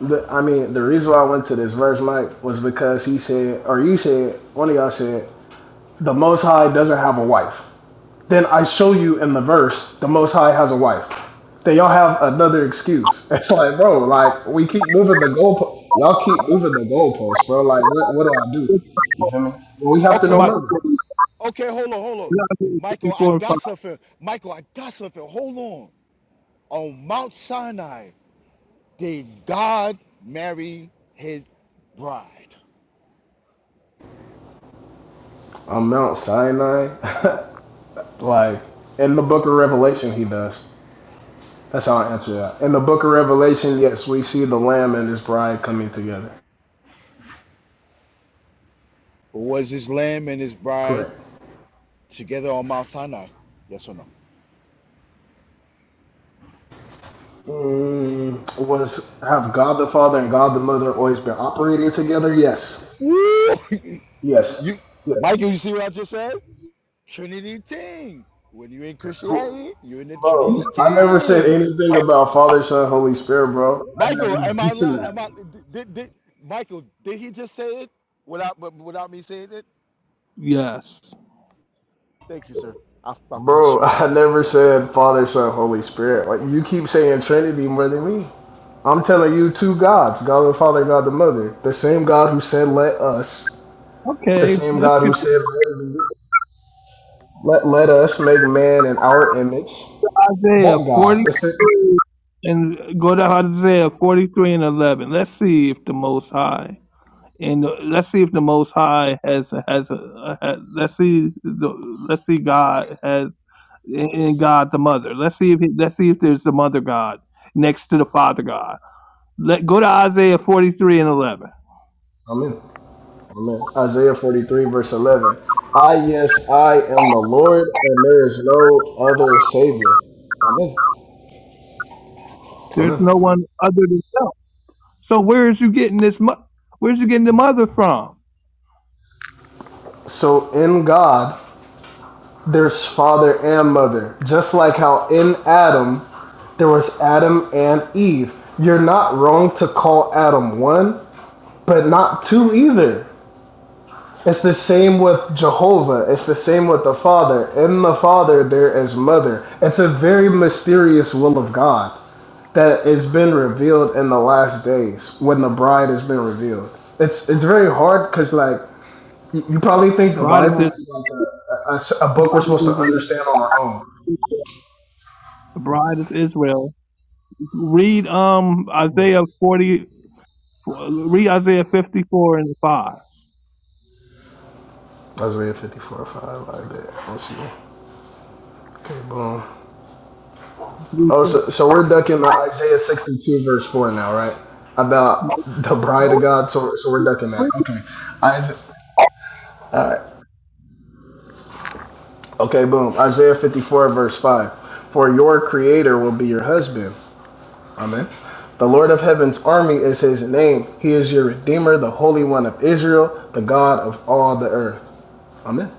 S14: The, I mean, the reason why I went to this verse, Mike, was because he said, or you said, one of y'all said, the Most High doesn't have a wife. then I show you in the verse the Most High has a wife. Then y'all have another excuse. It's like, bro, like we keep moving the goalpost. Y'all keep moving the goalposts, bro. Like, what, what do I do? You feel me? Well, we have to
S5: I'm
S16: Okay,
S14: know
S5: about
S16: mi-
S5: to
S14: more.
S5: say
S16: okay, hold on, hold on.
S5: Isaiah
S16: Michael, I
S5: 54 and 5.
S16: got something. Michael, I got something. Hold on. On Mount Sinai, did God marry his bride?
S14: On Mount Sinai, like in the Book of Revelation, he does. That's how I answer that. In the Book of Revelation, yes, we see the Lamb and His bride coming together.
S16: Was his lamb and his bride
S14: Correct.
S16: together on Mount Sinai? Yes or no?
S14: Mm, was have God the Father and God the Mother always been operating together? Yes.
S16: Woo!
S14: Yes.
S16: You,
S14: Yes.
S16: Michael, you see what I just said? Trinity Ting. When you in Christianity, you're in the
S14: Bro,
S16: Trinity
S14: I never said
S16: Ting.
S14: anything about Father, Son, Holy Spirit, bro. I never
S16: Michael, am I?
S14: mentioned
S16: li- Am
S14: that.
S16: I? Did, did Michael? Did he just say it without but without me saying it?
S5: Yes.
S16: Thank you, sir. I fucked it,
S14: Bro,
S16: you.
S14: I never said Father, Son, Holy Spirit. Like you keep saying Trinity more than me. I'm telling you two gods, God the Father, God the Mother. The same God who said let us. The
S5: Okay,
S14: same
S5: let's
S14: God
S5: get
S14: who said let, let, let us make man in our image.
S5: Isaiah
S14: That God. That's it.
S5: 43 and go to Isaiah 43 and 11. Let's see if the Most High and let's see if the Most High has has, uh, has let's see the, let's see God has and God the Mother. Let's see if let's see if there's the Mother God next to the Father God. Let go to Isaiah 43 and 11.
S14: Amen. Amen. Isaiah 43, verse 11. I, yes, I am the Lord, and there is no other Savior. Amen.
S5: There's
S14: Amen.
S5: no one other than Him. So where is you getting this? mo- Where's you getting the mother from?
S14: So in God, there's father and mother. Just like how in Adam, there was Adam and Eve. You're not wrong to call Adam one, but not two either. It's the same with Jehovah. It's the same with the Father. In the Father, there is mother. It's a very mysterious will of God. that has been revealed in the last days when the bride has been revealed. It's it's very hard because like you, you probably think the
S5: Bride is
S14: Bible
S5: Israel.
S14: is like a a, a book we're supposed to
S5: The
S14: understand on our own.
S5: bride is Israel. Read um Isaiah 40. Read Isaiah 54 and 5.
S14: Isaiah 54, 5, like that. Let's see. Okay, boom. Oh, so, so we're ducking the Isaiah 62, verse 4 now, right? About the bride of God. So, so we're ducking that. Okay. Isaiah, all right. Okay, boom. Isaiah 54, verse 5. For your creator will be your husband, Amen. The Lord of heaven's army is his name. He is your Redeemer, the Holy One of Israel, the God of all the earth. Amen.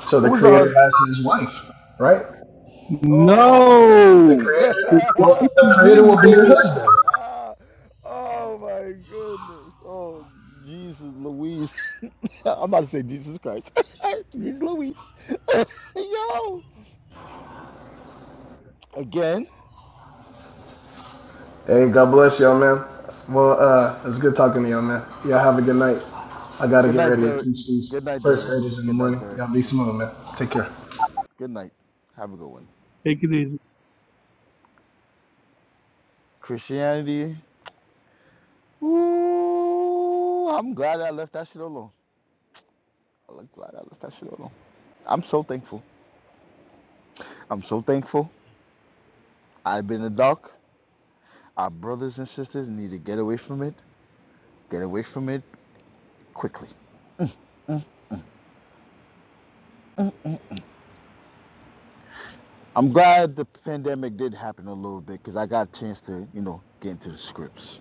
S14: So the
S16: Who's the
S14: Creator
S16: husband?
S14: has his
S16: So,
S14: wife, right?
S16: oh my goodness.
S14: The
S5: No.
S14: Creator
S5: He
S14: will,
S5: twice
S14: the creator will be your
S5: delivered.
S14: husband.
S16: oh my goodness. Oh Jesus, Louise. I'm about to say Jesus Christ. Jesus Louise. Yo. Again,
S14: Hey, God bless y'all, man. Well, uh, it's good talking to y'all, man. Y'all have a good night. I got to
S16: good
S14: get
S16: night,
S14: ready to
S16: Derek.
S14: teach these
S16: Good night,
S14: first
S16: Derek.
S14: graders in the
S16: Good night,
S14: morning.
S16: Derek.
S14: Y'all be smooth, man. Take care.
S16: Good night. Have a good one.
S5: Take it easy.
S16: Christianity. Ooh, I'm glad I left that shit alone. I'm glad I left that shit alone. I'm so thankful. I'm so thankful. I've been in the dark. Our brothers and sisters need to get away from it. Get away from it quickly. I'm glad the pandemic did happen a little bit because I got a chance to, you know, get into the scripts.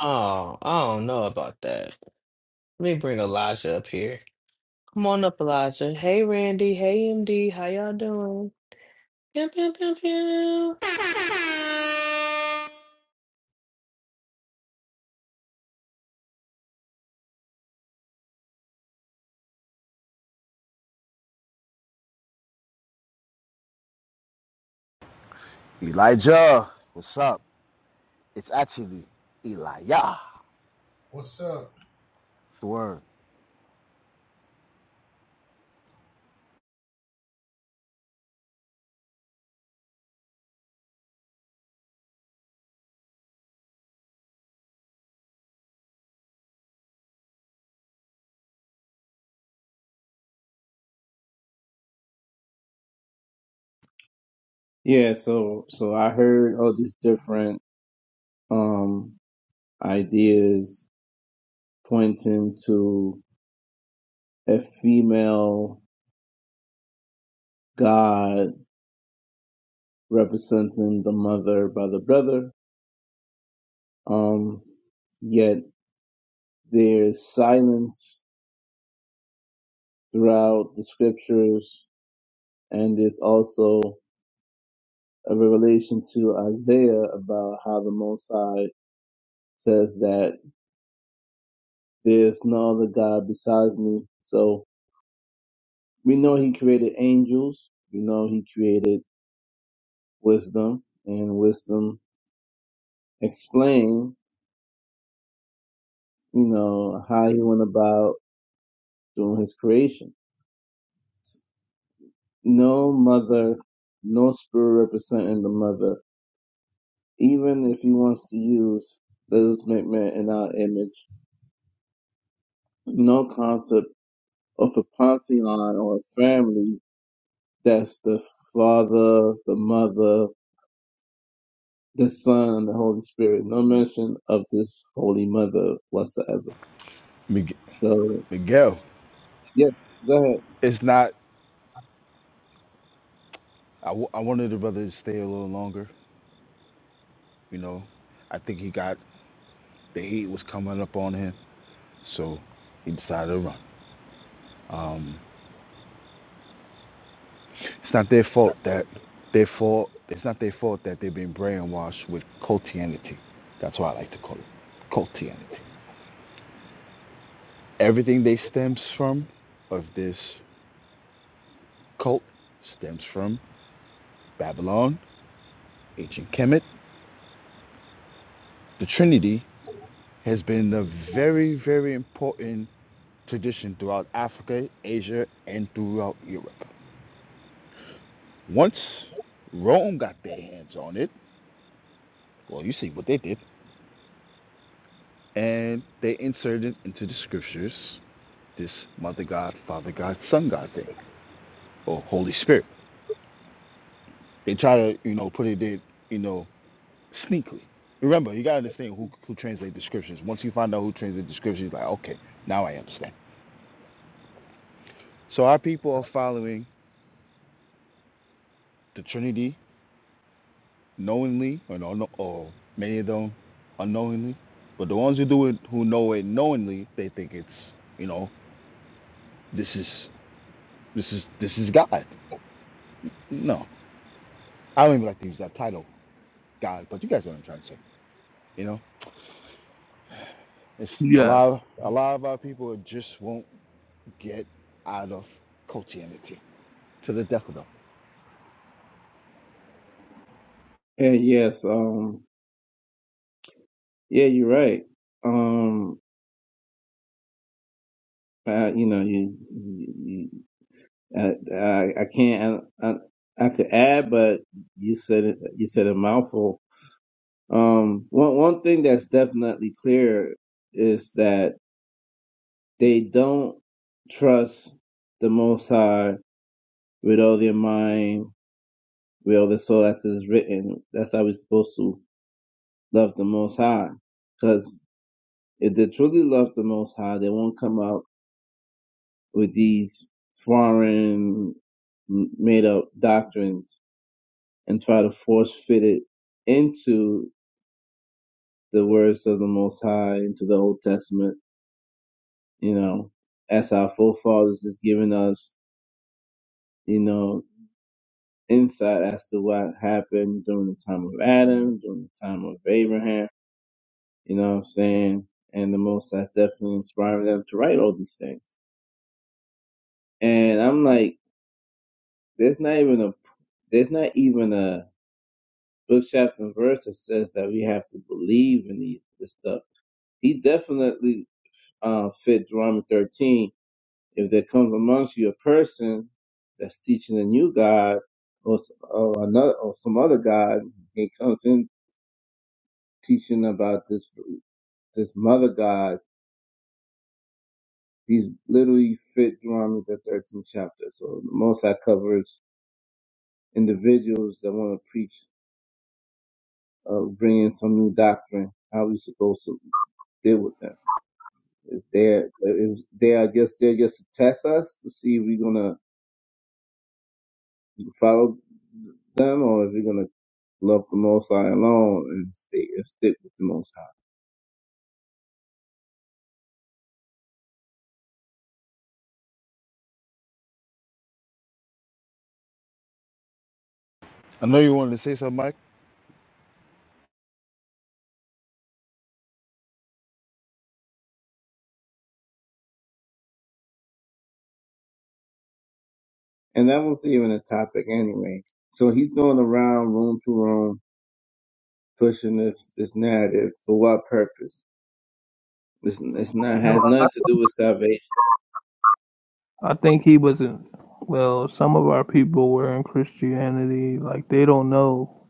S6: Oh, I don't know about that. Let me bring Elijah up here. Come on up, Elijah. Hey, Randy. Hey, MD. How y'all doing? Pew, pew, pew, pew.
S16: Elijah, what's up? It's actually Elijah.
S17: What's up?
S16: It's the word.
S13: Yeah, so so I heard all these different um ideas pointing to a female god representing the mother by the brother. Um yet there's silence throughout the scriptures and there's also a revelation to Isaiah about how the Most High says that There's no other God besides me. So we know he created angels. We know he created wisdom and wisdom explained, you know, how he went about doing his creation. No mother, no spirit representing the mother. Even if he wants to use let us make man in our image, no concept of a pantheon or a family that's the father, the mother, the Son, the Holy Spirit. No mention of this Holy Mother whatsoever.
S16: Let me get,
S13: So,
S16: Miguel,
S13: yeah, go ahead.
S16: it's not. I, w- I wanted the brother to stay a little longer. You know, I think he got the heat was coming up on him, so he decided to run. Um, it's not their fault that their fault. It's not their fault that they've been brainwashed with cultianity. That's what I like to call it, cultianity. Everything they stems from of this cult stems from Babylon, ancient Kemet. The Trinity has been a very, very important tradition throughout Africa, Asia, and throughout Europe. Once Rome got their hands on it, well, you see what they did, and they inserted into the scriptures this mother god, father god, son god thing, or Holy Spirit. They try to, you know, put it in, you know, sneakily. Remember, you gotta understand who who translates the scriptures. Once you find out who translates the scriptures, like, okay, now I understand. So our people are following the Trinity knowingly or, no, no, or many of them unknowingly. But the ones who do it who know it knowingly, they think it's you know this is this is this is God. No, I don't even like to use that title, God. But you guys know what I'm trying to say. You know, it's a
S5: Yes.
S16: lot of a lot of our people just won't get out of Christianity to the death of them.
S13: And yes, um, yeah, you're right. Um, uh, you know, you, you, you I, I, I can't, I, I, I could add, but you said it, you said a mouthful. Um, one, one thing that's definitely clear is that they don't trust the Most High with all their mind, We owe the That's as written. That's how we're supposed to love the Most High. Because if they truly love the Most High, they won't come out with these foreign made up doctrines and try to force fit it into the words of the Most High, into the Old Testament, you know, as our forefathers is giving us, you know, insight as to what happened during the time of Adam, during the time of Abraham You know what I'm saying? And the most I definitely inspired them to write all these things. And I'm like, there's not even a there's not even a book chapter and verse that says that we have to believe in these this stuff. He definitely uh, fit Deuteronomy 13. If there comes amongst you a person that's teaching a new god or, s- or another or some other god, he comes in teaching about this this mother god These literally fit Deuteronomy the 13th chapter. So the Most High covers individuals that want to preach, uh, bring in some new doctrine. How we supposed to deal with them? If they're, if they, I guess they're just to test us to see if we're gonna follow them or if we're gonna love the Most High alone and stay and stick with the Most
S16: I know you wanted to say something, Mike.
S13: High. And that was even a topic anyway. So he's going around room to room pushing this this narrative for what purpose? It's, it's not has nothing to do with salvation.
S5: I think he was in well, some of our people were in Christianity, like they don't know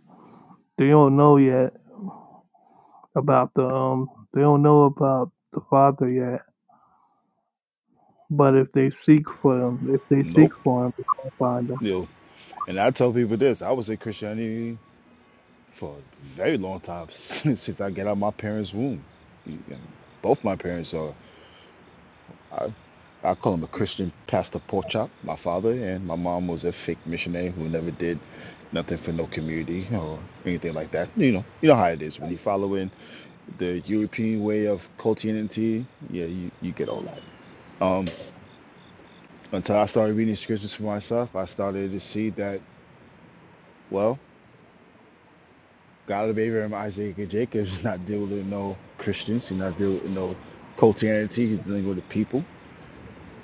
S5: they don't know yet about the um they don't know about the father yet. But if they seek for him, if they seek
S16: Nope.
S5: for him, they can find him.
S16: You know, and I tell people this: I was in Christianity. for a very long time since I get out of my parents' womb. Both my parents are, I call him a Christian pastor pork chop, my father, and my mom was a fake missionary who never did nothing for no community or anything like that. You know, you know how it is when you follow in the European way of Christianity. Yeah, you, you get all that. Um, until I started reading scriptures for myself, I started to see that. Well, God of Abraham, Isaac, and Jacob is not dealing with no Christians. He's not dealing with no Christianity. He's dealing with the people.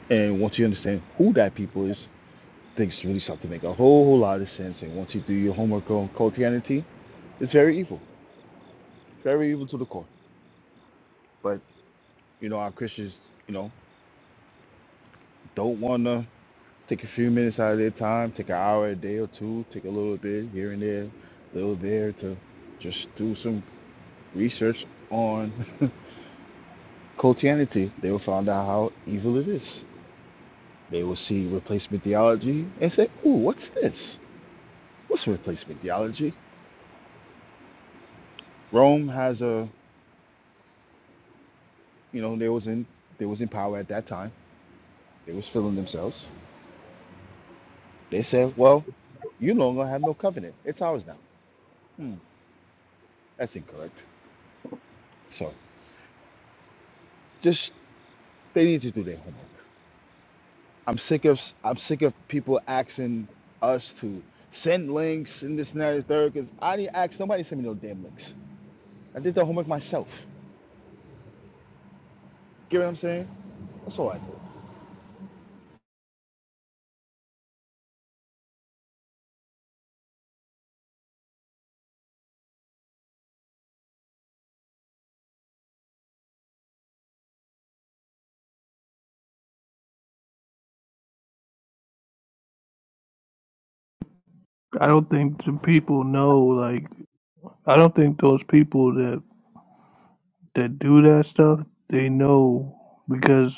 S16: And once you understand who that people is, things really start to make a whole, whole lot of sense. And once you do your homework on Christianity, it's very evil, very evil to the core. But you know, our Christians, you know, don't want to take a few minutes out of their time, take an hour a day or two, take a little bit here and there, a little there to just do some research on Christianity. They will find out how evil it is. They will see replacement theology and say, "Ooh, what's this? What's replacement theology?" Rome has a, you know, they was in they was in power at that time. They was filling themselves. They said, "Well, you no longer have no covenant. It's ours now." Hmm, that's incorrect. So just they need to do their homework. I'm sick of I'm sick of people asking us to send links and this and that and third. Because I didn't ask somebody to send me no damn links. I did the homework myself. Get what I'm saying? That's all I do.
S5: I don't think the people know like I don't think those people that that do that stuff, they know because.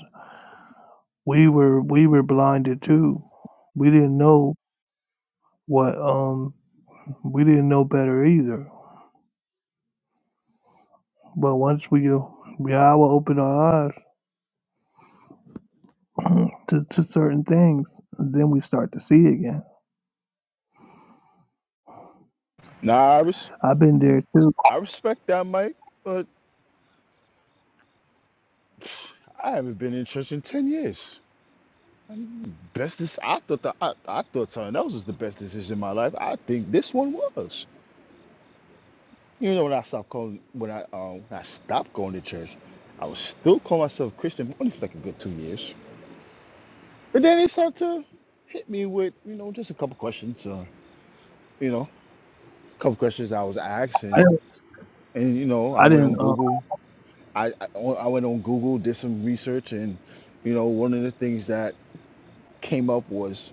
S5: we were we were blinded too. We didn't know what um we didn't know better either. But once we uh, Yahweh opened our eyes to, to certain things, then we start to see again.
S16: Nah, Iris.
S5: I've been there too.
S16: I respect that, Mike, but I haven't been in church in ten years. Best this I thought the, I, I thought something else was the best decision in my life. I think this one was. You know, when I stopped calling when I um when I stopped going to church, I was still calling myself Christian but only for like a good two years. But then they started to hit me with you know just a couple questions. Uh, you know, a couple questions I was asked,
S5: I
S16: and
S5: didn't,
S16: and you know I
S5: I
S16: went
S5: didn't
S16: on
S5: uh,
S16: Google. I, I I went on Google, did some research, and you know one of the things that came up was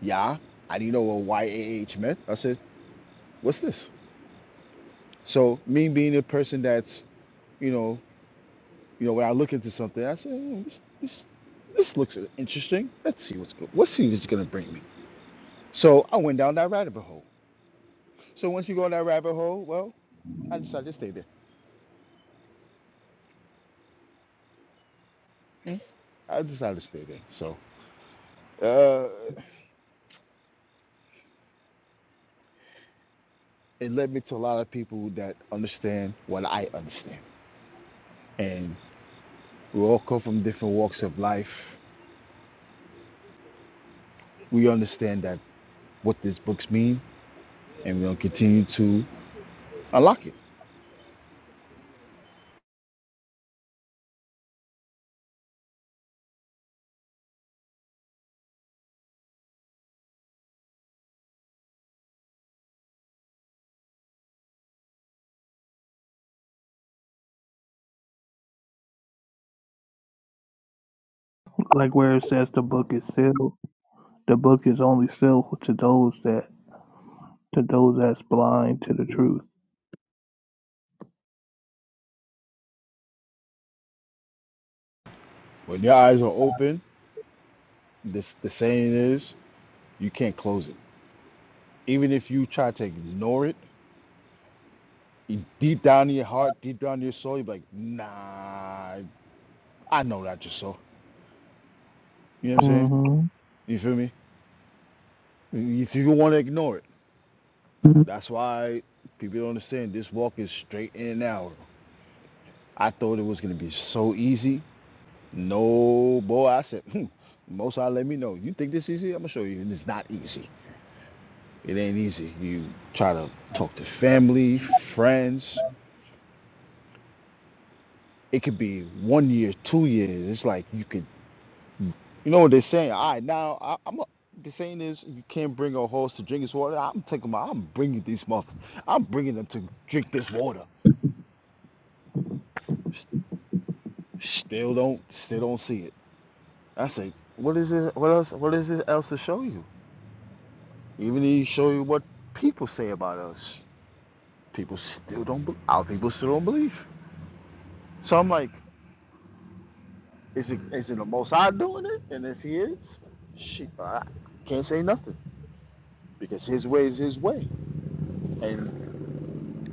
S16: Yeah, I didn't know what YAH meant. I said, what's this? So me being a person that's, you know, you know, when I look into something, I say, "Hmm, this, this, this looks interesting. Let's see what's good. Let's see what's gonna bring me. So I went down that rabbit hole. So once you go in that rabbit hole, well, I decided to stay there. Hmm, I decided to stay there. So uh, it led me to a lot of people that understand what I understand, and we all come from different walks of life. We understand that what these books mean and we're going to continue to unlock it.
S5: like where it says the book is sealed. The book is only sealed to those that to those that's blind to the truth.
S16: When your eyes are open, this the saying is you can't close it. Even if you try to ignore it, e- deep down in your heart, deep down in your soul, you're like, nah, I know that just so. You know what I'm saying?
S5: Mhm.
S16: You feel me? If you want to ignore it, that's why people don't understand this walk is straight in and out. I thought it was gonna be so easy. No, boy, I said, hmm, most I let me know. You think this easy? I'm gonna show you, and it's not easy. It ain't easy. You try to talk to family, friends. It could be one year, two years. It's like you could, you know what they're saying. All right, now I, I'm. A, the saying is, you can't bring a horse to drink his water. I'm taking my. I'm bringing these mother. I'm bringing them to drink this water. Still don't. Still don't see it. I say, what is it? What else? What is it else to show you? Even if you show you what people say about us, people still don't. be- Our people still don't believe. So I'm like. Is it is it the Most High doing it? And if he is, she I can't say nothing because his way is his way, and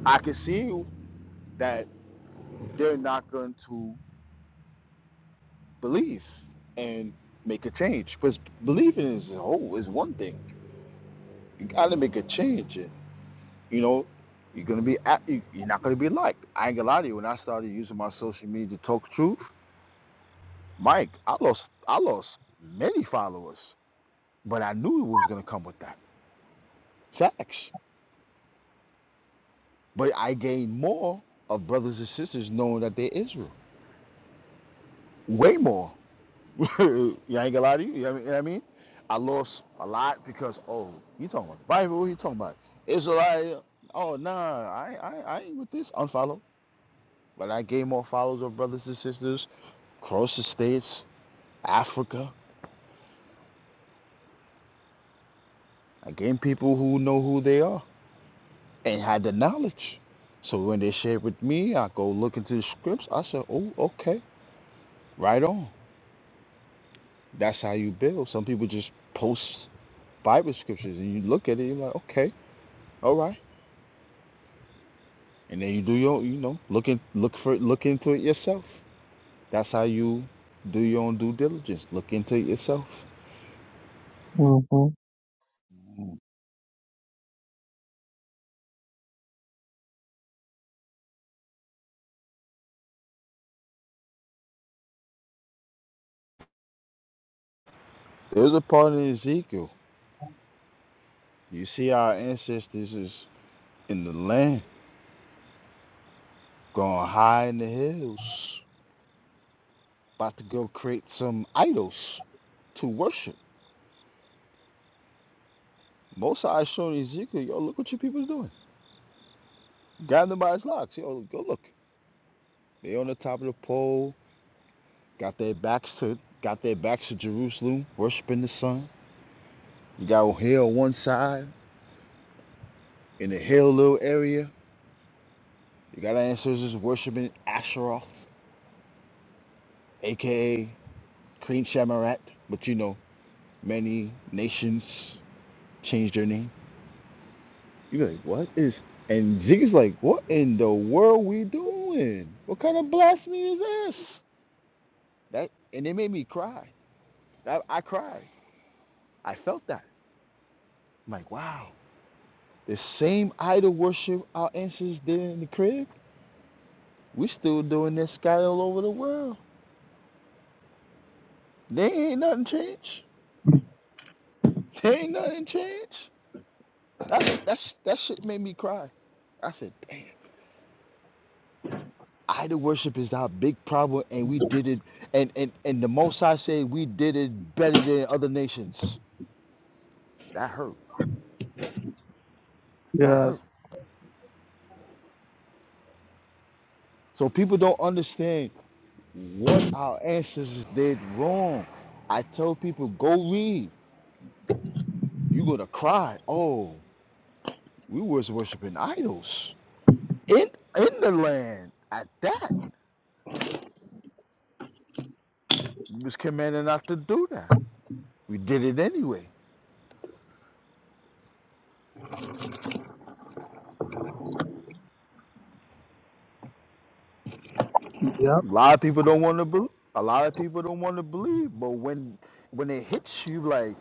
S16: I can see that they're not going to believe and make a change. Because believing is oh, is one thing. You got to make a change, and you know you're gonna be at, you- you're not gonna be liked. I ain't gonna lie to you. When I started using my social media to talk truth, Mike, I lost I lost many followers, but I knew it was gonna come with that. Facts But I gain more of brothers and sisters knowing that they're Israel. Way more. you ain't gonna lie to you. You know what I mean? You know what I mean? I lost a lot because oh, you talking about the Bible? What you talking about? Israel? Oh nah, I, I I ain't with this. Unfollow. But I gained more followers of brothers and sisters across the states, Africa. I gained people who know who they are and had the knowledge. So when they shared with me, I go look into the scripts. I said, oh okay, right on. That's how you build. Some people just post Bible scriptures and you look at it, you're like, okay, all right. And then you do your you know, look in, look for look into it yourself. That's how you do your own due diligence. Look into it yourself.
S5: Mhm.
S16: There's a part in Ezekiel. You see our ancestors is in the land, going high in the hills, about to go create some idols to worship. Most I showing Ezekiel, yo, look what your people's doing. Grab them by his locks. Yo, go look. They on the top of the pole Got their backs to got their backs to Jerusalem, worshiping the sun. You got O'Hare on one side, in the hill little area. You got our ancestors worshiping Asheroth, aka Queen Shamarat. But you know, many nations changed their name. You be like, what is? And Ziggy's like, what in the world we doing? What kind of blasphemy is this? That and it made me cry. That I cried. I felt that. I'm like, wow. The same idol worship our ancestors did in the crib We still doing this sky all over the world. There ain't nothing changed. There ain't nothing changed. That shit, that, shit, that shit made me cry. I said, damn. Idol worship is our big problem, and we did it. And, and, and the most I say, we did it better than other nations. That hurt. That
S5: Yes.
S16: hurt. So people don't understand what our ancestors did wrong. I tell people, go read. You're going to cry. Oh, we was worshiping idols in, in the land at that. We was commanded not to do that. We did it anyway.
S5: Yep.
S16: A lot of people don't want to believe. A lot of people don't want to believe. But when when it hits you, like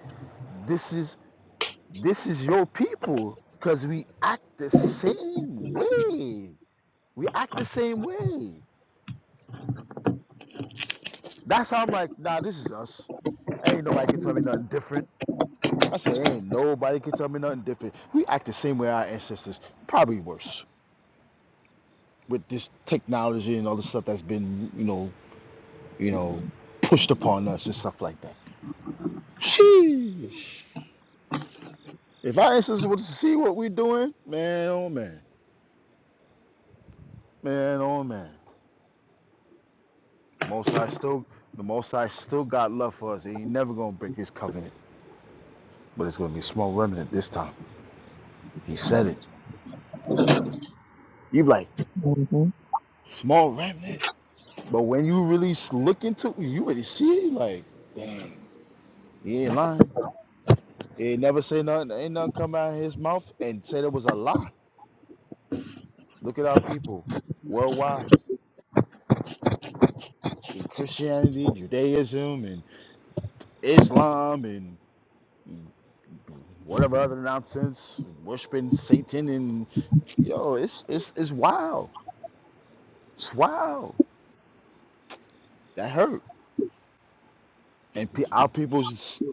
S16: this is this is your people, because we act the same way. We act the same way. That's how I'm like, nah, this is us. Ain't nobody can tell me nothing different. I said, ain't nobody can tell me nothing different. We act the same way our ancestors, probably worse, with this technology and all the stuff that's been, you know, you know, pushed upon us and stuff like that. Sheesh. If our ancestors were to see what we're doing, man, oh man, man, oh man. Most High still, the Most High still got love for us. He ain't never gonna break His covenant, but it's gonna be a small remnant this time. He said it. You be like
S5: Mhm.
S16: small remnant, but when you really look into it, you really see it. Like, damn, he ain't lying. He ain't never say nothing. Ain't nothing come out of his mouth and say there was a lie. Look at our people worldwide. in Christianity, Judaism, and Islam, and whatever other nonsense, worshiping Satan, and yo, it's it's it's wild. It's wild. That hurt, and pe- our people just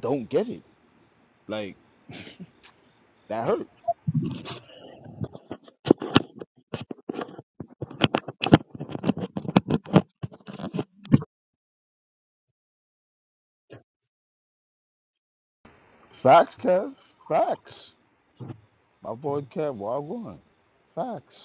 S16: don't get it. Like that hurt. Facts, Kev. Facts. My boy Kev, why one? Facts.